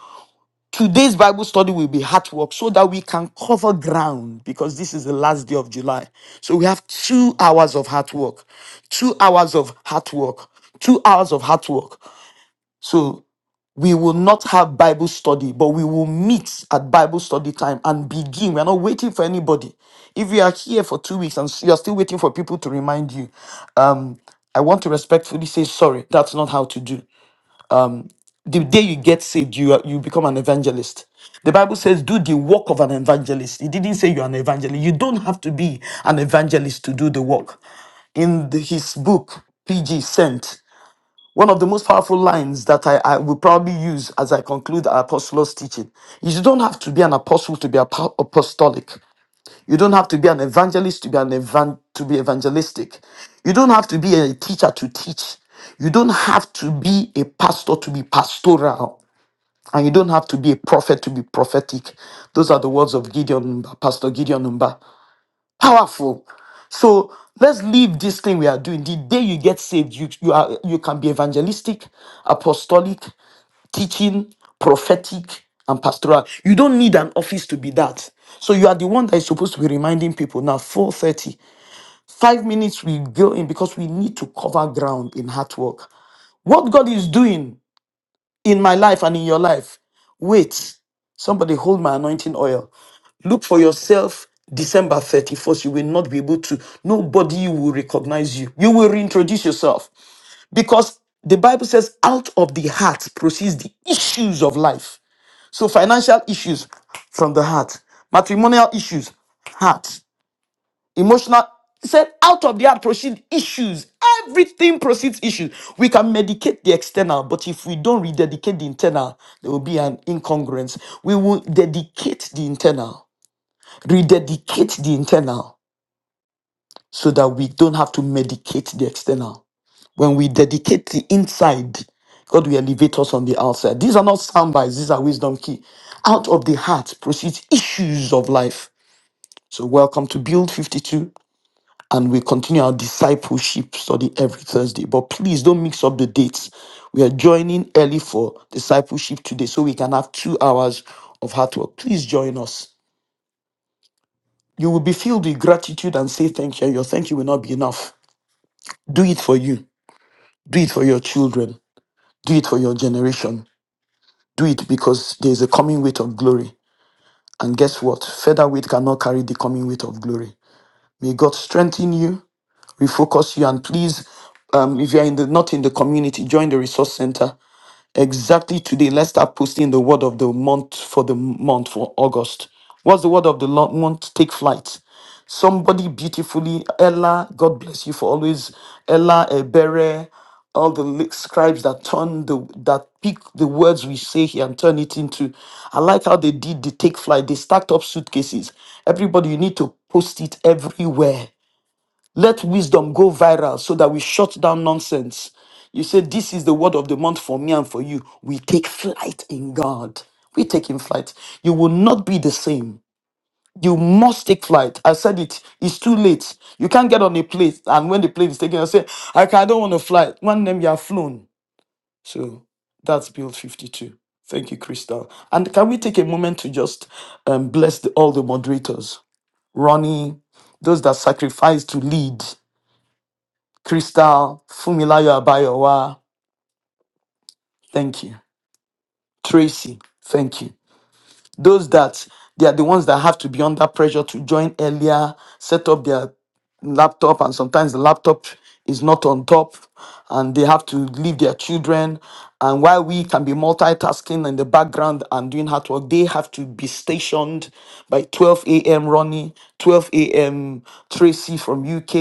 S2: Today's Bible study will be hard work so that we can cover ground because this is the last day of July. So we have two hours of hard work, two hours of hard work, two hours of hard work. So we will not have Bible study, but we will meet at Bible study time and begin. We're not waiting for anybody. If you are here for two weeks and you're still waiting for people to remind you, um, I want to respectfully say sorry. That's not how to do the day you get saved, you are, you become an evangelist. The Bible says, "Do the work of an evangelist." It didn't say you're an evangelist. You don't have to be an evangelist to do the work. In the- his book, PG Sent, one of the most powerful lines that I, I will probably use as I conclude our apostles' teaching is: "You don't have to be an apostle to be apo- apostolic. You don't have to be an evangelist to be an evan- to be evangelistic. You don't have to be a teacher to teach." You don't have to be a pastor to be pastoral. And you don't have to be a prophet to be prophetic. Those are the words of Gideon Numba, Pastor Gideon Numba. Powerful. So let's leave this thing we are doing. The day you get saved, you, you are you can be evangelistic, apostolic, teaching, prophetic, and pastoral. You don't need an office to be that. So you are the one that is supposed to be reminding people now four thirty, five minutes we go in because we need to cover ground in hard work. What God is doing in my life and in your life. Wait, somebody hold my anointing oil. Look for yourself December 31st. You will not be able to, nobody will recognize you. You will reintroduce yourself because the Bible says, out of the heart proceeds the issues of life. So, financial issues from the heart, matrimonial issues, heart emotional. He said, out of the heart proceed issues. Everything proceeds issues. We can medicate the external, but if we don't rededicate the internal, there will be an incongruence. We will dedicate the internal, rededicate the internal, so that we don't have to medicate the external. When we dedicate the inside, God will elevate us on the outside. These are not sound bites, these are wisdom key. Out of the heart proceeds issues of life. So welcome to Build 52. and we continue our discipleship study every Thursday. But please don't mix up the dates. We are joining early for discipleship today so we can have two hours of hard work. Please join us. You will be filled with gratitude and say thank you. and Your thank you will not be enough. Do it for you. Do it for your children. Do it for your generation. Do it because there is a coming weight of glory. And guess what? Feather weight cannot carry the coming weight of glory. May God strengthen you. refocus you. And please, um, if you're in the not in the community, join the resource center. Exactly today, let's start posting the word of the month for the month for August. What's the word of the lo- month? Take flight. Somebody beautifully, Ella, God bless you for always, Ella Ebere, all the li- scribes that turn the that pick the words we say here and turn it into. I like how they did the take flight. They stacked up suitcases. Everybody, you need to post it everywhere. Let wisdom go viral so that we shut down nonsense. You say, This is the word of the month for me and for you. We take flight in God. We take in flight. You will not be the same. You must take flight. I said it. It's too late. You can't get on a plane. And when the plane is taken, I say, I, can, I don't want to fly. One name, you are flown. So that's build 52. Thank you, Crystal. And can we take a moment to just um, bless the, all the moderators? Ronnie, those that sacrifice to lead. Crystal, Fumilayo Abayowa, thank you. Tracy, thank you. Those that they are the ones that have to be under pressure to join earlier, set up their laptop and sometimes the laptop is not on top and they have to leave their children and while we can be multitasking in the background and doing hard work they have to be stationed by 12 a.m ronnie 12 a.m tracy from uk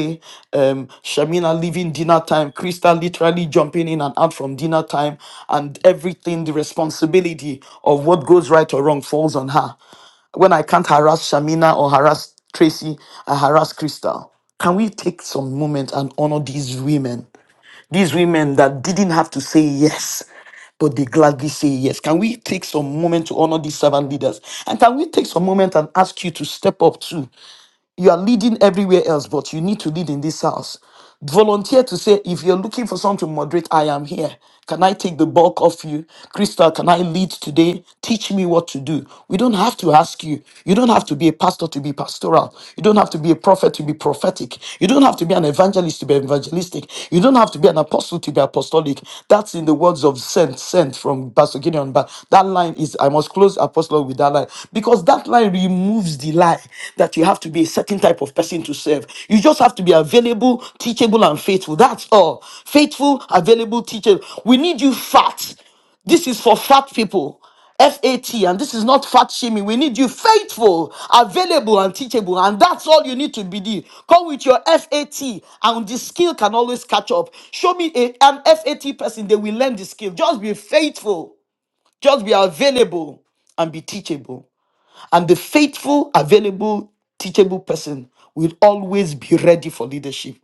S2: um shamina leaving dinner time crystal literally jumping in and out from dinner time and everything the responsibility of what goes right or wrong falls on her when I can't harass Shamina or harass Tracy, I harass Crystal. Can we take some moment and honor these women? These women that didn't have to say yes, but they gladly say yes. Can we take some moment to honor these servant leaders? And can we take some moment and ask you to step up too? You are leading everywhere else, but you need to lead in this house. Volunteer to say, if you're looking for someone to moderate, I am here. Can I take the bulk off you? Crystal, can I lead today? Teach me what to do. We don't have to ask you. You don't have to be a pastor to be pastoral. You don't have to be a prophet to be prophetic. You don't have to be an evangelist to be evangelistic. You don't have to be an apostle to be apostolic. That's in the words of Saint, Saint from Pastor Gideon. But that line is, I must close apostle with that line. Because that line removes the lie that you have to be a certain type of person to serve. You just have to be available, teachable, and faithful. That's all. Faithful, available, teachable. We need you fat. This is for fat people. F A T, and this is not fat shaming. We need you faithful, available, and teachable, and that's all you need to be. there. Come with your F A T, and the skill can always catch up. Show me a, an F A T person, they will learn the skill. Just be faithful, just be available, and be teachable. And the faithful, available, teachable person will always be ready for leadership.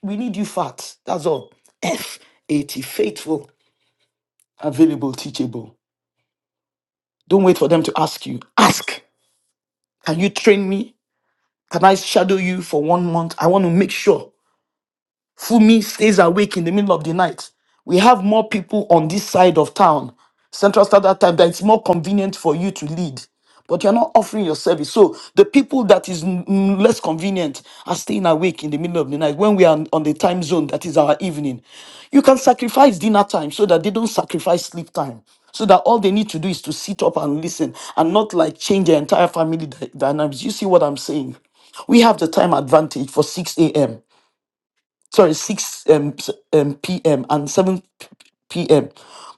S2: We need you fat. That's all. F eighty faithful, available, teachable. Don't wait for them to ask you. Ask. Can you train me? Can I shadow you for one month? I want to make sure. Fumi stays awake in the middle of the night. We have more people on this side of town, Central Standard Time, that it's more convenient for you to lead. But you're not offering your service. So the people that is n- n- less convenient are staying awake in the middle of the night when we are on on the time zone that is our evening. You can sacrifice dinner time so that they don't sacrifice sleep time. So that all they need to do is to sit up and listen and not like change their entire family dy- dynamics. You see what I'm saying? We have the time advantage for 6 a.m sorry 6 um, s- um, p.m and 7 p.m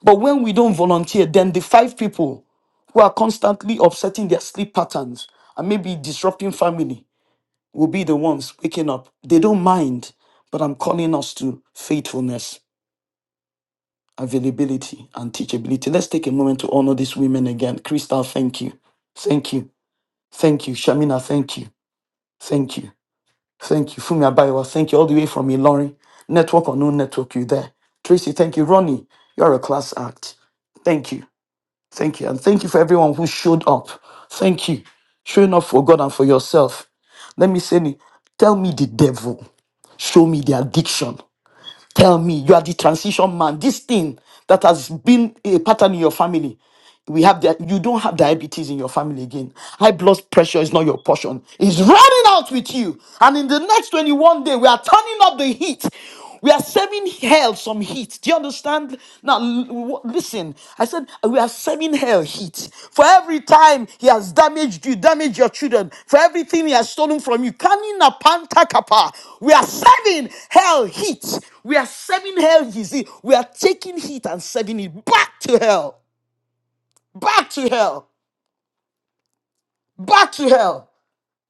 S2: but when we don't volunteer then the five people who are constantly upsetting their sleep patterns and maybe disrupting family will be the ones waking up they don't mind but i'm calling us to faithfulness availability and teachability let's take a moment to honor these women again crystal thank you thank you thank you shamina thank you thank you Thank you, Fumi Abayawa. Thank you all the way from Ilorin. Network or no network, you there. Tracy, thank you. Ronnie, you're a class act. Thank you. Thank you. And thank you for everyone who showed up. Thank you. Showing up for God and for yourself. Let me say, tell me the devil. Show me the addiction. Tell me, you are the transition man. This thing that has been a pattern in your family, we have that. You don't have diabetes in your family again. High blood pressure is not your portion. It's running out with you. And in the next 21 day, we are turning up the heat. We are saving hell some heat. Do you understand? Now, l- w- listen, I said we are serving hell heat. For every time he has damaged you, damaged your children, for everything he has stolen from you, Kanina Panta Kappa, we are serving hell heat. We are serving hell heat. We are taking heat and serving it back to hell, back to hell, back to hell.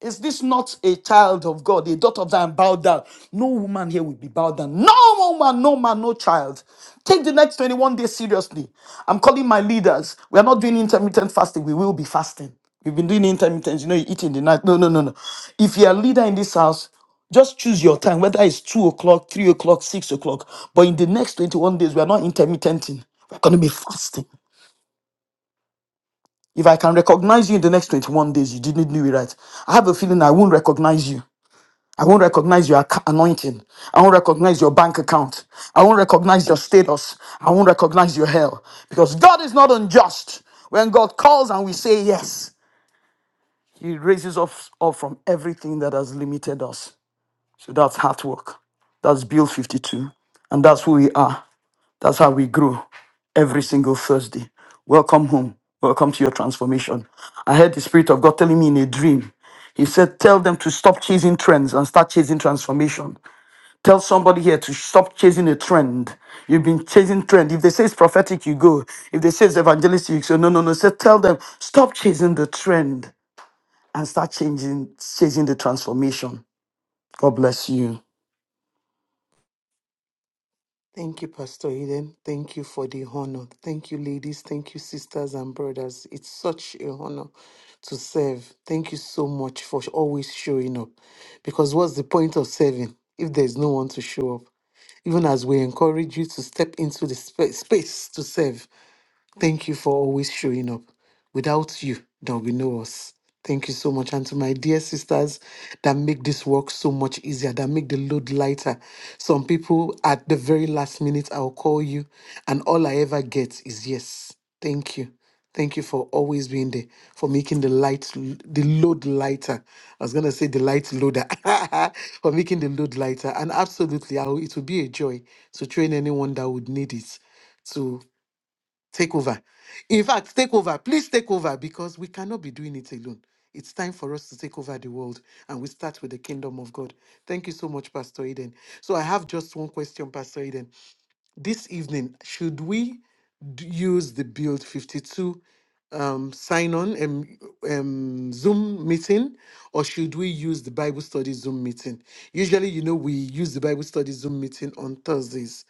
S2: Is this not a child of God, a daughter of Zion, bowed down? No woman here will be bowed down. No woman, no man, no child. Take the next 21 days seriously. I'm calling my leaders. We are not doing intermittent fasting. We will be fasting. We've been doing intermittent. You know, you eat in the night. No, no, no, no. If you're a leader in this house, just choose your time, whether it's 2 o'clock, 3 o'clock, 6 o'clock. But in the next 21 days, we are not intermittenting. We're going to be fasting. If I can recognize you in the next 21 days, you didn't do it right. I have a feeling I won't recognize you. I won't recognize your acc- anointing. I won't recognize your bank account. I won't recognize your status. I won't recognize your hell. Because God is not unjust. When God calls and we say yes, He raises us up from everything that has limited us. So that's hard work. That's Build 52. And that's who we are. That's how we grow every single Thursday. Welcome home. Welcome to your transformation. I heard the Spirit of God telling me in a dream. He said, Tell them to stop chasing trends and start chasing transformation. Tell somebody here to stop chasing a trend. You've been chasing trend. If they say it's prophetic, you go. If they say it's evangelistic, you say no, no, no. So tell them stop chasing the trend and start changing, chasing the transformation. God bless you.
S1: Thank you, Pastor Eden. Thank you for the honor. Thank you, ladies. Thank you, sisters and brothers. It's such a honor to serve. Thank you so much for always showing up. Because what's the point of serving if there's no one to show up? Even as we encourage you to step into the spa- space to serve, Thank you for always showing up. Without you, there will be no us. Thank you so much. And to my dear sisters that make this work so much easier, that make the load lighter. Some people at the very last minute, I'll call you, and all I ever get is yes. Thank you. Thank you for always being there, for making the light, the load lighter. I was gonna say the light loader, for making the load lighter. And absolutely, I will, it will be a joy to train anyone that would need it Take over. In fact, take over. Please take over because we cannot be doing it alone. It's time for us to take over the world and we start with the kingdom of God. Thank you so much, Pastor Eden. So I have just one question, Pastor Eden. This evening, should we d- use the Build 52 um, sign on um, um, Zoom meeting, or should we use the Bible study Zoom meeting? Usually, you know, we use the Bible study Zoom meeting on Thursdays.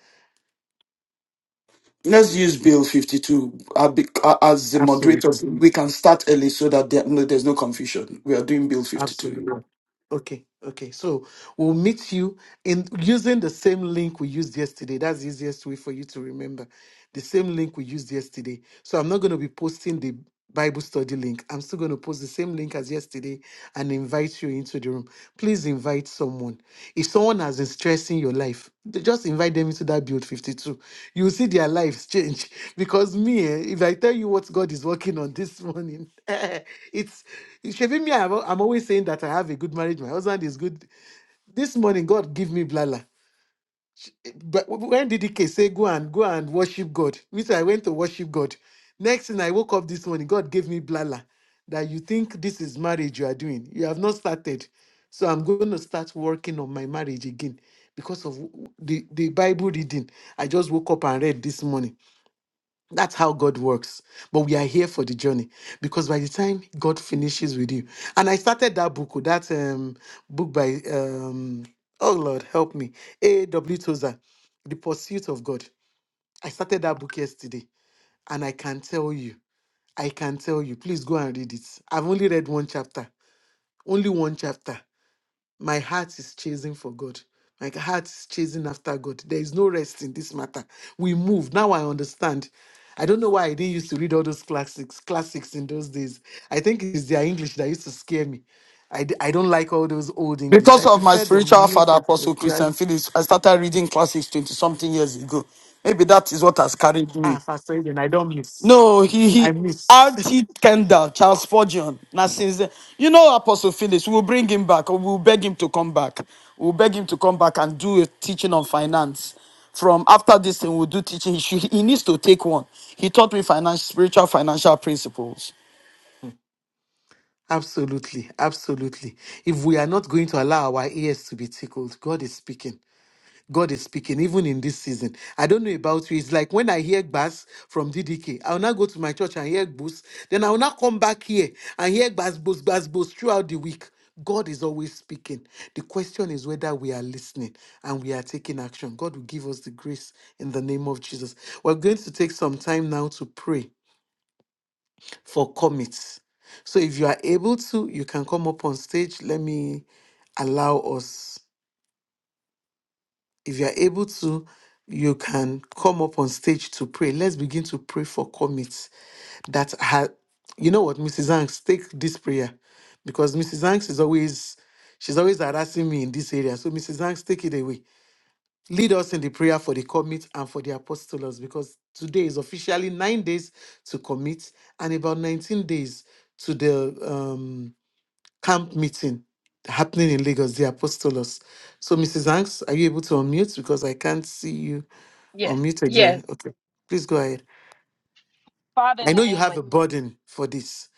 S2: Let's use Bill 52 uh, be- uh, as the moderator.
S1: Absolutely.
S2: We can start early so that there, no, there's no confusion. We are doing Bill 52. Yeah.
S1: Absolutely. Okay, okay. So we'll meet you in using the same link we used yesterday. That's the easiest way for you to remember. The same link we used yesterday. So I'm not going to be posting the Bible study link. I'm still going to post the same link as yesterday and invite you into the room. Please invite someone. If someone has been stressing your life, th- just invite them into that build 52. You'll see their lives change. Because me, eh, if I tell you what God is working on this morning, it's it should me. I'm, al- I'm always saying that I have a good marriage. My husband is good. This morning, God give me blala. But when did DK say, Go and go and worship God? Me too, I went to worship God. Next thing I woke up this morning, God gave me blala that you think this is marriage you are doing. You have not started. So I'm going to start working on my marriage again because of w- the, the Bible reading I just woke up and read this morning. That's how God works. But we are here for the journey because by the time God finishes with you, and I started that book, oh, that um, book by, um, oh Lord, help me, A.W. Tozer, The Pursuit of God. I started that book yesterday, and I can tell you, I can tell you, please go and read it. I've only read one chapter, only one chapter my heart is chasing for God. My heart is chasing after God. There is no rest in this matter. We move. Now I understand. I don't know why I didn't used to read all those classics, classics in those days. I think it's their English that used to scare me. I, d- I don't like all those old English.
S2: Because
S1: I
S2: of my
S1: prefer the
S2: spiritual
S1: new
S2: father, Apostle Christian
S1: contemporary.
S2: Phillips, I started reading classics 20 something years ago. Maybe that is what has carried
S1: Ah,
S2: me.
S1: faster than I don't miss.
S2: No, he
S1: I
S2: he
S1: miss.
S2: RT Kendall, Charles Forgeon. Now since then, you know Apostle Phillips, we'll bring him back. or We'll beg him to come back. We'll beg him to come back and do a teaching on finance. From after this thing, we'll do teaching. He, should, he needs to take one. He taught me finance, spiritual financial principles.
S1: Hmm. Absolutely, absolutely. If we are not going to allow our ears to be tickled, God is speaking. God is speaking, even in this season. I don't know about you. It's like when I hear bass from DDK, I'll now go to my church and hear boost. Then I'll now come back here and hear bass, boost, bass, boost throughout the week. God is always speaking. The question is whether we are listening and we are taking action. God will give us the grace in the name of Jesus. We're going to take some time now to pray for commits. So if you are able to, you can come up on stage. Let me allow us. If you are able to, you can come up on stage to pray. Let's begin to pray for commits that ha you know what, Mrs. Hanks, take this prayer because Mrs. Hanks is always she's always harassing me in this area. So Mrs. Hanks, take it away. Lead us in the prayer for the commit and for the apostles because today is officially nine days to commit and about 19 days to the um camp meeting happening in Lagos, the Apostolos. So, Mrs. Hanks, are you able to unmute? Because I can't see you
S8: Yes,
S1: unmuted. Yeah.
S8: yes.
S1: Okay. Please go ahead.
S8: Father, in
S1: I
S8: the
S1: know you
S8: name
S1: have
S8: of
S1: a burden for this.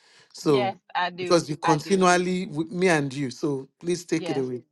S8: yes,
S1: So,
S8: I do.
S1: because you
S8: I do.
S1: continually with me and you. So, please take it
S8: Yes.
S1: away.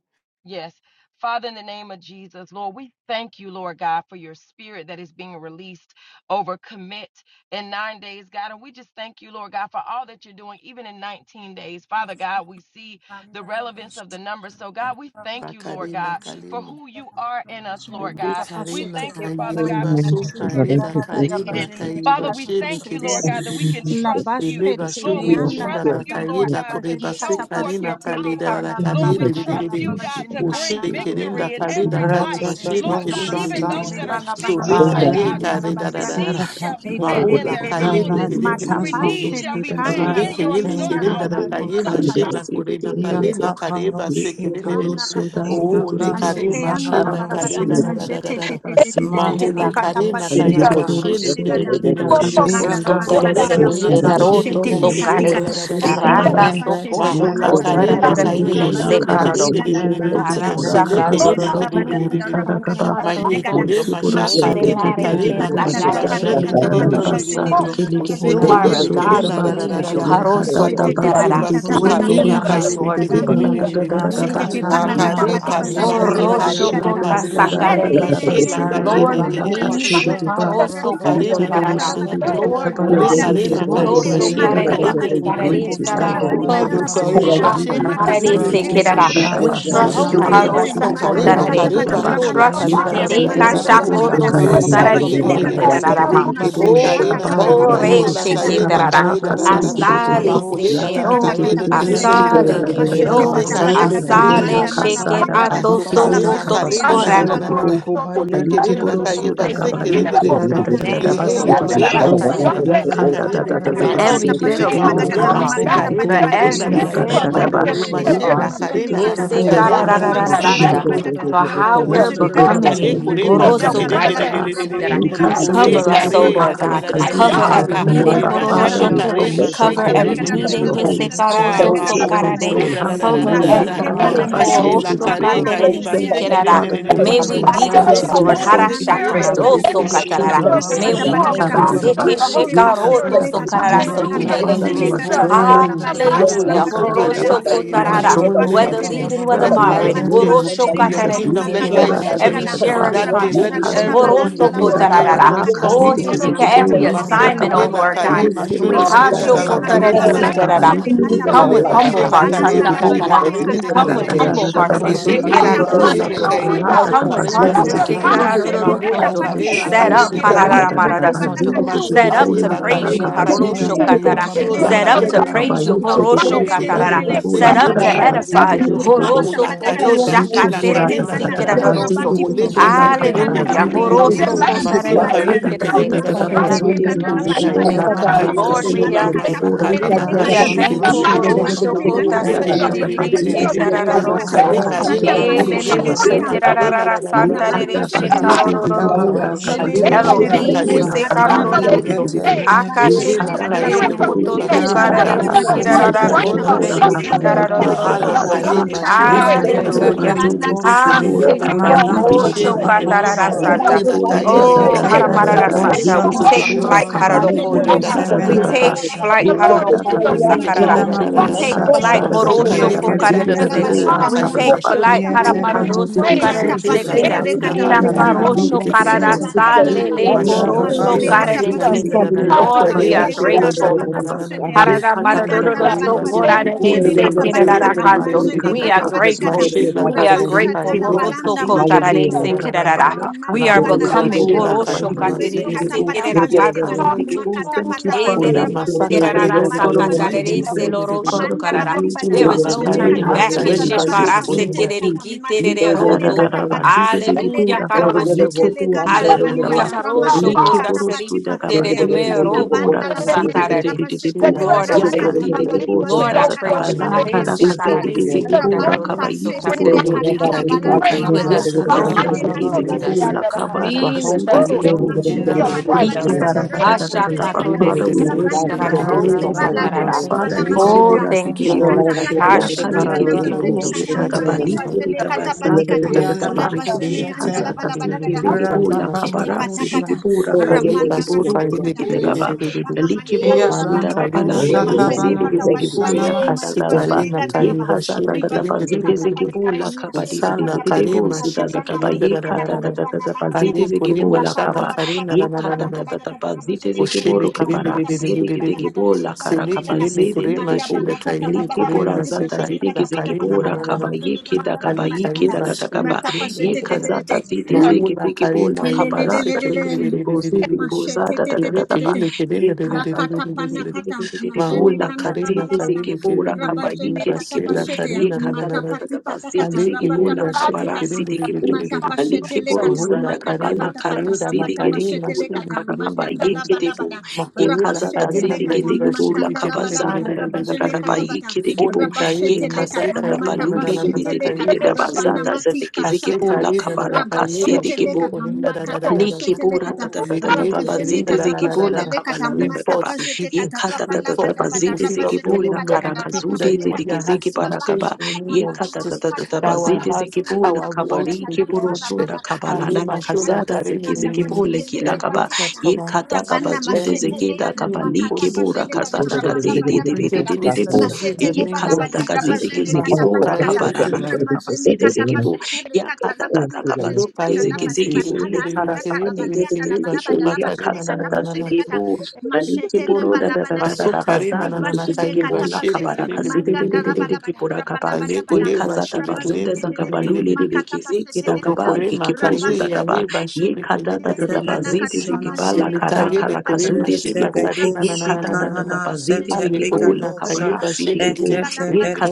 S8: Yes. Father, in the name of Jesus, Lord, we thank you, Lord God, for your spirit that is being released over commit in nine days, God. And we just thank you, Lord God, for all that you're doing, even in 19 days. Father God, we see
S9: La
S8: the relevance of
S9: bashete
S8: the numbers. So, God, we thank you, Lord
S1: Macarena,
S8: God, for
S1: Carolina.
S8: who you are in us, Lord
S1: Ude
S8: God. We
S1: karena
S8: thank you, Father
S1: kayele
S8: God, for who
S1: baso
S3: Amen.
S8: you are
S3: God, I
S8: in
S1: karena
S3: take this.
S8: Pastor
S3: I
S8: Eden.
S1: karena
S10: Of
S1: kaye
S8: Father, we
S1: bashe
S10: the
S1: le
S8: thank you, Lord
S1: kerende le
S8: God, that we
S1: le le.
S8: can trust you.
S1: Ele basho
S8: Lord,
S1: lo
S8: we
S3: Yes,
S9: beyanda la
S1: korenda
S8: trust
S3: yes.
S1: la
S9: baliba
S8: you,
S9: na
S1: kaye
S8: Lord
S3: yes.
S1: la
S8: God,
S9: katapa
S1: kore
S8: to
S9: jene
S1: base
S8: show
S9: katapa
S8: forth your
S1: karena
S9: shete le
S1: kale
S8: power
S1: da la
S9: kanda la
S1: kare
S8: Lord, we
S9: bala
S3: yes,
S1: le le le
S9: bada
S8: trust
S1: le
S9: la
S3: yes.
S1: le.
S8: you, God, to
S9: bajene
S1: Oshe
S9: kanda
S8: bring
S1: le
S9: la
S10: Lord,
S1: kerenda
S10: we
S8: victory in
S3: Thank you.
S10: bless
S1: kale
S9: baliba
S10: you, can
S1: da
S8: every
S9: la
S1: kaye
S8: life.
S10: appreciate
S1: mashe
S9: bajene
S10: the
S1: le
S8: Lord
S10: King
S8: God,
S9: katapa
S1: kerende
S10: of
S1: le le
S8: even
S1: le
S10: glory.
S9: shete
S1: le.
S8: those
S9: le
S11: Re-te-ke-do-sha-ta-ya.
S8: that are
S9: bala
S10: Thank you,
S1: So
S9: bana
S1: le
S8: speaking,
S10: Father,
S8: Lord
S11: Father, in
S10: for
S11: the
S9: majene
S1: kaye
S8: God,
S10: being
S9: anda la
S1: kare
S11: name
S1: da
S11: of
S1: da
S8: every
S10: faithful.
S9: baliba
S1: da
S9: da
S1: da da.
S8: need
S11: Jesus, I
S10: Thank
S8: shall
S10: you,
S8: be
S9: le
S11: pray
S9: le
S8: met
S9: le
S1: Maho
S10: Father,
S8: in
S9: le
S1: la
S10: for
S8: their
S9: le le
S11: that
S1: kaye
S10: being
S9: le
S1: le
S10: who
S8: houses.
S11: lives
S10: you
S11: be
S1: kerende
S10: are.
S1: le
S10: You
S1: le
S8: Every
S1: le
S9: matapa
S1: le
S11: transformed,
S1: le.
S10: give
S8: need
S1: le.
S10: us
S8: shall
S9: shene
S10: the
S8: be
S10: da da
S1: So
S8: met
S10: da
S9: kanda
S1: le
S10: da
S8: in
S11: lives
S9: la
S10: da
S11: be
S8: your
S1: kaye
S10: da.
S1: le
S11: changed
S10: See
S9: balinda
S11: in
S9: la
S10: the
S11: the
S1: kerenda
S8: storehouse.
S1: da
S10: people
S11: name of
S10: we
S1: kaye
S8: Father,
S1: mashe
S9: bala
S10: caracas,
S1: la
S11: Jesus.
S10: see
S1: kore
S10: the
S1: na kale na
S10: people.
S1: kare base kerende
S11: Yatavanoshika,
S1: le
S10: Lekeboro
S1: le le.
S9: Banakata.
S10: soda zide
S1: Oh, le
S10: zide gibo
S1: kare
S9: Majede
S10: na
S9: yanda
S1: mashe
S9: la
S1: la
S9: bara
S10: caracas
S1: kare
S10: soda
S1: da da
S11: Indabrandoshanamandoshite,
S10: da
S1: da
S10: da
S1: da
S10: da
S1: da
S9: majete
S10: da
S1: da
S10: da.
S9: te
S1: da.
S9: te te
S10: da
S9: te
S10: see
S9: te te
S10: the
S9: te
S1: Maho
S9: li
S1: la
S10: people.
S9: kata
S1: kare na kare
S9: pashene kata
S11: Mantabadoshiata,
S10: Alikiduru
S1: bashele
S9: pashene
S10: sudi
S1: kere
S9: kada
S1: de de de
S10: kira
S1: de de
S9: majene
S10: kaba
S1: de.
S4: Oshoko
S9: kanda la
S4: so
S10: sudi
S9: bara
S10: dudu
S9: bara
S1: Sele
S4: tararara
S9: kada
S10: daba
S1: koye
S4: mire
S10: sudi dudu
S1: mashele
S4: raroto
S10: dibu
S9: shete
S1: ke
S4: so
S9: te pati
S1: kere
S4: kare
S1: da
S10: lukoro
S1: da
S9: kada
S1: da
S11: Yabradoshitatavanokoshite,
S1: da da
S10: sudi
S1: da da da da.
S9: mata
S4: rata
S10: gararaba.
S4: so
S9: pashete
S1: Maho la
S10: Nika
S4: poshoko
S9: panakata
S1: kare
S10: sudi
S9: pati
S1: na
S4: tararara
S10: dizi
S11: Eretekekondanako,
S9: kata
S1: kare
S10: dibu
S4: mire
S9: rabana
S4: se
S1: bashele
S10: lakara
S1: kere
S9: majene
S4: kararo
S1: de de
S10: sudi
S9: ganda
S1: de
S9: li
S1: de
S10: dudu
S1: de.
S9: bara bara
S10: dibu
S1: Sele
S4: arashaka
S10: rakaba
S9: majete
S1: kere
S9: le
S1: le
S4: tororo
S9: bara
S10: sudi
S1: kere
S11: Eretekenekoshata,
S1: de
S9: bara
S1: de de
S9: bara
S1: de de
S9: rama
S1: de.
S4: rarara
S9: kata
S10: dibu
S4: mararo
S9: pashene
S1: Maye
S9: kada
S1: kore
S4: sonto
S10: Alikiboro
S1: masha
S10: di
S9: machete
S1: kare na
S9: te
S10: kiri
S9: te
S4: estelare
S10: kiri
S9: te
S1: kare na
S9: pati
S10: kibo
S4: pesa
S1: koye
S9: tata
S10: suda da
S4: karare
S10: da
S1: bashele
S4: ki
S10: da
S9: panakata
S10: da
S1: kere
S10: da
S1: de
S9: pati
S10: da
S1: de
S4: tororo
S1: de de de.
S11: Ereketekenekoshata.
S10: basa
S9: pashene
S10: di
S4: sonto
S9: ganda la
S10: kiri
S9: bara
S10: kibo
S1: Ose
S4: you
S10: lukro
S4: are
S11: Rana
S1: kere
S4: a
S1: le
S9: majene
S10: sudi
S1: kere
S4: god
S9: yanda
S4: we
S1: na
S10: kaba
S9: la
S1: da da
S9: bara
S1: da
S4: need
S1: da
S9: bara
S4: you
S1: da. da.
S11: kosetere
S4: haro
S10: nikada da
S4: soko
S9: machete
S1: Maye
S9: te
S1: koye
S10: basu
S9: pati
S4: tarara
S10: di
S9: tata
S1: basa
S10: kiri
S4: we
S1: kare
S10: toro
S1: na
S9: panakata
S4: need
S11: rokotosiana
S4: you
S1: kare
S10: kasi
S9: pashene
S1: le
S10: di
S4: lord
S1: kere
S4: we
S10: kiba
S1: de de
S10: da
S1: de
S10: da
S4: need you
S10: da
S1: de
S10: da
S4: we
S1: de.
S10: da da ba
S4: need you
S9: Shetete
S11: maskata
S4: we
S9: pana
S4: need
S11: rana
S9: kata
S1: Hakare
S4: you
S9: pati
S10: nikaba
S9: pajene
S1: kareba
S10: sudi
S9: kata
S10: di
S1: se
S12: Lekiba
S11: makosetere
S10: kiri
S9: pajene
S1: kare
S10: kiri
S9: kata
S1: na
S4: Horoshoko
S10: kibo
S9: laba.
S4: ta
S1: kare na
S10: suda
S11: adabakosha
S10: da da
S9: Hele
S1: kare
S10: da
S9: le
S1: ba
S4: sakarere
S10: da
S12: surururururururu.
S9: le
S1: she
S9: le le
S1: la
S10: basi
S9: le.
S10: di
S1: kare
S9: Mata
S10: kibo
S1: ne
S4: Lord,
S12: Ela
S9: ta
S4: we
S9: ta ta
S1: kere
S9: ta
S1: de
S12: kopa
S9: ta
S1: de
S9: ta
S1: de.
S10: lakasi
S4: need
S11: arabanokosa
S10: di
S9: liba
S4: you.
S9: ta ta
S10: kiba
S12: shata
S9: ta ta ta
S1: maso
S9: li
S4: Haroso
S12: raba
S9: kata
S1: kare
S4: koto
S9: pata
S1: na
S12: yada
S1: na
S9: kata
S1: na
S10: alikiboro
S12: ba
S9: kata
S1: na
S4: tarara.
S12: ba
S1: na
S9: laba
S1: na
S12: ba
S9: da
S10: sudi
S12: ba
S9: mana
S1: na
S12: ba
S10: kiri
S9: kata
S12: ba
S9: laba
S4: Lord,
S10: kaba
S12: ba.
S9: laba
S4: we
S9: da
S1: ole
S9: da. da.
S10: rasi
S4: need
S1: kare
S10: di
S4: you.
S1: na
S10: kiri
S1: kare
S10: kibo
S9: Jene
S1: ba
S9: de
S4: Horoso
S12: Mase
S1: she
S10: suda
S11: iyebedebede
S9: mana
S1: le kere
S12: kebo
S9: kata
S10: kaba
S4: kararese
S1: de de
S9: pati
S1: de de
S12: suru
S1: de.
S10: Great
S9: pajene
S10: is
S12: kota
S4: kararesa
S9: ganda
S10: thy
S9: laba
S12: raba
S9: liba
S12: ba
S4: larose.
S9: da
S12: ba
S1: alo
S12: ba
S10: faithfulness,
S9: laba
S12: ba
S10: O
S12: ba
S4: We
S9: jene
S1: kare ba
S10: God.
S12: ba.
S9: kata
S11: iyabanokosata
S4: trust
S1: she
S3: thank
S4: you.
S1: le
S10: Nikara
S9: mata
S3: you.
S1: kere
S10: sidi
S4: Hararese
S9: pajete le
S1: de
S12: Rako ba
S10: kisu
S4: kerara.
S10: da
S9: balanda.
S10: da
S4: We
S12: shale
S10: basi di
S11: mashata
S1: how
S4: trust you.
S12: lebo
S9: Machete
S10: kibo
S1: kaye
S9: te te te
S10: rasi
S4: Haroso
S10: di
S12: soto
S1: basaka
S11: badosete
S1: le
S10: kiba
S12: rada
S3: Thank
S9: makata
S10: da
S12: ya
S10: da
S3: you,
S10: da
S12: ba
S9: pata
S4: kotarare.
S3: Jesus. Thank
S10: da
S12: ba
S1: makare
S12: ba
S10: da
S3: you
S9: pata
S12: ba
S10: ba.
S12: ba
S4: We
S12: ba
S1: basho
S9: rabata
S1: la
S12: ba.
S3: for
S4: trust you.
S1: kare da
S9: pachete
S1: da
S9: ya
S1: da da da
S4: Hereka
S1: da
S11: iyabakos
S12: Ela
S9: makana
S1: da da
S10: Likazudezekebo
S9: laba
S1: da.
S12: kopa
S9: liba da.
S4: shakoto
S12: rapa
S1: Eh, eh,
S12: pa
S9: Laba
S1: de
S12: pa
S10: lakarazidegebo
S1: kere
S9: jene
S12: pa
S1: de
S4: sotararike
S1: de
S12: ya.
S9: kata
S1: de de
S9: pati
S1: de.
S9: ata
S4: kerararama.
S10: rakasidegedegebo
S12: Lekebo
S9: machete
S1: Masekare
S9: pana
S4: Oh,
S1: na
S12: shata
S9: kata
S1: kaye
S9: laba
S10: lakabarigebo
S12: raba
S1: basho
S9: laba
S12: ba
S9: da
S12: ba
S4: koreshe
S9: da
S12: ba.
S1: kaye la
S10: sudegaba
S4: ketarara.
S1: kare da da da da
S12: Oh,
S9: da.
S1: da.
S10: lakasidegedebo
S11: eretebekosata
S4: Asale
S12: lekebo
S1: Makole da
S11: badosha
S9: Shete
S1: da
S12: soto
S4: sekero.
S1: kaye
S9: panakata
S1: de
S12: rada da
S10: yakadegedegebo
S12: da
S1: kere
S12: da
S9: pajede
S11: let
S1: de de
S12: da da.
S9: gada
S1: de
S12: da.
S1: de
S4: Asale
S1: de.
S9: machete
S4: kerero.
S1: Masekaye
S9: patapata
S1: le
S9: kata
S11: rekenemekosata
S1: kere
S10: sudadadadadadabasadegebo
S1: de de de
S4: Asale
S12: Marekebosha
S1: de de
S9: madana
S12: pa
S1: de.
S9: la
S12: pa pa pa pa
S9: balibada
S12: pa
S4: shekerato
S12: pa
S10: lakasadakalikebo
S12: pa.
S9: la
S1: Asokare na
S4: sokoto.
S9: bajene
S1: kale na na
S9: anda
S1: na
S9: la
S1: na na na
S10: lakabasudegedegebo
S9: balabada
S1: na.
S11: enebekosetebede
S1: Ole
S12: Erakobaya
S9: majene
S12: da
S9: kata
S12: da
S1: kere
S12: da
S1: na
S12: da
S10: alikeboro
S12: da da
S9: pachete
S1: kaye
S12: da da
S9: kete
S12: da da
S1: base
S10: sudagaba
S12: da
S9: mata
S12: da.
S1: kere de de de
S9: pachete
S1: de.
S9: kata
S11: erababanako
S1: Le
S4: Thank you,
S1: he le
S4: Lord,
S9: rabana
S1: kere na
S10: likidadadadadabasidezekebo
S9: majede gada
S1: kaye
S8: God,
S12: Elakabashabaya
S1: le
S4: Hororosonto,
S12: da da
S8: let
S12: da da
S9: machete
S8: these
S12: da da
S11: Thank
S1: masekaye
S12: da
S1: le
S12: da da
S9: patapata
S8: things
S4: and
S12: da
S1: kere
S9: kata
S4: for
S12: da.
S1: de de
S8: healed,
S1: de
S4: every
S9: rata
S1: de.
S4: bit of
S9: pachete
S10: yakadadadadadabasidegebo
S8: limbs
S4: who
S1: Makole
S4: you
S9: patakata
S8: growing
S4: are,
S9: makata
S8: back.
S1: masekaye
S10: lakarasidegebo
S9: pati
S1: le
S4: for
S8: God,
S1: kere
S8: we
S9: patakata
S1: da
S12: Marakobataya
S4: every
S1: da
S12: ba
S8: give
S1: da
S12: ba
S8: you
S1: da da.
S12: ba
S4: bit
S12: ba ba ba
S4: of
S9: labana
S12: ba
S10: rokosidegadadadaba
S12: ba
S8: permission
S1: Ole
S4: who
S12: ba ba
S9: majede
S12: ba.
S4: you
S1: mashe
S9: gada
S1: la
S4: are.
S10: Yekazi de
S1: kare
S9: majene
S1: na na
S9: kata
S1: na na
S10: Kizikebo,
S8: under
S9: pachete
S1: kare
S9: kete
S10: Lakara
S1: base
S4: Yesekarararara
S8: to
S9: makata
S1: kare na
S8: shake
S9: pati
S1: na
S4: Santa,
S12: Erakopasha
S1: na
S12: da
S8: the
S1: na.
S12: da da da
S9: patakata
S4: for
S12: da da da
S9: rabata
S4: how
S12: da da
S8: atmosphere.
S4: we're
S12: da da
S9: pajede
S12: da
S3: what
S8: Lord,
S12: da
S10: Likibora
S3: you
S8: let
S12: da.
S3: have
S4: becoming
S1: Ale
S3: done.
S4: in you.
S1: kore
S8: the
S9: Majene
S8: of
S10: Sidibora
S1: mase
S8: your
S9: ganda la
S1: kere de de de
S8: presence
S9: balabada
S10: Katakataka.
S1: de
S12: Erakaba
S1: de
S12: ba
S1: de
S12: ba
S1: de.
S8: be
S4: Horosokotararisitarara.
S12: ba
S3: We
S9: rabajene
S12: ba ba
S10: Lika
S3: give
S9: kata
S12: ba
S3: you
S12: ba ba
S8: present
S10: Sidi
S12: ba.
S1: Ore
S8: in
S9: pashete
S3: praise,
S4: Cover
S12: ba.
S9: kata
S4: us,
S3: Lord.
S4: O
S8: every,
S1: kare
S10: Zidibora
S8: oh
S9: rabata
S1: da
S4: Lord
S1: da da
S4: God.
S1: da
S10: Kalaka
S1: da
S3: Thank
S8: my
S9: pashete
S1: da
S3: you
S1: da.
S10: Sidi
S4: Cover
S9: tere
S8: God,
S3: because
S4: every
S9: rima
S12: Marako
S8: in
S9: kata
S3: life
S4: meeting.
S8: the
S1: Hakoye
S9: pata
S10: Dadadadadaba.
S3: will
S9: pata
S8: name
S3: be
S1: basha
S9: kata
S10: Father,
S1: la
S12: barataya
S10: we
S3: changed.
S9: rabata
S4: Hororosonto.
S1: kare
S12: bo
S9: pata
S10: commit
S3: Thank
S9: kata
S10: the
S3: you
S1: mase
S9: rabata pata
S4: Cover
S12: shoto
S3: because it will
S1: kere
S12: da
S4: every
S10: commit
S12: da
S3: be
S1: de
S9: kata
S1: de
S10: into
S1: de
S9: raba
S12: da da.
S9: ta
S4: meeting.
S1: de.
S10: your
S12: da.
S9: pata
S3: transformed.
S9: kata
S10: hands.
S9: rabata
S1: Ah,
S9: pata
S3: Thank
S10: Lord,
S12: Rabo
S3: you
S9: kata
S8: of
S10: take
S3: because
S9: rabata
S1: maholo
S3: you
S9: pata
S12: shoto
S4: Yesekarososokarare.
S3: move
S12: da
S1: kore
S10: control.
S9: kata
S1: da
S12: ko
S1: da
S3: to
S10: Have
S12: pa
S1: da
S10: your
S3: this
S1: da
S12: pa
S1: da
S10: way.
S4: Cover
S12: pa
S1: da
S3: very
S12: pa
S1: da
S8: Jesus,
S1: da.
S4: every
S12: pa
S9: mashete
S8: in
S9: pana
S12: pa.
S3: selfless
S4: meeting.
S10: Likadakaba
S12: ya.
S3: to
S9: kata
S1: Mashe
S10: Sidi
S3: life.
S1: la kare
S10: Zidibo.
S9: rabana
S3: Thank
S1: kaye
S12: Makabo
S3: you,
S8: every
S9: majede
S10: Thank
S1: base
S12: state
S10: you,
S3: Father,
S1: kere
S3: because
S4: Horosokatererisikerara.
S12: ra
S1: de
S3: your
S10: Father,
S12: da
S1: de
S12: da
S1: de
S10: for
S12: da da
S1: de.
S10: what
S4: May
S8: the
S12: da
S3: presence
S12: da
S9: Ele
S4: we
S10: you are
S12: da
S3: is
S12: da
S9: kata
S12: da
S8: fire
S12: da
S10: set
S8: of
S1: Male
S12: da.
S10: to
S3: itself
S4: decrease,
S8: the
S9: pashete
S10: do.
S1: kore
S4: Lord.
S9: le
S3: now.
S8: Holy
S1: base
S10: Thank you
S9: balanda
S4: Harasha,
S9: la
S1: kaye le
S10: because
S8: Spirit.
S3: Thank
S10: the
S3: you
S1: kere
S9: balibada da
S10: book
S1: de
S3: because
S9: kata
S1: de
S8: Every
S1: de
S3: you
S10: is
S3: are
S1: de.
S4: Harashakarorosokatarara.
S10: table
S9: rabajene
S12: Mashada
S9: kata
S10: is
S3: present,
S12: baba
S4: May
S10: set.
S8: permission
S9: pata
S3: you
S12: ya
S4: we
S3: are
S8: for
S9: pata
S12: ba
S8: a
S12: ba
S9: kata
S12: ba ba
S8: fire
S4: decrease.
S3: anointing
S12: ba
S3: and
S12: ba
S8: of
S12: ba.
S10: Likadadadaba.
S8: the
S3: grateful.
S1: Mahole
S9: majete
S8: Holy
S1: kare da
S9: pashete
S1: da
S4: Hekeshekaroto
S8: Spirit.
S3: Thank
S1: da
S9: le
S1: da
S10: Yekazadaba
S1: da.
S3: you
S9: kata
S10: Zidi
S4: sokarara, So
S3: because
S1: Let
S4: you
S10: Zidibo.
S3: the
S9: makata
S12: Marako
S4: may
S8: Hallelujah,
S1: lives
S3: word
S1: be
S10: Father, you
S9: pashene
S4: increase.
S3: will
S10: are
S1: changed.
S12: barataya
S1: Let
S8: Jesus.
S9: kata
S3: come
S12: da da
S10: drawing
S12: da
S3: forth.
S1: lives
S8: In
S1: be
S10: men
S12: da
S9: rabala
S12: da
S8: the
S12: da
S9: bada
S12: da
S1: changed.
S10: unto
S12: da da
S9: bada
S8: mighty
S3: Words
S10: us.
S12: da.
S3: that
S4: Hallelujah.
S3: will
S1: Maso
S8: name
S9: rabajene
S8: of
S3: heal,
S1: kare
S10: Likadadadaba.
S9: kata
S3: words
S1: na
S3: that
S8: Jesus.
S3: will
S1: kaye
S10: You
S1: ba
S10: are
S3: sing,
S4: Hororoshokotarara.
S1: she
S9: majete
S1: le
S3: words that
S10: drawing
S12: Marako
S3: will
S1: kere
S10: men
S1: de
S12: ba
S4: Whether
S1: de
S9: pashete
S12: ba
S10: unto
S1: de.
S9: le
S12: ba
S3: perform,
S12: ba
S4: leading,
S12: ba
S9: kata
S4: whether
S3: words
S12: ba
S10: yourself
S9: la
S8: Hallelujah.
S1: Let
S3: that
S12: ba
S3: will
S10: in
S12: ba.
S9: bana
S10: the
S1: lives be
S4: moderating.
S9: mati
S3: sustain,
S10: name
S1: changed
S10: of
S3: words
S9: pashete
S3: that
S9: le
S1: in
S3: will
S1: your
S9: kata
S10: Jesus.
S3: speak,
S8: We
S1: kingdom.
S8: give
S1: Let
S9: makata
S8: you
S3: words
S4: Horoshokatararisiketa.
S1: lives
S12: Marako
S1: be
S3: that
S9: pashete
S12: ba
S3: will
S4: Every
S1: changed
S12: ya
S9: kata
S12: da
S4: share,
S10: Likiborakatakatakaba,
S1: on
S12: da
S3: function,
S4: every
S12: da
S1: that
S12: da da
S3: words
S12: da
S1: day.
S3: that
S1: Let
S12: da da
S3: will
S9: rabashata
S12: da
S4: contribution.
S9: la
S12: da.
S3: lift us,
S1: everyone
S9: balanda
S1: that
S9: la
S1: needs
S3: words
S1: to
S9: balaba
S1: hear
S9: da
S3: that
S1: your
S3: will
S4: Horosokotarara.
S10: Likazudatikiborakabala,
S1: voice
S9: ramakata
S3: bring
S1: come
S3: us.
S4: Oh,
S9: pashete
S3: up.
S12: Mazete
S1: into
S9: kata
S1: the
S9: la
S4: Tishika,
S12: ra
S1: room.
S12: ba ba
S9: makata
S3: Thank
S4: every
S12: ba ba
S10: Kazindikizikibori,
S3: you
S12: ba
S11: you.
S9: pashete
S3: because
S1: Mase
S12: ba
S9: kata
S3: you
S12: ba
S4: assignment,
S9: la
S12: ba
S3: are
S4: oh
S1: koye
S10: Karakaba,
S12: ba
S9: baliba
S1: na
S12: ba.
S4: Lord
S9: da
S4: God.
S9: kata
S1: kaye
S3: designed, as you
S1: masho
S4: We
S1: le
S3: are
S11: Rita
S1: kere da
S8: glory.
S9: nashete
S1: da
S3: designed,
S9: le
S1: la
S10: Likibozudazaba,
S3: and
S8: May
S3: you
S8: we
S9: kana
S1: kare
S9: la
S1: na na na
S8: remain
S1: na
S8: in
S12: Erakabaya
S9: baliba
S1: na
S3: are
S12: da
S10: Zikiborakaba,
S1: na
S8: the
S12: da
S4: hashokotararisiketa.
S1: na.
S12: da
S9: jene
S12: da da
S3: doing
S4: we
S12: da da
S9: kata
S8: posture
S3: in
S12: da
S8: of
S4: come
S3: our
S1: Ole
S4: with
S3: life.
S12: da.
S1: ba
S9: pashete
S1: she
S4: humble
S8: prayer.
S10: Likibodakatakaba,
S9: le
S1: la
S4: hearts.
S8: We
S1: kare
S9: balanda
S3: Things
S1: ma
S9: la
S8: give
S3: that
S1: she
S10: Zikizikibo,
S8: you
S3: we
S1: le
S4: Hashakatara.
S8: our
S9: bajene
S3: just
S1: kere de
S3: so
S4: We
S9: kata
S1: de
S3: for
S1: de
S3: the
S4: come
S1: de de
S4: with
S12: Erakoparataya
S1: de
S9: pashete
S3: Lord.
S9: le
S1: de.
S4: humble
S9: kata
S3: Thank
S4: hearts.
S10: Likarakarakatakaba,
S3: you
S8: using
S1: Ele
S3: because this
S12: masotorakaya
S3: is
S8: us.
S1: keye
S12: ba
S1: ba
S12: ba
S3: just
S10: Zikizikibo,
S12: ba
S3: a
S1: she
S12: ba ba
S1: le
S12: ba ba
S3: difficult
S9: Matapashetele
S1: kaye
S12: ba.
S4: We
S3: life
S8: Hallelujah.
S1: maso
S4: come
S10: Lakabarakakaba,
S4: with
S3: has
S1: kare da
S4: hearts
S1: da
S3: family.
S8: Such
S9: balabanagada.
S1: da
S4: his
S8: a
S1: da da.
S3: This
S1: da.
S10: Zikizikibo,
S3: is
S8: time
S3: a
S8: as
S9: Majene
S3: key
S8: this.
S3: of
S1: Mahola
S4: shekararororosonto,
S9: katapati
S1: kare
S8: We
S1: na
S12: Erakobasha
S3: points
S12: da
S8: thank
S4: set
S10: Yakatikizikibo,
S12: da
S1: kaye
S9: pasete
S12: da
S4: up
S1: le
S12: da
S8: you,
S9: te
S12: da
S3: for
S12: da
S1: kere
S8: God.
S12: da
S3: which
S1: de
S9: patita
S1: de
S12: da.
S1: de
S3: Mr.
S1: de.
S10: Sudakatakatakaba,
S8: We
S9: katapana
S4: parararamararasonto,
S8: give
S3: Move
S9: kata.
S8: you
S3: is
S1: Maso
S4: set
S8: glory.
S10: Zikizikibo,
S4: up
S13: Thank
S1: kaye
S4: to
S3: saying.
S13: you
S1: la
S13: so
S1: kare
S8: We
S4: praise you
S13: much,
S1: na
S10: Lakarakaba,
S3: This
S1: kare na
S12: Barakobaya
S3: thing
S1: kaye
S10: Zikizikibo,
S3: that
S12: ra
S3: we
S4: haroroshokatara,
S12: ba
S3: do
S12: ba
S1: basho
S12: ba ba
S8: speak
S1: la
S3: this
S12: ba
S8: with
S4: set
S12: ba.
S8: the
S4: up
S1: kare na
S4: to
S10: Yakata
S3: together,
S8: blood
S1: na na
S13: Lord.
S1: na
S4: praise
S3: that
S4: you
S1: na.
S10: kabayi
S3: it
S8: of
S3: is the
S10: kiribu
S1: Ole
S3: Lord
S10: zuda
S1: keye
S3: has
S1: le
S4: horoshokatarara,
S3: the
S8: Let
S9: Lelelelelele,
S10: zidibu
S1: base
S4: set
S3: things
S1: kere
S4: up
S3: in
S10: lakara
S1: de
S3: our
S1: de
S4: to
S9: matata
S1: de
S12: Barakobasha
S3: life.
S1: de
S9: Lelelelelelele,
S1: de
S10: kabazi
S8: There
S1: de.
S4: edify
S8: shall
S3: We
S9: matatatakata,
S12: da
S4: you
S3: would
S12: da da
S8: be
S12: da
S8: no
S12: da
S3: have
S10: zidibu
S12: da
S1: Maho
S12: da
S3: that
S1: la
S12: da
S8: death.
S12: da da
S3: kind
S9: rabatapatakata,
S1: kare
S13: Thank
S12: da.
S3: of
S13: you,
S1: bashe
S3: moment,
S1: la
S13: Lord.
S10: Likebora
S3: kind
S1: kare
S9: mashete
S10: ta
S3: of
S1: na
S10: ta
S13: Thank
S1: da
S10: ta
S13: you,
S1: da
S10: ta
S1: da
S10: ta
S13: Lord.
S1: da.
S9: banakata,
S3: where
S1: da.
S10: ba
S3: we in
S4: horosokotosakatererisikiraroroso.
S10: zinte
S9: rabati
S10: te
S1: Ole
S10: te
S3: the
S13: Thank
S10: bo
S13: you,
S1: keye
S10: la
S1: le
S9: pashete
S12: Erakabaya
S8: There
S12: da
S3: children,
S12: da
S13: Lord.
S1: kere
S12: da da
S9: legana
S1: de
S10: kabara
S3: of
S12: da
S1: de
S8: shall
S13: Thank
S12: da
S4: Hallelujah.
S1: de
S13: you,
S8: be
S1: de
S12: da.
S10: zinte
S1: de
S10: te
S1: de.
S9: mane
S8: no
S10: te
S3: we
S1: de.
S10: te bo
S9: yanda la
S3: receive
S8: delays.
S3: it,
S9: bali
S1: Maso
S10: ya
S3: Father.
S8: There shall
S10: ka
S1: kaye
S3: We
S10: ta
S1: le
S9: banagada,
S8: be
S10: ta
S8: no
S10: ta
S1: kere
S4: horosokosarerisikerere.
S3: receive
S1: da
S3: it,
S10: ta ta
S1: da da
S10: ta
S3: Father,
S1: da
S10: ba
S3: in
S1: da.
S3: the
S1: da.
S9: mashete
S10: zute
S3: name
S8: distractions.
S12: Erakobaya
S3: of
S10: te
S9: legana
S12: da
S10: te
S9: la
S10: te
S12: da
S1: Ole
S8: There
S10: te
S3: Jesus.
S12: da
S9: bali
S10: bo
S3: My
S12: da
S1: kaye
S8: shall
S9: bata,
S8: be
S1: da
S10: la
S13: Lord.
S12: da.
S9: la
S1: la
S3: Father,
S13: Thank
S8: no
S3: we
S10: kara
S1: kaye
S3: say,
S9: pashete
S4: Lord,
S9: le
S10: kasi
S13: you,
S1: basho
S10: te
S4: we
S1: la
S4: are
S9: balakata,
S1: masa
S4: thankful.
S3: we
S1: kale
S9: pashete
S3: shall
S8: sickness.
S1: na
S10: kabara
S3: never
S4: We
S11: da
S4: are
S1: kale
S9: lekata,
S10: kasi
S3: be
S1: ne
S8: In
S10: te te
S1: kere
S8: the
S10: te
S4: thankful.
S1: de
S3: asking,
S10: te
S1: de
S8: mighty
S1: de
S9: manda
S10: bo
S3: whether
S13: Lord.
S1: de.
S12: Ashabaraka
S11: Bakushata,
S12: ba
S4: Horosho
S12: ba
S9: bajene
S3: they
S10: ye
S12: ba
S3: get
S12: ba
S9: gana
S10: ka
S4: kota
S12: ba
S9: la
S1: Ole
S12: ba.
S10: ta
S3: to
S13: Hallelujah.
S10: ta
S9: bali
S1: keye
S10: ta
S8: Jesus,
S1: de
S9: bada,
S10: ta
S1: de
S10: ba
S1: de de
S8: let
S3: Thank
S4: sukiriri
S1: de
S4: ke
S11: Ekete,
S1: de
S9: rabajene
S8: your
S1: de.
S3: you,
S1: de.
S3: Holy
S9: kata
S8: spirit
S13: Thank
S10: la
S3: Spirit,
S13: you,
S9: patikata,
S3: because
S10: kara
S1: Sele
S4: tarararoso,
S3: we
S8: prevail,
S10: kasi
S13: Lord.
S3: will
S11: Arate
S10: te
S1: kaye
S9: rata
S8: Father.
S10: te
S1: malo
S8: Let
S12: Erakobarataya ba ba
S9: pashete
S8: your
S1: kore
S12: ba
S4: Eleleli
S12: ba
S11: Bedusha,
S12: ba
S4: ke
S1: basha
S12: ba.
S10: si
S8: anointing
S9: lekata.
S1: la
S8: go be
S1: kare na da
S4: tararara
S1: da da
S10: ye
S9: La
S1: da.
S4: santa
S1: da.
S10: ka
S9: bana
S10: ta
S4: rere
S8: in
S10: ba
S4: she
S9: machete
S8: the
S9: le
S8: mighty
S10: zinte
S13: Thank
S11: Yekete
S9: balabada.
S4: karororo
S13: you,
S4: sonto.
S13: Lord.
S8: Jesus.
S9: Hele de
S8: And
S1: Aleba
S9: de
S8: as
S9: de
S13: Thank
S9: de
S13: you,
S8: they
S1: shula
S9: de.
S13: Lord.
S4: Elohim he
S8: sleep and
S1: karema
S10: la
S4: se
S9: Rikata
S12: Kabayadobarababababa.
S8: prepare
S9: la
S10: kara
S4: karoro
S8: for
S10: te
S1: sekirende
S8: the
S1: de
S9: balabada.
S1: de
S8: next
S1: de
S4: sonto.
S1: de de.
S8: day,
S9: La bana
S8: we
S10: ye
S8: give
S4: Akashe
S1: Lehe
S8: your
S10: ka
S9: machete
S1: la
S13: Thank
S10: ta
S9: gada la
S10: ba
S13: you,
S9: ba.
S8: spirit
S4: kikirire
S1: kaele
S13: Lord.
S10: zinte te
S4: moto
S1: koleba
S4: so
S9: Machete
S8: permission
S1: shila
S8: to
S13: Thank
S10: la
S4: karare
S13: you,
S9: panakata
S10: kasididididebo la
S4: si
S1: kahe
S8: deliver
S9: pata.
S13: Lord.
S10: kasi
S8: fresh
S1: baso
S10: te
S4: kirarara
S8: rain
S1: karena
S8: of
S4: konto
S9: Ratapa
S1: na na
S4: rere
S1: na
S9: jene
S1: na.
S8: the
S4: si
S9: ganda la
S8: anointing
S12: Maratopokotoyadaba.
S4: kararoro
S9: balibada.
S1: Mahala
S8: of
S9: Rabba
S4: sonto.
S8: the
S9: jene
S8: Holy
S1: karema
S9: kata
S1: shile
S8: Spirit
S10: Likibura
S9: pachete
S10: da
S9: ya.
S1: kerende
S10: da da
S1: de
S10: da da
S1: de de
S10: ba
S12: Isekatarayabababa.
S1: de
S4: Hallelujah.
S8: be
S1: de de.
S9: Ribana
S10: ziti
S8: mastering
S10: ziki
S9: kata.
S8: us
S1: Lehe
S8: in
S10: bura
S1: la
S8: our
S10: kaba
S4: Hallelujah.
S8: life,
S3: come
S1: kahe
S9: Matapati
S8: to
S9: pata.
S3: amongst
S4: Hosho
S3: us.
S1: bashele
S9: La
S8: strong
S9: bana
S1: kerona
S4: katarara
S3: A
S12: Marakobayatarabababababa.
S9: matikata.
S4: santa.
S3: Father,
S1: karena
S8: be
S9: Rabba
S8: a body
S3: like
S8: of
S3: the
S8: the
S9: jene
S1: kaele
S4: Oh,
S9: gada.
S3: daily
S1: kehe
S8: spirit,
S3: of the
S8: to
S1: baso
S4: Haramarara
S3: one
S9: Machete
S3: who are
S8: release
S4: Santa,
S1: karena
S3: you,
S8: the
S1: na
S4: we
S9: panikata.
S1: na
S3: Father,
S1: na
S8: word
S4: take
S1: na.
S3: we must
S4: flight,
S8: to
S9: Ratapa
S3: daily
S13: Hallelujah. Thank you. Thank you, Lord.
S1: Hale
S8: release
S9: sete le
S1: kore
S13: Thank
S4: Hararokoto.
S1: da
S8: God.
S1: da
S9: kata.
S3: remember
S1: da
S12: Merakobashabarakabababababa.
S3: the
S1: da
S4: We
S1: da
S3: Holy
S1: da
S9: Manda
S8: Thus
S1: da.
S9: la
S4: take
S3: Spirit,
S13: you, Lord.
S8: saith
S4: flight,
S8: the
S9: balabada.
S1: Oh,
S3: the
S9: Riba
S8: Lord
S1: le
S3: place
S8: to
S9: jene
S3: where
S8: your
S4: Hararokoto
S13: Hallelujah.
S3: we
S9: kata
S1: keele
S3: are with the
S4: Sakarara.
S1: kerenda
S8: people,
S9: patikata.
S12: Raka-
S1: da da da
S3: Christian
S4: We
S8: Father,
S1: da
S9: Ratapa
S1: da.
S12: da-
S3: and
S4: take
S12: da-
S9: sete
S12: da-
S9: le
S12: da-
S3: bothered
S9: kata.
S4: flight,
S12: da-
S3: to
S12: da-
S3: be
S12: da-
S1: Base
S8: glory,
S12: da-
S3: good,
S12: da- da.
S1: kaele
S4: Horoshoko
S9: Mazene
S3: continuous
S1: kerenda
S9: ganda
S1: da
S8: give
S3: with
S9: la
S1: da
S4: Kararese.
S3: the
S1: da da da.
S9: balibada.
S8: honor,
S4: We
S1: Kaele
S4: take
S3: well,
S9: Machete
S3: so the
S1: basholo
S4: flight,
S9: pata
S8: we
S1: kerende
S3: people
S1: de
S8: give
S3: will
S1: de
S9: patikata.
S8: you
S3: be
S1: de.
S4: Haramaradoso
S3: released,
S8: praise.
S3: the,
S1: Sehe
S4: Kararese
S1: la
S8: In
S3: praise-
S9: Ratapachete
S3: the
S4: Kera.
S9: le
S3: people
S1: karena
S9: kata.
S3: will be
S1: kaele
S8: Jesus'
S11: Yana
S1: kehe
S8: mighty
S3: released
S4: Sankarosho
S1: kehe
S8: name,
S1: kerende
S9: Ele
S4: Karara
S1: de de
S11: makusete,
S3: to
S1: de.
S3: stay
S9: balanda la
S8: amen.
S3: here.
S9: bada.
S3: I
S4: Salele
S1: Mashile
S3: remember they were
S4: Korosho
S1: kore
S9: Majene
S11: rababas
S3: going
S9: kata
S8: Jesus,
S1: masikare
S3: to
S4: Kararese.
S1: na
S9: pachete.
S3: try
S1: na na
S3: this
S1: na
S3: up
S1: na
S3: there,
S4: Lord,
S9: Matipa
S3: they
S1: kaye
S4: we
S3: were
S4: are
S3: going
S9: jene
S10: yiki
S1: bashu
S8: hallelujah,
S9: kata
S3: to
S10: buza
S4: grateful.
S3: get
S1: lakare
S3: more
S9: rabata
S1: na
S10: da
S1: na na
S3: distance
S1: na
S3: down
S9: pachete.
S1: na
S4: We
S10: da
S4: are
S3: here.
S10: da
S1: hale
S10: da ba
S9: Liganda
S10: ba
S9: la
S8: Father.
S4: grateful.
S10: bo
S9: balabada.
S1: basa
S10: bo
S8: In
S10: bo la
S9: Ribajene
S1: eye
S8: Jesus,
S10: ka ba
S9: kata
S1: le kore
S10: zidi
S1: na
S9: patikata.
S1: na
S10: ka
S1: na
S10: ba
S1: na
S8: in
S1: na
S9: Majene
S1: na
S10: yekada
S9: kata
S10: da ba zidi
S9: patikata.
S1: mashe
S10: di bo
S4: We are
S1: lakare
S3: Hallelujah.
S1: na
S4: grateful.
S9: Rapashata
S1: kaye
S10: eliki
S9: la
S1: le
S10: bo la ka
S9: balanda.
S10: zidi ke
S9: Makata
S10: ziki
S8: Jesus,
S10: bo la
S9: pachete
S10: ka
S9: le
S10: ba
S4: Horosokotararese-kerara.
S9: kata.
S10: la ka
S4: We
S1: la
S9: Manda
S4: are
S10: zidi
S9: gana
S1: kore
S8: hallelujah,
S9: la
S10: ziki
S4: becoming.
S10: bo
S1: bashe
S10: la
S9: baliata.
S10: ka ba
S1: lakare
S10: di
S1: na
S10: di di di
S9: Majene
S10: di di
S9: kata
S1: masikere
S10: bo
S9: patipa
S10: ya
S9: jete
S10: ka
S8: hallelujah,
S9: kata.
S10: zidi ke bo.
S4: Horoshokaterese-kerara-kantororotutu.
S9: Makata
S10: Thank you,
S8: hallelujah,
S9: patapata.
S10: Father, for
S9: Rabajene
S10: provision,
S9: kata.
S4: kantororotutu
S10: Lord God
S1: kaye
S9: Matipa
S1: le
S9: jene
S1: kere
S10: Almighty.
S4: sakatarese
S9: kata.
S10: Thank you,
S8: Jesus
S10: Father,
S9: Manda
S10: for
S9: la
S10: yielding
S9: balibada.
S1: o
S4: is
S10: hearts,
S4: no
S9: Rabajene
S10: willing
S4: turning
S9: kata
S8: Hallelujah.
S4: back.
S10: hearts,
S9: patakata.
S10: ready
S8: So
S10: to
S9: Rabati
S4: hesheparase
S10: receive
S9: pachete
S10: of
S9: le
S10: you.
S9: kata. Matipa
S10: Likada
S9: jene
S10: da da
S4: kerere
S10: da
S9: kata
S10: ba
S9: pata.
S10: zidi
S8: it's
S10: zidi
S9: Ele
S10: bo
S4: Hallelujah.
S10: la ka
S8: worship
S9: katapa
S10: ba
S9: shete
S10: yeke
S4: karorososo.
S9: le
S10: bo di
S9: ganda
S10: da
S9: la
S8: of
S10: da
S8: the
S10: da da
S9: baliba
S8: true
S4: Hallelujah.
S8: and
S10: ba
S9: da
S8: living
S9: rama
S8: God,
S9: jene
S8: Father,
S3: Hallelujah.
S10: Like
S9: katapa
S10: boros
S4: haroshokosaseri
S10: da
S9: tipa
S10: da ba
S9: shete ya.
S10: bo
S9: La
S10: bo bo la la
S9: banda
S8: in
S9: la
S8: and
S10: di
S8: every
S9: baliba da
S4: kiterere
S9: raba
S10: Likadadadadabazidezidibodakabayekebodidadadadaba. bo
S9: shete
S8: that
S9: le
S1: la
S8: you have
S4: Lord,
S9: bana
S3: We
S4: I
S1: masu
S8: committed
S1: kore
S4: thank
S9: makata
S4: you.
S8: the
S1: na
S9: la
S1: na na
S8: believers
S10: Yakadidebo
S9: baliba
S10: to
S8: to
S3: thank
S4: Lord,
S9: jene
S4: I
S8: go
S9: kata
S8: forth
S4: praise
S8: and
S4: you.
S10: Dazakabala,
S8: bring
S1: hale
S9: matapa
S4: Harese
S1: masu
S9: shatala.
S10: Karakazidi
S1: le
S3: you,
S4: kararese
S3: Lord.
S1: kere
S8: to
S1: na
S10: Gizigibo,
S1: na na
S8: break
S13: We
S9: Rabani pa
S13: come
S4: kikararorosho
S8: through
S9: shete
S13: from
S3: We
S10: Rakabayukibo,
S9: le
S3: Thank
S1: na
S4: katerere.
S1: le
S8: revival,
S9: katala
S10: Kotikibigibo,
S8: break
S9: balanda
S4: Be
S9: la
S11: Mana
S9: ba.
S4: with us as
S8: by
S9: Na
S4: only
S10: Yakazata
S9: jene
S4: you
S8: elbows
S4: can
S8: so
S4: be
S9: katapa
S8: that
S4: with
S10: Zigizigibo,
S8: it
S9: shete
S4: us.
S9: le
S8: under
S10: Lakaba,
S8: us.
S9: balanda la
S4: Be
S11: Manasutaradabakushetebedosa.
S1: Malu
S4: with
S9: baliba
S8: Woo!
S10: Rakasudi
S9: da.
S4: us as
S8: In
S4: only you
S9: Machete
S8: the
S4: can be
S8: Christ,
S4: with
S8: my
S9: patapati
S10: Liki
S4: us.
S10: barada
S8: name
S10: da
S9: katarata
S10: da da
S4: Hasha
S10: da da.
S11: Inamakushetebenukusha.
S10: ba
S9: pazelegada
S10: Father,
S3: you,
S10: we
S3: my
S4: katorerese
S3: God,
S10: worship
S9: labana
S3: for
S10: and
S3: the book
S10: honor
S9: machete le
S4: kikararorosho
S10: you.
S3: stand over
S10: Thank
S3: the
S10: you,
S9: balagada
S4: katarara.
S3: day.
S10: Father.
S9: libana
S10: Liki
S9: machete
S4: Oh,
S10: borasi
S4: thank
S3: We
S4: you,
S11: Arababanakushetebenukusha.
S3: will
S10: digibu.
S4: Lord.
S3: have
S9: likata
S3: another
S9: pata
S3: good
S9: pata
S4: Hashe
S10: Yaka
S3: stand
S10: digi
S3: over
S9: labana
S3: the other
S10: digibu.
S4: karorosonto.
S9: mazete
S3: good
S9: kata
S3: stuff
S10: Sitaka
S11: Iabanukushete.
S10: ba
S9: matipa
S10: liki
S9: jene
S10: riga ba
S9: kata
S3: in
S10: za
S3: the
S10: da
S9: patikata
S10: da
S3: name
S10: da
S3: of
S10: da da
S9: La
S10: ba.
S3: Jesus.
S13: you.
S8: Hallelujah.
S9: basene
S10: Lika
S13: We
S11: Ianamakushete.
S13: come
S9: anda la
S10: za da
S13: to
S9: balabada
S13: you.
S9: da
S10: ziki
S8: I want
S10: zigibu.
S8: to
S10: Laka
S9: Shete
S10: bara
S11: Rababanukusha.
S9: patakata,
S10: zidigibu.
S3: We
S10: Raka
S3: will get both
S9: rapana
S3: things
S10: zidigibu.
S9: kata
S3: of the
S10: Ruku
S9: patikata,
S3: gospel
S10: digitaka
S3: today.
S10: ba.
S9: mashete pana
S10: Liki
S9: manigada
S10: borosu
S9: laba
S10: daga ba
S9: libada,
S10: la
S3: Thank
S10: la la
S3: you,
S10: ka
S3: Lord.
S9: majene
S10: zidigi
S9: kata
S3: Thank you,
S10: zigibu.
S9: patapata,
S11: Iabranukushatabanukusanama.
S3: Jesus.
S10: Yaka da da
S9: matipa
S10: da
S3: Thank
S10: ba.
S3: you,
S9: jene ganda
S3: Jesus.
S9: laba,
S10: Yeka da da da
S9: riba
S10: da ba
S9: jene
S10: zidi
S9: kata
S10: zigibu
S9: patikata,
S8: thank
S10: la kaba di di
S9: mashete
S10: di di
S9: pata
S10: di di
S9: pata
S10: bo
S9: pata,
S10: su da za ka
S9: rabana
S10: ba
S9: manjene
S10: yeka da
S9: kata,
S10: da da da
S9: libana
S10: da ba zidi
S1: Ali
S9: matiyata,
S1: Kure
S10: zigibu
S9: la
S10: la
S9: kata
S1: Mashallah
S10: kaba
S9: pata pata
S1: Karina na
S10: Ye
S9: kata,
S1: na na na
S10: kata
S8: Hallelujah.
S9: rabata
S1: na
S10: tata
S9: bata kata,
S10: tapa
S9: raba
S10: zite
S9: jene
S10: zeke
S9: kata
S13: We
S1: Oshele
S9: pata
S10: bo
S9: kata,
S1: kirele de
S10: kapara
S9: mata
S1: de de de
S10: zete
S1: de
S9: pashete
S10: ke
S1: de
S9: pata
S1: de.
S10: teke
S9: kata,
S10: bo
S9: rata
S10: la
S9: pa
S10: kara
S1: Sele
S9: jene
S10: kapa
S9: kata,
S1: kirele
S10: zete
S1: kure ma
S10: tete
S9: manda
S10: bo
S9: bana kata
S1: kayele
S9: laba
S10: like
S9: laba
S1: kure
S9: da,
S10: bora
S1: ma
S9: riba
S10: zata
S1: kay
S9: jene
S10: zite ke
S9: kata
S1: la
S9: pata
S10: zeke
S1: kare na
S9: pata
S1: na
S10: bora
S9: kata,
S1: na na
S9: raba
S1: na.
S10: kaba ye
S9: jene kata
S10: kita
S9: laba
S10: kaba
S1: Ale
S10: ye
S9: limanda
S1: kaye
S9: kata,
S10: kita
S1: ba
S10: kata
S1: shele
S10: kaba
S9: mata
S1: kure na
S10: ye
S9: pashete
S1: na
S9: te
S1: na na.
S9: te te
S10: kazata
S9: te.
S10: zite
S1: Mahu
S10: zeke
S1: la
S10: zeke
S1: kare
S10: bo la
S1: kaye ba
S10: kabara
S1: se
S10: tata tete
S1: kirele
S9: Helelelelelele.
S1: de
S10: tete
S1: de de
S10: bo
S1: de de de
S10: zete
S1: de.
S10: bo
S9: Machete
S10: zata
S9: te te
S10: tata
S1: Ele
S9: te te
S10: tata
S9: te
S10: pa
S1: kirele
S9: te.
S1: kirele
S10: ye
S1: de de de
S9: La
S1: de de de
S10: kazata
S9: kata
S1: de de
S10: zite
S1: de.
S10: zeke
S9: panakata,
S10: tete bo
S1: Mahu
S9: majene
S10: la
S1: la
S9: kanda
S1: kare
S9: la
S1: na
S10: kazete
S1: kaye
S9: balabada,
S10: zeke bora
S1: kirele
S10: kaba ye
S1: kire
S9: rabajene
S1: ba
S10: kete
S9: kata
S10: ke bo
S1: la
S9: pachete,
S1: kare
S10: ye
S1: na na na
S10: kata
S1: na na.
S10: tata
S9: matapati
S10: tata pa zete
S9: patakata,
S1: Ale
S10: zeke bo
S9: rabata
S1: kaye
S10: la
S1: ba
S9: pachete
S1: shele
S10: kabara
S8: Hallelujah.
S9: kata,
S1: kirele de de de
S10: zite
S1: de de de de.
S9: matapachete le kata,
S1: Sohu la
S10: Alikiburuzada
S9: makata
S1: kare na
S10: kabala kara
S1: kaye
S9: patapata,
S1: la
S10: sidi
S9: rabata
S1: kaye ma
S10: girigibu
S9: pachete le
S10: la
S1: shele
S9: kata,
S10: kara
S1: kirele
S10: kaba
S1: de de de
S9: maganda
S1: de de.
S9: la
S1: de.
S10: yikidibu.
S9: balabada,
S1: Makoyela
S13: come
S10: Yikazada
S13: to
S9: rabachete
S13: you.
S1: karena
S13: Thank
S9: le
S10: zidi
S9: kata,
S1: dari
S10: gidigibu la
S1: bashiri
S9: makanda la
S1: kerin dari dari
S10: kabazada
S9: balabada,
S1: dari dari dari
S9: rabajene
S1: dari
S10: radadadadaba
S9: kata
S1: dari.
S9: pata,
S10: yikidigibu.
S1: Ole kairi
S9: rabachete
S8: They
S9: le
S1: masi
S8: said
S9: kata,
S10: Yikazada
S8: things
S1: kari na na na
S8: to
S10: gabaluli
S1: na na
S13: you, Lord.
S9: matapachete
S1: na
S9: le
S8: your
S1: kairi
S9: kata,
S8: disciples
S9: rabana
S1: bashiri.
S10: lidididididabazada
S8: have said,
S9: mati
S1: Ase
S10: zedigizigibu
S9: kashatala,
S10: la
S1: kari na na
S8: I
S1: na
S10: kabaraka
S1: kairi
S8: will go,
S9: rabachete le
S1: bashulu
S9: kata,
S1: korin da da da
S9: makata
S1: da da
S8: go.
S1: da. da.
S9: pachete le
S10: Likibura da
S9: kata,
S10: da
S8: Who
S10: da
S1: Ole
S10: da
S8: y'all?
S10: da da
S1: kairi
S10: ba
S9: Rabajene
S1: kerin da
S10: zidi
S1: da da da da da
S9: katapashete
S10: zigibula
S1: da.
S9: le
S10: kabala
S9: kata
S10: la
S1: Bring
S10: da da ba
S1: forth the
S9: matapajete
S1: people.
S9: kata
S10: yeka da da
S1: Bring
S10: da da
S1: forth the
S9: rabalabada
S10: ba
S9: bada
S1: people.
S10: zidi
S1: Fill up the
S9: rabajete le
S10: zigibula
S1: room,
S9: bada
S8: And
S1: Lord. The
S9: kata
S1: people that
S10: karakazudi
S1: you
S9: rabajene
S1: want
S9: kata
S10: zidi
S1: their hearts to
S9: La
S1: be
S10: zigibara
S9: basha
S1: changed
S10: kaba
S1: in the
S9: kala
S1: name of
S9: bala
S10: yeka da da
S1: Jesus.
S9: mani
S10: da da
S9: kata
S10: da
S9: la
S10: ba
S1: Our
S9: bala
S10: zidi
S1: hearts,
S9: balzele
S10: zigibula
S9: kata
S1: our
S9: pa
S1: world
S9: jene
S10: kabari
S1: will
S9: gada
S1: do
S10: kiburu
S9: libana
S1: much them.
S10: suda
S9: bana kata pa
S10: kabala la la
S9: shete
S1: Halima
S9: le
S1: shola
S9: kata
S10: kazada zigi
S9: mata
S13: Thank
S9: pa
S13: you,
S1: kari
S9: shete
S10: zigibula
S9: de
S10: kila
S13: Lord.
S9: te
S1: Every
S10: kaba
S9: pati
S1: thought
S9: kata
S1: of our
S10: yeka da
S1: hearts,
S10: kaba
S9: rabana
S10: zudi
S9: mashete le
S1: everything
S10: zigida
S9: anda
S13: Thank
S10: kaba
S1: we
S9: makata pa
S1: post,
S10: likibura
S9: jene
S1: we
S9: gada
S3: Thank
S10: kazada
S1: touch them.
S9: rabala
S1: We
S10: kazidi
S9: bada
S1: bring
S9: bada
S10: didi
S3: you,
S1: them
S9: gada
S10: didi didi
S1: closer
S10: bu
S1: to you in the
S9: mashete le
S10: yeka
S1: name
S9: bala
S1: of
S9: bada
S10: zada
S3: Jesus.
S10: kazidi
S1: Jesus.
S9: rabajene
S3: You
S1: Lema
S3: are
S9: kata
S3: a
S1: so
S9: pati
S10: zigibula
S3: corporate
S1: kaye
S9: kata
S10: kabara
S1: leke,
S10: la la la
S3: secretary.
S10: ba
S9: rabajene
S3: Thank
S9: kata pa
S10: zidi
S9: shete le kata la
S10: yakata
S9: bali
S10: kata
S3: you,
S10: kata
S3: Lord.
S1: alo
S9: manjene
S10: zude
S9: ganda
S1: kaye
S9: la
S3: Thank
S10: zeke
S3: you,
S9: bali
S10: zeke
S1: masike,
S3: Jesus.
S10: bo le
S9: batala
S1: lere
S9: ni
S1: lere
S10: tara
S9: ata
S1: lere
S10: kapa
S9: la
S10: de
S9: bali
S10: de de
S9: anda
S10: de
S9: la
S1: lere
S10: de
S9: bala
S10: de
S1: basho
S9: bada
S10: bo
S1: la
S9: la
S1: kare
S9: bajene
S1: na
S10: yakata
S1: na na
S9: kata
S1: na
S9: pa
S10: da
S1: na na.
S9: shete
S10: zeke
S9: kata
S10: bo ali ke
S9: mashete
S10: bo
S9: le
S10: ro da
S9: bala
S10: da da
S9: bana
S10: da da
S1: Maso
S9: kata
S10: da
S1: kare na
S10: baza
S1: na na na
S10: zeke
S9: Ribashene
S10: zeke
S1: kaye
S10: bo la
S1: bashe
S10: kapa
S9: katapashete
S1: leke
S10: ra
S1: lere
S10: kasi de
S1: lere
S10: de de
S9: manganda
S10: de
S1: lere
S10: de de
S9: rabala
S1: lere.
S10: ke
S9: bada
S10: bo ra
S9: rabala
S10: kapa
S9: bada
S1: Ale
S10: ye
S9: bada
S1: koye
S10: kaza
S1: bashe
S10: da
S1: leke
S10: bazu
S9: rabashete
S1: lere
S10: da
S9: te te
S10: zaka
S1: lere
S9: tetetete,
S1: lere
S10: balule de
S1: lere.
S10: de ke zeke
S9: makatapashete
S10: da
S1: So
S9: lekata
S10: kapa
S1: lokore
S10: ke ke bo zu da
S1: makaye
S9: rabashete
S10: kapa
S1: yaye bashe
S10: ye
S1: leke
S10: kata
S1: lere
S11: Ia
S10: da
S1: lere
S10: da da
S1: lere.
S10: bazi de
S9: lebanakata
S10: zeke ba la
S9: majene
S10: kara
S1: Silikayele
S10: kala
S9: katapatapata
S10: kazu
S1: kurema
S10: de zeke
S1: shila
S10: bo
S1: karina
S10: ye
S1: na na na
S10: kata
S1: na na
S10: da da
S1: na.
S10: da bazi de
S9: rabashete
S1: Ali
S10: zeke bo
S13: you.
S10: la
S1: kurena
S10: kapa ra
S1: kayeba
S10: si de
S1: shile
S10: bo
S1: kirin
S9: lebalabada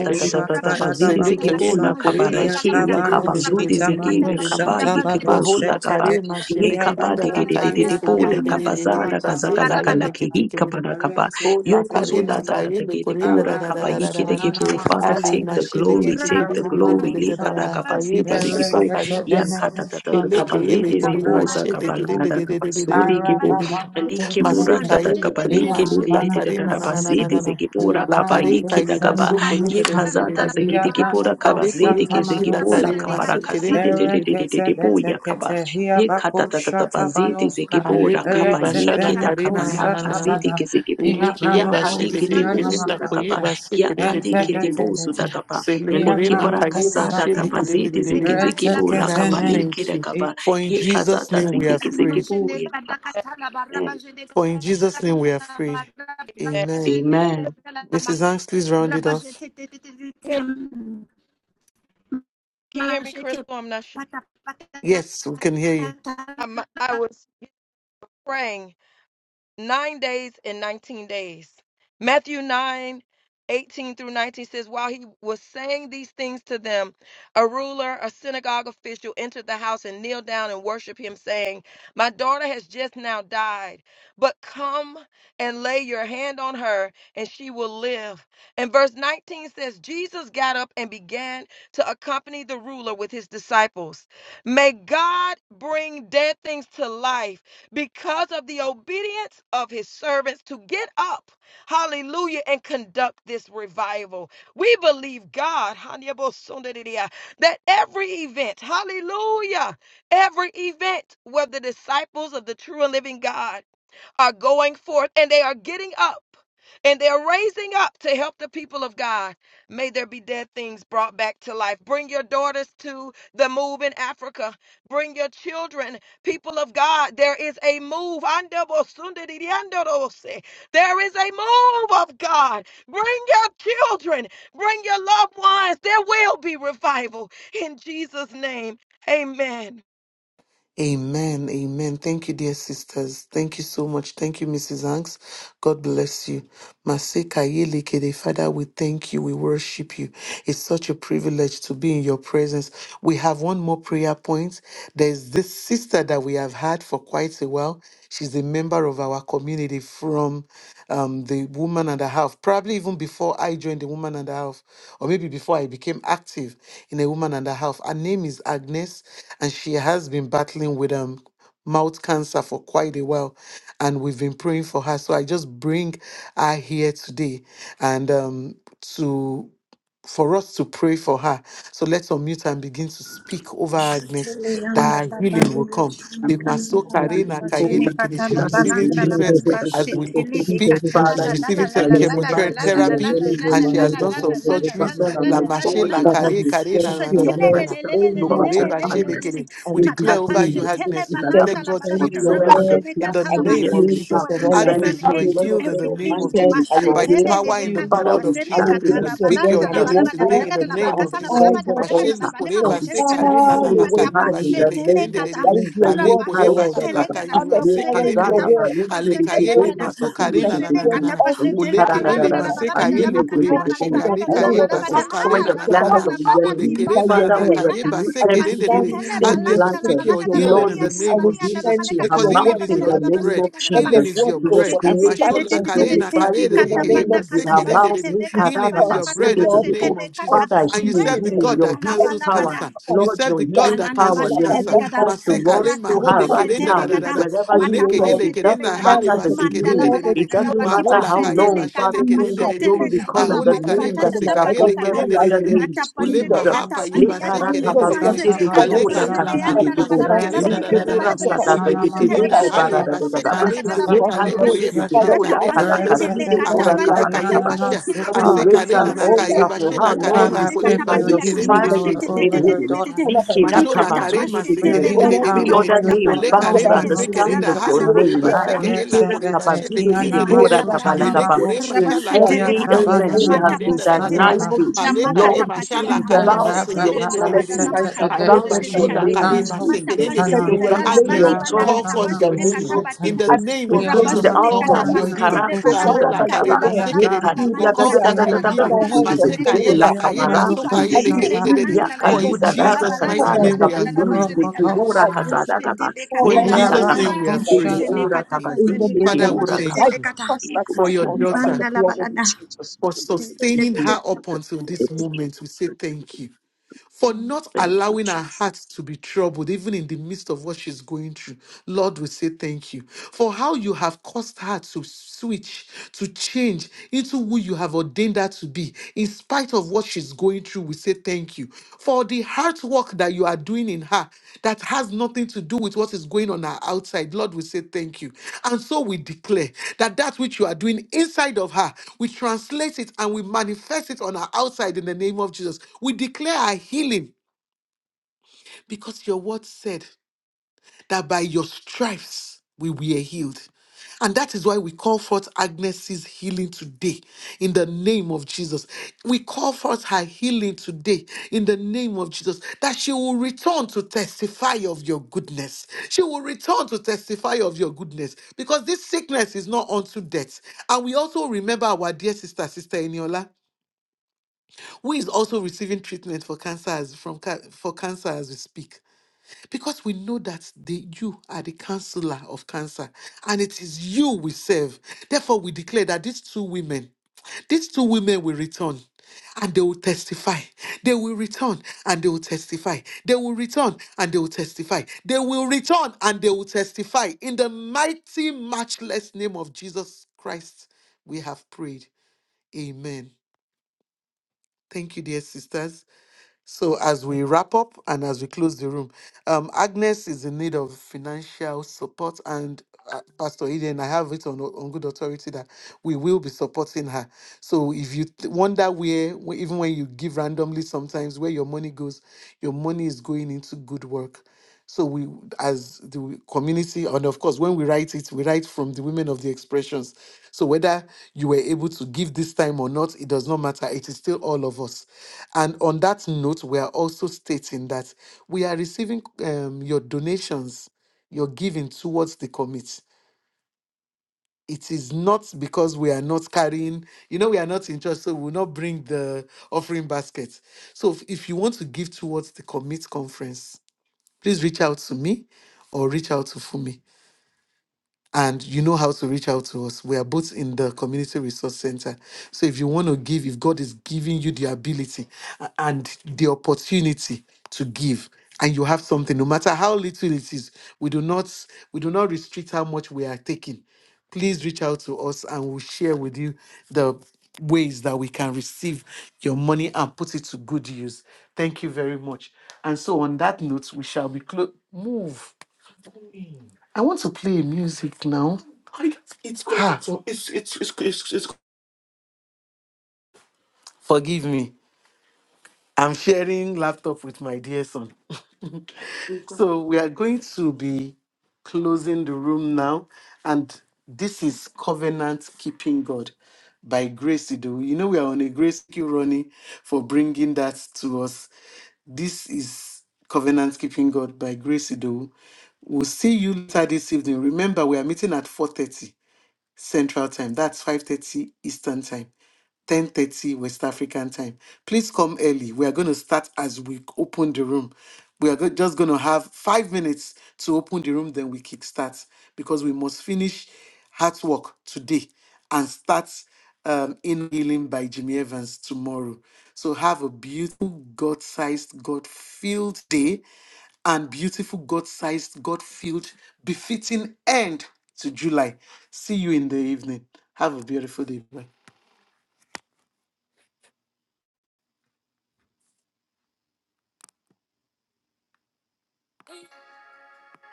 S9: rabashene katapata
S10: zikibu la
S1: Selekayema kurema
S9: majene
S1: kurema
S10: kabaraki
S1: shile
S9: lebalabada
S1: kirin
S10: yakabazudi
S9: rabashete
S10: ziki
S9: patapata
S1: kiririririri.
S10: yakaba
S9: rabashete
S10: yekibu
S1: Mahola
S10: sudakaba
S1: karema shile
S10: yekaba
S1: kirinda da kaye
S9: lebalabada
S10: didididididibu da kabaza
S1: kire
S9: majete
S10: da
S9: le
S1: basi
S10: kazaka la
S9: bala
S1: kaye
S9: bada
S1: ne
S10: kalaki
S1: kire
S10: yikabarakaba
S1: O la karena
S10: yokozuda zakatagidibu da
S11: Retetetetetia.
S8: so,
S1: kaye ne
S10: zakatagidibo
S1: kurena da
S10: da
S1: da da
S10: kaba
S1: da da da da da.
S10: yikidigibu
S11: Abrakushananamako.
S10: Father
S1: Ali
S10: take the
S1: mashile kire
S10: glory
S1: kire
S10: take the
S1: kire kire kire
S10: glory
S9: rabashete
S1: kire kire kire
S11: Iskatabanushata.
S1: kire
S10: likarakabazidi
S1: kire
S10: zikibu
S11: Erekete
S1: kire kire
S11: enekoshata.
S1: Eleke ele
S10: yakatatatatapazidi zibu
S9: lebalabada
S11: Iabranushita. Iyabano
S10: zakabalanadakabasudi kibu likibu ratatakaba
S9: Mazene
S10: likididididakabasidi zikibu rakabayiki
S1: so
S9: bakata
S10: Ye kazata zegidi
S8: and
S9: laba-
S10: gibora
S8: so,
S11: kushata,
S10: kabazidi gizigibola
S9: labazene kata
S10: kabarakazidi
S9: bakata
S10: didididididebo yakaba. Ye katatatabazidi zigibora kaba ye
S9: kata.
S10: keda kabana kazidi gizigibo. Ya kadi gidibo sudakaba. Ya kadi
S9: Rabazene
S10: gidibo sudakaba. Liki bora kasada kabazidi
S9: lebala
S10: zigizigibola
S1: And I
S9: bada-
S1: would
S10: kabali
S1: thank
S10: keda
S1: you.
S11: Reteketene,
S10: kaba.
S1: For in
S10: Ye
S1: Jesus'
S10: kazata
S1: name we
S10: zidi
S1: have prayed.
S10: gizigibo
S9: mazene bada kata laba
S10: Amen.
S9: rabazene
S1: For
S9: kata
S1: in Jesus' name we have
S9: laba
S1: prayed. Amen.
S9: rabazene
S10: Amen.
S9: kata laba
S1: Mrs. Hanks, please round it off.
S9: rabazete te- te- te-
S1: Yes, we can hear you.
S8: I'm, I was praying nine days and 19 days. Matthew 9 18 through 19 says, While he was saying these things to them, a ruler, a synagogue official, entered the house and kneeled down and worshiped him, saying, My daughter has just now died, but come and lay your hand on her, and she will live. And verse 19 says, Jesus got up and began to accompany the ruler with his disciples. May God bring dead things to life because of the obedience of his servants to get up, hallelujah, and conduct this revival. We believe God, Hanyabosundidia, that every event, hallelujah, every event where the disciples of the true and living God are going forth and they are getting up and they're raising up to help the people of God. May there be dead things brought back to life. Bring your daughters to the move in Africa. Bring your children, people of God. There is a move. Andobosundiriandorose. There is a move of God. Bring your children, bring your loved ones. There will be revival in Jesus' name. Amen.
S1: Amen. Amen. Thank you, dear sisters. Thank you so much. Thank you, Mrs. Hanks. God bless you. Masika Yelekede, Father, we thank you. We worship you. It's such a privilege to be in your presence. We have one more prayer point. There's this sister that we have had for quite a while. She's a member of our community from um, the woman and a half, probably even before I joined the woman and a half, or maybe before I became active in a woman and a half. Her name is Agnes, and she has been battling with um mouth cancer for quite a while and we've been praying for her so i just bring her here today and um to for us to pray for her. So let's unmute and begin to speak over Agnes that her healing will come.
S10: Father,
S1: The
S10: you
S1: Masokare Nakayele Kene,
S3: Father,
S1: She's
S3: we
S1: receiving
S3: speak
S1: treatment as we speak. She's receiving
S10: said by
S1: the-
S10: your stripes we are
S1: chemotherapy
S10: healed, we
S1: and
S10: are
S1: she
S10: made
S1: has done
S10: whole.
S1: some
S10: My
S1: surgeries.
S10: Father and
S1: La
S10: my
S1: mache,
S10: God,
S1: la
S8: Jesus.
S10: we bring
S1: kare kare
S10: before
S1: na na na
S3: your
S10: your
S1: na na na.
S3: word
S8: yes.
S1: na.
S10: presence,
S3: over
S1: Lokore,
S10: Father,
S3: us
S1: bashe,
S3: now,
S10: Agnes.
S1: lekere.
S3: and
S1: We
S3: we
S10: You
S1: declare
S10: haven't
S1: over
S3: decree.
S10: been
S1: you,
S10: the case
S1: Agnes.
S3: You
S10: with
S1: We
S10: that
S3: said
S1: declare
S10: happens.
S3: you
S1: God's
S3: send
S1: healing
S3: your
S1: over
S10: Whatsoever
S1: you
S10: the
S3: word
S1: in the
S10: plans
S3: and
S10: of the
S3: it
S1: name of
S10: enemy
S3: heals us
S10: are
S1: Jesus.
S3: of all our
S10: concerning
S1: Agnes,
S10: her,
S3: diseases.
S1: you are
S10: Lord
S1: healed in
S10: God
S1: the
S3: You
S1: name of
S10: Almighty,
S3: said,
S1: Jesus.
S3: I
S10: is
S3: will
S1: By the
S3: bless
S10: faulted.
S1: power in the
S3: you.
S10: Father,
S1: blood
S10: we
S1: of
S3: I
S1: Jesus,
S3: will
S10: stand in
S3: bless
S1: we
S3: your
S1: speak
S3: bread
S1: your
S10: agreement
S3: and
S10: as
S1: healing
S10: we bring
S3: water,
S1: today
S10: that
S1: in the
S10: before
S1: name
S3: and
S1: of
S10: this
S1: Jesus.
S3: I
S10: exalted
S3: will
S1: Mashe
S3: take
S10: altar.
S1: lokore
S10: And
S3: sickness
S10: we
S1: bashe
S10: speak
S1: kare na
S3: far
S1: na na
S10: healing
S3: away
S10: to
S1: kaye
S10: her
S3: from
S10: in
S1: bashe
S3: you.
S10: the
S1: lekere
S10: name
S1: nde
S10: of
S1: de de
S9: Matapasetelekata,
S1: de.
S3: That is your
S10: Jesus.
S1: Ale
S3: word
S1: kore
S3: for us.
S1: bashe la
S10: Likarugadaba,
S9: rabasetelekata,
S1: kaye
S3: You said,
S8: Andobosundiriandorose.
S1: bashe
S3: Father,
S1: kere
S3: in
S1: nde
S3: your
S1: de de
S3: word
S10: likagadaba,
S3: that those
S1: alekayele
S9: masenekatapatikashetelekata,
S10: likirikiboga,
S1: maso
S3: diseases that
S1: karena na na na na
S3: was
S10: kagidikidikibo,
S1: na na
S3: on the
S1: olekeyele
S9: masenekatapasetelebalanda,
S3: Egyptians,
S10: likaradadadadada.
S3: that
S1: mase
S10: I
S3: you
S9: labalabada,
S10: agree
S1: kayele
S3: would
S10: with
S1: kore
S10: the
S3: not put
S10: devil.
S3: it
S1: mashira
S3: on
S9: lamakatalabalibadagada,
S3: any
S10: Lord,
S1: alekaye
S3: one
S10: we
S3: of
S9: labalabada,
S1: baso
S3: us.
S10: destroy
S1: kale
S9: ah,
S1: na
S10: the
S3: I
S9: la
S1: na
S3: said,
S1: na na
S3: Father,
S10: plans
S1: na
S3: we
S10: of the
S9: Catalabana
S10: enemy.
S3: believe
S1: olekere
S3: by
S1: na na
S3: your
S10: Father,
S1: na
S10: we
S3: word,
S1: kaye
S9: Tipashetelecata,
S10: rebuke
S1: base
S3: and we
S1: kere
S10: every
S1: de de de.
S10: evil
S9: Mashetele
S3: stand
S10: seed
S3: on the
S1: Agnes, we
S9: Balanda, la
S1: speak
S10: planted.
S3: efficacy of
S1: your
S9: balaga
S3: your
S9: lakatalabanatipasetelekata, masetelebalanda, labalagada,
S3: word,
S1: healing
S10: Lord,
S1: in
S10: we
S1: the
S9: labaliata,
S1: name
S3: and
S10: speak
S3: we
S1: of
S9: labalianda,
S10: healing
S1: Jesus
S3: send
S10: to
S3: forth
S9: lamanekata,
S10: her
S1: because
S3: your
S1: healing
S3: word
S10: mouth
S1: is
S3: to
S10: in
S1: your
S9: labalabadagada,
S10: the
S3: others.
S10: name
S1: bread.
S10: of
S9: labasenekata,
S3: Let
S9: laba-
S1: Healing
S3: your
S10: Jesus.
S1: is
S3: word
S1: your
S10: She
S3: go
S10: was
S1: bread.
S3: forth and
S10: created
S3: start
S1: Mashol
S10: to
S3: the
S1: akare na
S3: healing
S10: glorify
S1: kare
S10: you
S9: masetetetetetetetetete,
S3: in
S10: with
S1: de
S3: the
S10: her
S1: yekeye
S3: name
S9: katapana,
S10: lips,
S3: of
S1: base
S10: with her
S1: kere
S3: Jesus.
S1: de
S10: mouth.
S1: de de.
S3: We
S9: katapasetelekata,
S1: Healing is
S9: pana,
S3: ask,
S10: Likaradaba,
S1: your
S3: O
S1: bread in the
S3: Lord,
S10: sudikidibo.
S1: name of
S9: katapasetelekata,
S1: Jesus.
S10: Father,
S1: And
S3: every
S1: you
S10: healing,
S1: serve the
S3: sickness,
S10: healing,
S1: God
S9: melekata,
S10: your
S1: that
S10: healing
S1: cancels
S3: every
S10: power.
S9: labalabada.
S1: cancer.
S3: cause
S1: You
S10: Lord,
S1: serve
S10: your
S1: the
S3: that
S1: God
S10: healing
S3: is
S1: that
S9: Alanda
S3: bringing
S10: power,
S1: cancels
S10: your
S3: about
S1: cancer.
S3: that
S10: healing
S9: mashetelegada,
S10: virtue
S1: Maseka
S3: malfunction,
S1: le
S10: runs
S9: rata
S3: we
S10: through
S1: mahole
S10: her
S3: cast
S10: right
S3: it to
S1: kerenda
S3: the
S1: da
S10: now,
S1: da
S3: root.
S1: da
S9: pashetelegada,
S1: da.
S10: wherever
S3: And we,
S9: mata
S3: O
S1: Oleke
S10: she
S3: Lord,
S10: is.
S1: yele
S10: It
S1: kerenda
S10: doesn't
S9: pashetelegada,
S1: hale
S3: Stand
S10: matter
S3: of
S10: the
S3: the
S1: base
S9: mandala
S1: kerende
S10: degree.
S3: blood
S1: de
S3: of
S1: de de.
S10: It
S9: balabada
S10: doesn't
S3: Jesus,
S9: rabati
S3: by
S10: matter
S1: Mahola
S10: how
S3: which
S1: kaye
S10: long.
S1: bashe le
S9: pashetelegata
S10: Father,
S3: we
S10: King
S1: kerende
S10: of
S3: have
S1: de de de.
S10: glory, we
S3: been
S9: pashetelegada
S10: call on
S9: la
S3: given
S10: the
S1: Ahole
S3: this
S9: baliba
S3: new
S1: kare
S10: name that
S9: tata
S1: mase
S10: is
S3: covenant, by
S1: kaye
S3: the
S9: tapati
S1: le
S10: above
S9: kata
S3: blood
S10: every
S1: kerende
S3: that
S1: de
S10: other
S1: de de de.
S10: name.
S9: rata
S1: Ole
S3: redeemed us,
S9: pashene
S10: Jesus.
S1: maha
S9: kata
S1: kaye
S11: Father, I
S1: base
S9: patiata
S3: redeemed
S1: kerende
S3: us
S1: de
S11: pray
S1: de
S3: from
S1: de.
S3: the
S9: majene kata
S3: fallen
S1: Ale
S3: state
S1: kaye la
S9: pajene
S3: that
S1: kare
S9: anda la
S3: brings
S1: base
S3: about
S9: balabada la
S1: kerenda
S3: sickness.
S1: da
S9: badigada
S1: da
S9: la
S1: da
S9: bada
S1: da.
S10: Likura
S3: So,
S9: bada
S3: Father,
S9: kata
S3: we
S9: la
S10: satata de
S1: Oyele
S3: decree
S9: majetele
S1: kerenda
S9: bada
S10: Pizzi
S3: health on
S9: bada
S1: haye
S3: her.
S10: Barada
S9: kata
S10: de
S9: la
S1: base
S3: As
S9: bada
S3: it
S10: Daba.
S9: bada
S3: is
S1: kale
S3: to
S9: kata
S3: the
S9: la
S1: mase
S10: Yet
S9: bada bada
S10: has
S1: kale
S9: kata
S3: hospital,
S1: koye
S10: the
S1: bashe
S3: Father, we
S9: rata
S10: Bula
S3: ask
S1: kale na
S3: that
S1: na na
S3: all of
S1: na.
S3: you
S9: pashetele
S10: Kanakaside
S3: provide
S9: kata
S3: the
S1: Akaye la
S9: pana
S3: right
S9: kata
S1: kaye
S10: Urakabarakaba.
S3: doctor
S1: bashe.
S9: pashetele
S10: Because
S3: who will
S9: kata
S10: we
S1: Ase
S10: raise
S1: kale
S10: an
S1: na
S3: provide
S1: na
S3: the
S9: randa
S1: kaye
S3: right
S10: altar
S9: la
S10: for
S1: bashe la
S10: her,
S3: insight
S9: balabada la
S3: and
S1: kare
S10: Lord,
S1: ma
S10: we
S9: bajene
S10: say
S1: kole
S9: kata
S11: for
S10: by
S11: your
S3: instruction
S1: base
S10: your
S9: patiata
S11: healing
S1: kerende
S3: and
S1: de
S10: stripes
S1: de de.
S11: power
S10: is
S9: mashete
S10: made
S11: over
S10: whole.
S11: your
S3: medication.
S11: daughter.
S3: Father, by
S11: I
S10: Likida
S3: which
S11: pray
S3: we
S1: Mashola
S9: likata
S3: you
S1: karema
S10: Kabazudis
S11: for
S9: pashete
S3: speak,
S11: your
S3: O
S1: sekerende de
S11: healing
S1: de
S9: lekata
S3: Lord,
S1: de
S11: power
S10: every
S1: de. de.
S11: over
S10: other
S9: makata
S3: to
S11: your
S10: name
S9: pani
S1: Ole
S11: daughter in
S3: think
S10: bows
S11: the
S3: about
S1: karema
S10: at
S9: pashete
S10: the
S3: this
S11: name of
S3: healing.
S9: legada
S10: sound
S1: sekerenda
S9: la
S10: of
S11: Jesus.
S10: your
S9: bana
S1: halo
S10: name.
S1: koreba
S9: majede
S11: I
S9: gada.
S1: sekere
S11: read
S1: la
S10: Likida
S1: koreba
S11: that
S1: shele
S10: Kabazudis
S9: Le
S1: kerende
S11: Kiana
S1: de de
S3: Oh
S9: manda
S10: Gebura
S1: de.
S9: la
S3: Lord, I
S9: balabada,
S3: agree
S11: Masutana
S1: Ele
S3: with your
S1: korema
S11: Makoshe,
S3: spirit.
S1: shala
S3: We
S9: rabashete le
S1: karena
S3: agree
S10: Every
S3: with
S9: kata,
S3: your
S1: kaleba
S10: ailment she
S11: Yatabana
S3: word.
S10: has
S9: mata
S10: been
S1: sekerenda da da
S3: In
S9: shete
S3: the
S1: da
S9: le
S1: da.
S10: diagnosed
S3: name
S11: Manuskataba.
S3: of
S9: bada,
S10: with,
S9: la
S1: Ale
S3: Jesus, I
S9: makata
S10: Lord,
S3: we
S10: we
S1: karema
S10: say
S1: shala
S3: decree
S9: patiata,
S10: it
S3: your
S1: karema
S10: bows
S3: help.
S10: to
S9: mashete
S10: your
S9: le
S3: He
S1: sekerende de
S3: said
S1: de
S3: the
S1: de
S9: balabada,
S1: de.
S10: authority.
S3: signs are
S10: It
S9: ramakata
S11: Arabababasatadade,
S1: Ale
S3: follow
S10: bows
S3: them
S9: pashete
S10: to
S9: le
S3: that
S10: your
S9: kata,
S1: bashola
S10: name,
S3: believe
S1: karema
S3: you.
S9: mata
S10: Jesus.
S3: He
S1: sekerende de
S3: said
S11: Iabanusutana,
S1: de
S3: they
S9: jene
S1: de.
S10: It
S3: will
S9: gada la
S10: bows to
S3: lay
S1: Agnes,
S10: your
S1: we
S9: baliba
S3: their
S9: na
S1: call
S3: hands
S9: kata
S10: authority
S9: pa
S10: in
S1: forth
S3: on
S10: the
S3: the
S1: your
S10: name
S9: kata
S1: healing.
S3: sick
S10: of
S11: Rababanakushete,
S9: pati
S1: In the
S9: kata,
S3: and
S10: Jesus.
S1: name
S10: We
S3: they
S1: of
S10: put
S3: will
S10: it
S1: Jesus, we
S9: rabashene
S1: call
S9: kata
S10: under
S1: forth
S3: recover.
S1: your
S9: pashete
S1: healing.
S10: Nikara
S3: And
S9: le
S3: so, Father,
S10: Zuda
S11: Ianamakomananamakushete,
S9: balamani
S1: Ahola
S3: by the
S9: kata,
S10: Zagara.
S9: la
S1: kareba
S3: word,
S9: balabada
S1: sekerende.
S9: la
S3: we
S1: We
S10: Nikaduda
S9: mani
S10: da da
S11: Iabandukos,
S3: put
S1: call
S10: da
S9: kata,
S3: our
S1: forth
S10: da
S9: la
S1: your
S10: da
S3: hands,
S10: da
S3: put
S10: da
S1: healing.
S9: balabada
S3: our
S9: la
S3: hands of
S11: Ianamakushete,
S9: bajene
S3: faith
S9: kata,
S1: Masekaye
S10: Zugudugudu,
S3: over
S1: la kaye
S3: others
S10: Lakabara
S9: mati
S1: basokaye
S3: and
S1: le
S9: shete
S10: Zugudugudu.
S9: le
S11: Iabandukosata,
S1: kerende de de.
S3: decree,
S9: balanda la
S3: and
S1: For
S9: bali
S1: in
S3: mercy
S10: Yakaluda
S3: we
S9: kata,
S10: da
S9: la
S1: Jesus'
S11: Entebetebete,
S9: balanda
S1: mighty
S9: la
S3: cover
S10: Rakasala
S3: in
S1: name
S3: the
S1: we are
S9: balabada
S3: name
S9: la
S3: of
S1: free.
S10: Kabalulu de
S9: bajene
S3: Jesus.
S9: kata.
S10: Kibura
S3: And
S11: Rokotosana,
S3: mercy
S10: Kazada
S3: we
S10: Kaba.
S9: Shetele
S1: For
S9: kata
S3: cover
S1: in
S9: la
S3: in the
S9: la
S10: Nikata
S9: la
S1: Jesus'
S9: la.
S10: Kaba
S1: name we
S3: name
S1: are
S10: Zide
S3: of
S1: free.
S3: Jesus
S9: Jene
S11: Iabanakushata,
S10: Kibura
S9: kata
S10: Kaba
S9: pa
S3: in the
S9: jene
S3: name
S9: kata
S1: Father,
S3: of
S9: pa
S1: we
S3: Jesus. I
S1: thank
S9: shetele
S1: you
S9: kata.
S3: pass that
S1: for
S3: mouth
S10: Kaba.
S1: your
S3: also by the
S1: daughter,
S9: Ribanda la
S3: blood of
S9: balada.
S3: Jesus.
S1: for sustaining her up until this moment. We say thank you. for not
S10: Thank you,
S1: allowing her
S10: Jesus.
S1: heart to be troubled, even in the midst of what she's going through. Lord, we say thank you for how you have caused her to switch, to change into who you have ordained her to be. In spite of what she's going through, we say thank you for the hard work that you are doing in her that has nothing to do with what is going on her outside. Lord, we say thank you. And so we declare that that which you are doing inside of her, we translate it and we manifest it on her outside in the name of Jesus. We declare our healing because your word said that by your stripes we were healed. And that is why we call forth Agnes's healing today in the name of Jesus. We call forth her healing today in the name of Jesus, that she will return to testify of your goodness. She will return to testify of your goodness because this sickness is not unto death. And we also remember our dear sister, Sister Eniola, who is also receiving treatment for cancer as, from, ca- for cancer as we speak. Because we know that the, you are the counselor of cancer and it is you we serve. Therefore, we declare that these two women, these two women will return and they will testify. They will return and they will testify. They will return and they will testify. They will return and they will testify. In the mighty, matchless name of Jesus Christ, we have prayed. Amen. Thank you, dear sisters. So as we wrap up and as we close the room, um, Agnes is in need of financial support, and uh, Pastor Eden, I have it on on good authority that we will be supporting her. So if you th- wonder where, wh- even when you give randomly, sometimes where your money goes, your money is going into good work. So we, as the community, and of course, when we write it, we write from the women of the expressions. So whether you were able to give this time or not, it does not matter. It is still all of us. And on that note, we are also stating that we are receiving um, your donations, your giving towards the commit. It is not because we are not carrying, you know, we are not in church, so we will not bring the offering basket. So if, if you want to give towards the commit conference, please reach out to me or reach out to Fumi. and you know how to reach out to us. We are both in the Community Resource Center. So if you want to give, if God is giving you the ability a- and the opportunity to give, and you have something, no matter how little it is, we do not we do not restrict how much we are taking. Please reach out to us and we'll share with you the ways that we can receive your money and put it to good use. Thank you very much. And so on that note, we shall be close move. I want to play music now. I- It's going Ha! to it's it's it's it's, it's Forgive me. I'm sharing laptop with my dear son. so we are going to be closing the room now. And this is Covenant Keeping God by Grace Ido. You know, we are on a grace thank you, Ronnie, for bringing that to us. This is Covenant Keeping God by Grace Ido. We'll see you later this evening. Remember, we are meeting at 4.30. Central Time. That's 5:30 Eastern Time. 10:30 West African time. Please come early. We are going to start as we open the room. We are go- just going to have 5 minutes to open the room then we kickstart because we must finish heart work today and start um, in healing by Jimmy Evans tomorrow. So have a beautiful God-sized, God-filled day and beautiful God-sized, God-filled, befitting end to July. See you in the evening. Have a beautiful day. Bye.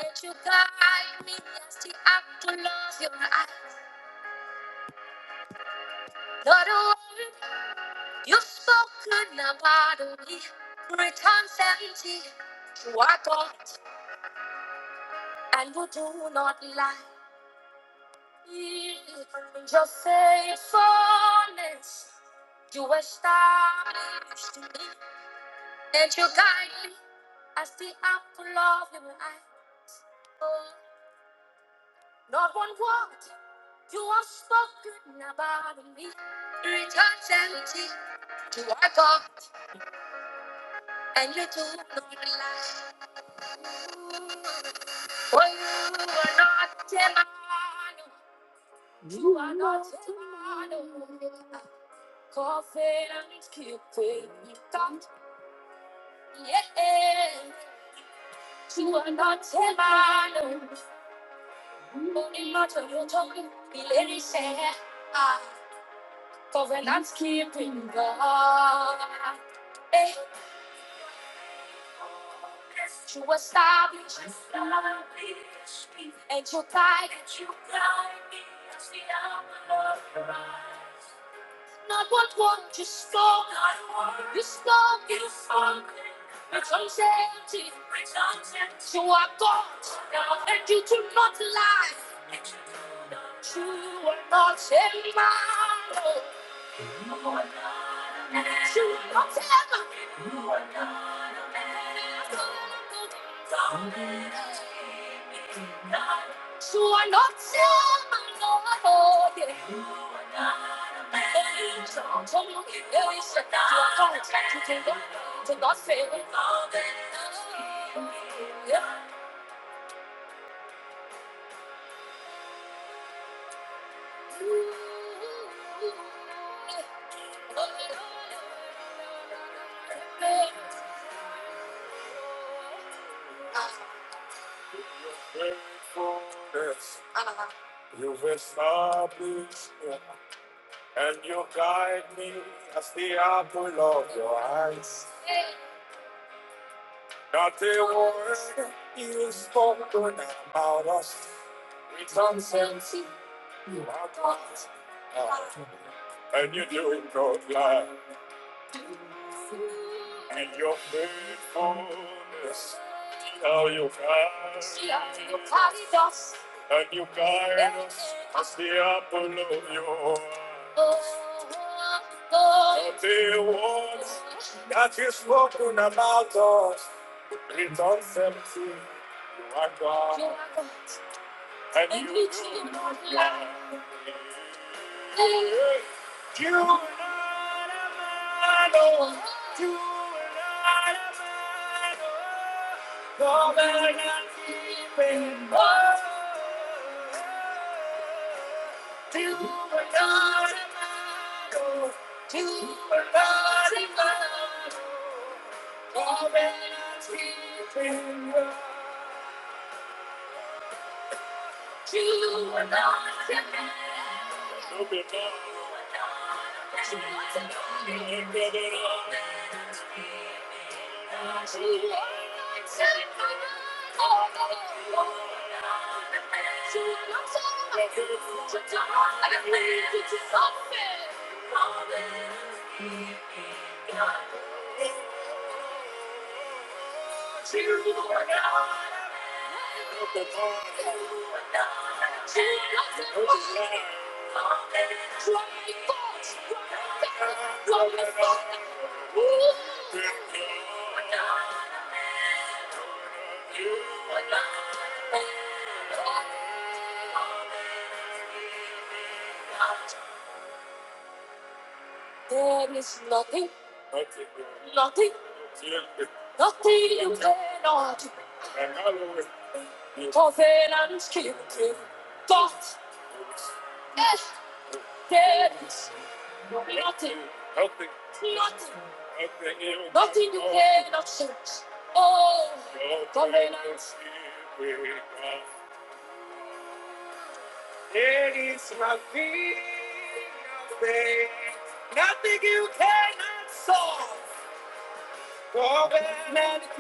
S1: Let you guide me as the apple of your eyes. Not a word you've spoken about me returns empty to our God, and you do not lie. Your faithfulness you established me, and you guide me as the apple of your eye. Oh. Not one word you have spoken about me returns empty to our God, and you do not lie. For you are not a man, you are not a man. Covenant keeping God, yeah. You are not a man, only not what you're talking. He let it Ah. Covenant's keeping God. eh? You establish and you guide. Not what one you spoke. You spoke. You spoke. It's uncertainty. You are God. And you do not lie. You are not a man. You are not ever. You are not Lord. You a man. So i you, there is not fail. All have established and you guide me as the apple of your eyes. Not a word you spoken about us. It's nonsense you have got. And you do it God like. And your faithfulness. how you guide us. And you guide us as the apple of your eye. Not a word that you spoken about us. In John 17, you are God. You are God. And, and you, you do not lie. You are not a man, oh. You are not a man, oh. No man can keep him, oh. You are not a man, oh. You are not a man, oh. Thank you. There is nothing, nothing, nothing you cannot do. Nothing nothing, nothing, of. an unskilled thought, there is nothing, nothing, nothing you cannot search. Oh, It is my nothing. Thank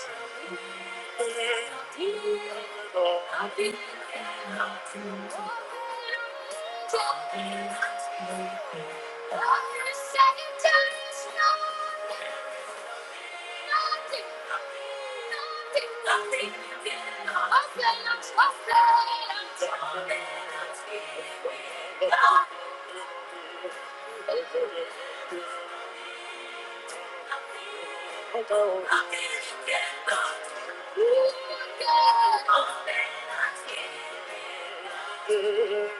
S1: you.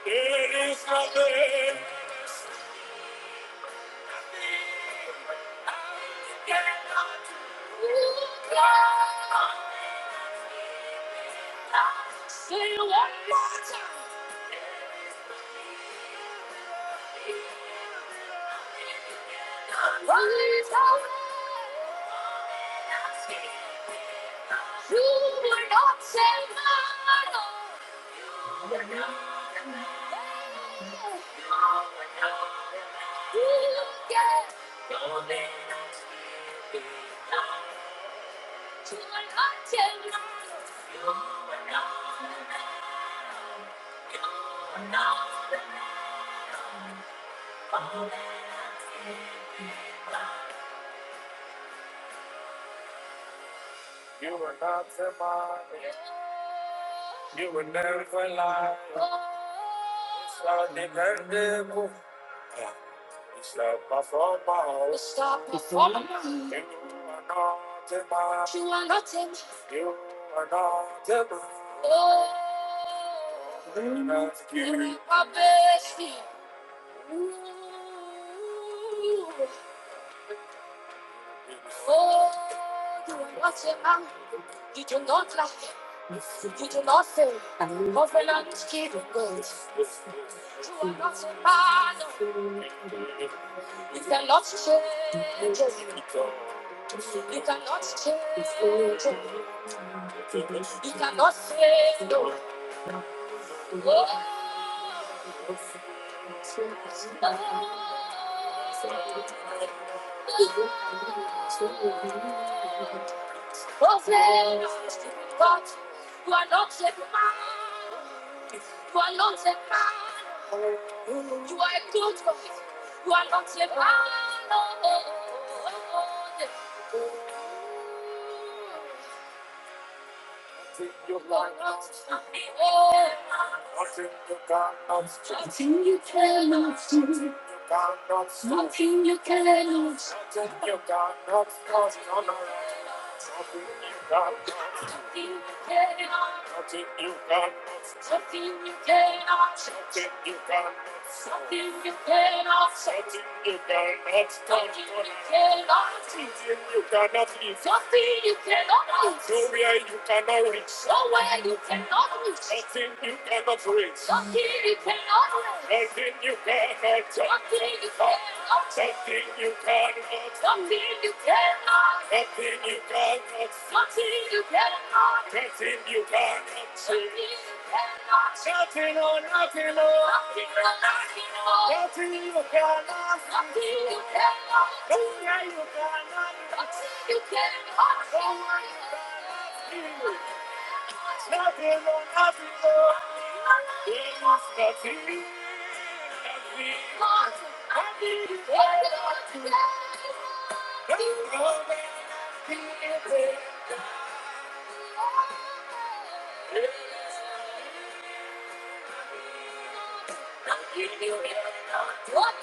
S1: There is nothing. You're not change my life. You were not to mine. You were never lie. Start the rendezvous. You stop my phone call. You stop my phone You are not to mine. You are not to mine. You are not to mine. Oh. You are my bestie. Ooh. Oh, you are not say, man, did you not lack? Did you not fail? Covenant keeping God. You are not a man. You cannot change. it. You cannot change. it. You cannot fail. Oh, oh, oh. Oh, faith, but you are not a man. You are not a man. You are a good God. You are not a man. Oh, oh, oh, oh. Nothing you cannot do. Nothing you cannot do. Nothing you cannot do. Nothing you cannot Nothing you cannot No, no, no. Nothing you cannot do. Nothing you cannot do. Nothing you cannot do. Nothing you cannot do. Nothing you cannot do. Nothing you cannot. Nothing you cannot. Nothing you cannot. Nothing or nothing or nothing on, nothing you cannot nothing you cannot no way you cannot nothing you cannot no way you cannot do. nothing or nothing or there is nothing nothing nothing you cannot do. No road that nothing you cannot nothing, not not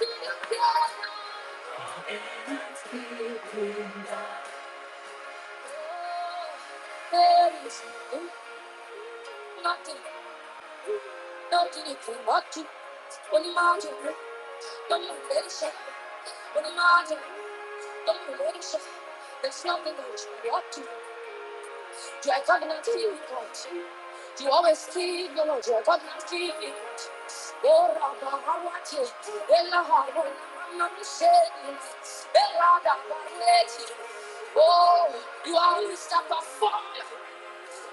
S1: There's nothing that you want to. You are a covenant keeping God. You always keep your word. You are a covenant keeping God. Oh, Rabba, Hawati, Ella, Hawa, Nama, Shedi, Ella, Dabba, Leti. Oh, you are a Mr. Performer.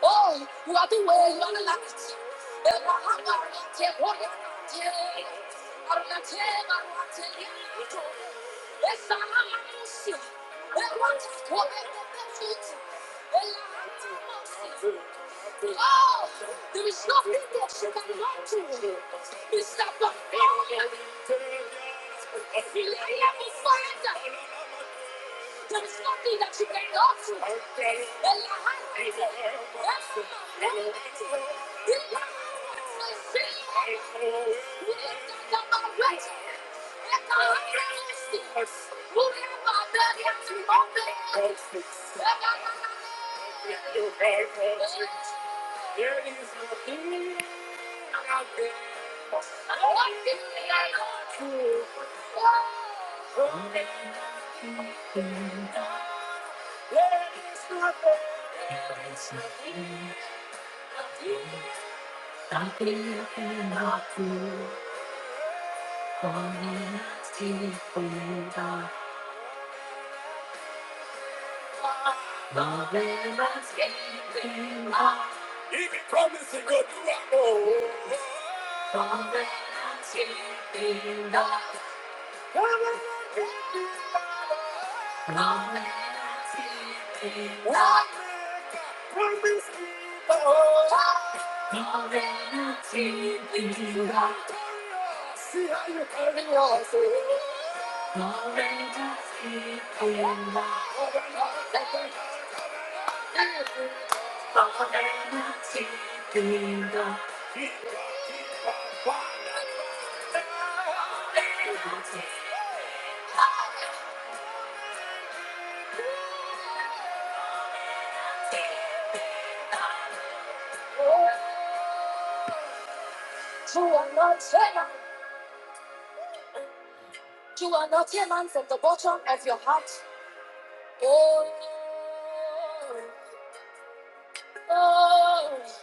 S1: Oh, wapiwe wanalati. Ela hapa te hoya te. Arna te marwa te yato. Esa hama musi. Ewa te kobe kobe futi. Ela hama musi. Oh, there is nothing that she cannot do. It's not the failure. He let me find out. There is nothing that you can do. There is nothing out there. What do we got to do? Oh, there is Nothing nothing you cannot do for me, see for me, God. Love and escaping love. Even promising go do I know. Love and escaping love. See how you carry yourself. You are not human. You are not human from the bottom of your heart. Oh, oh.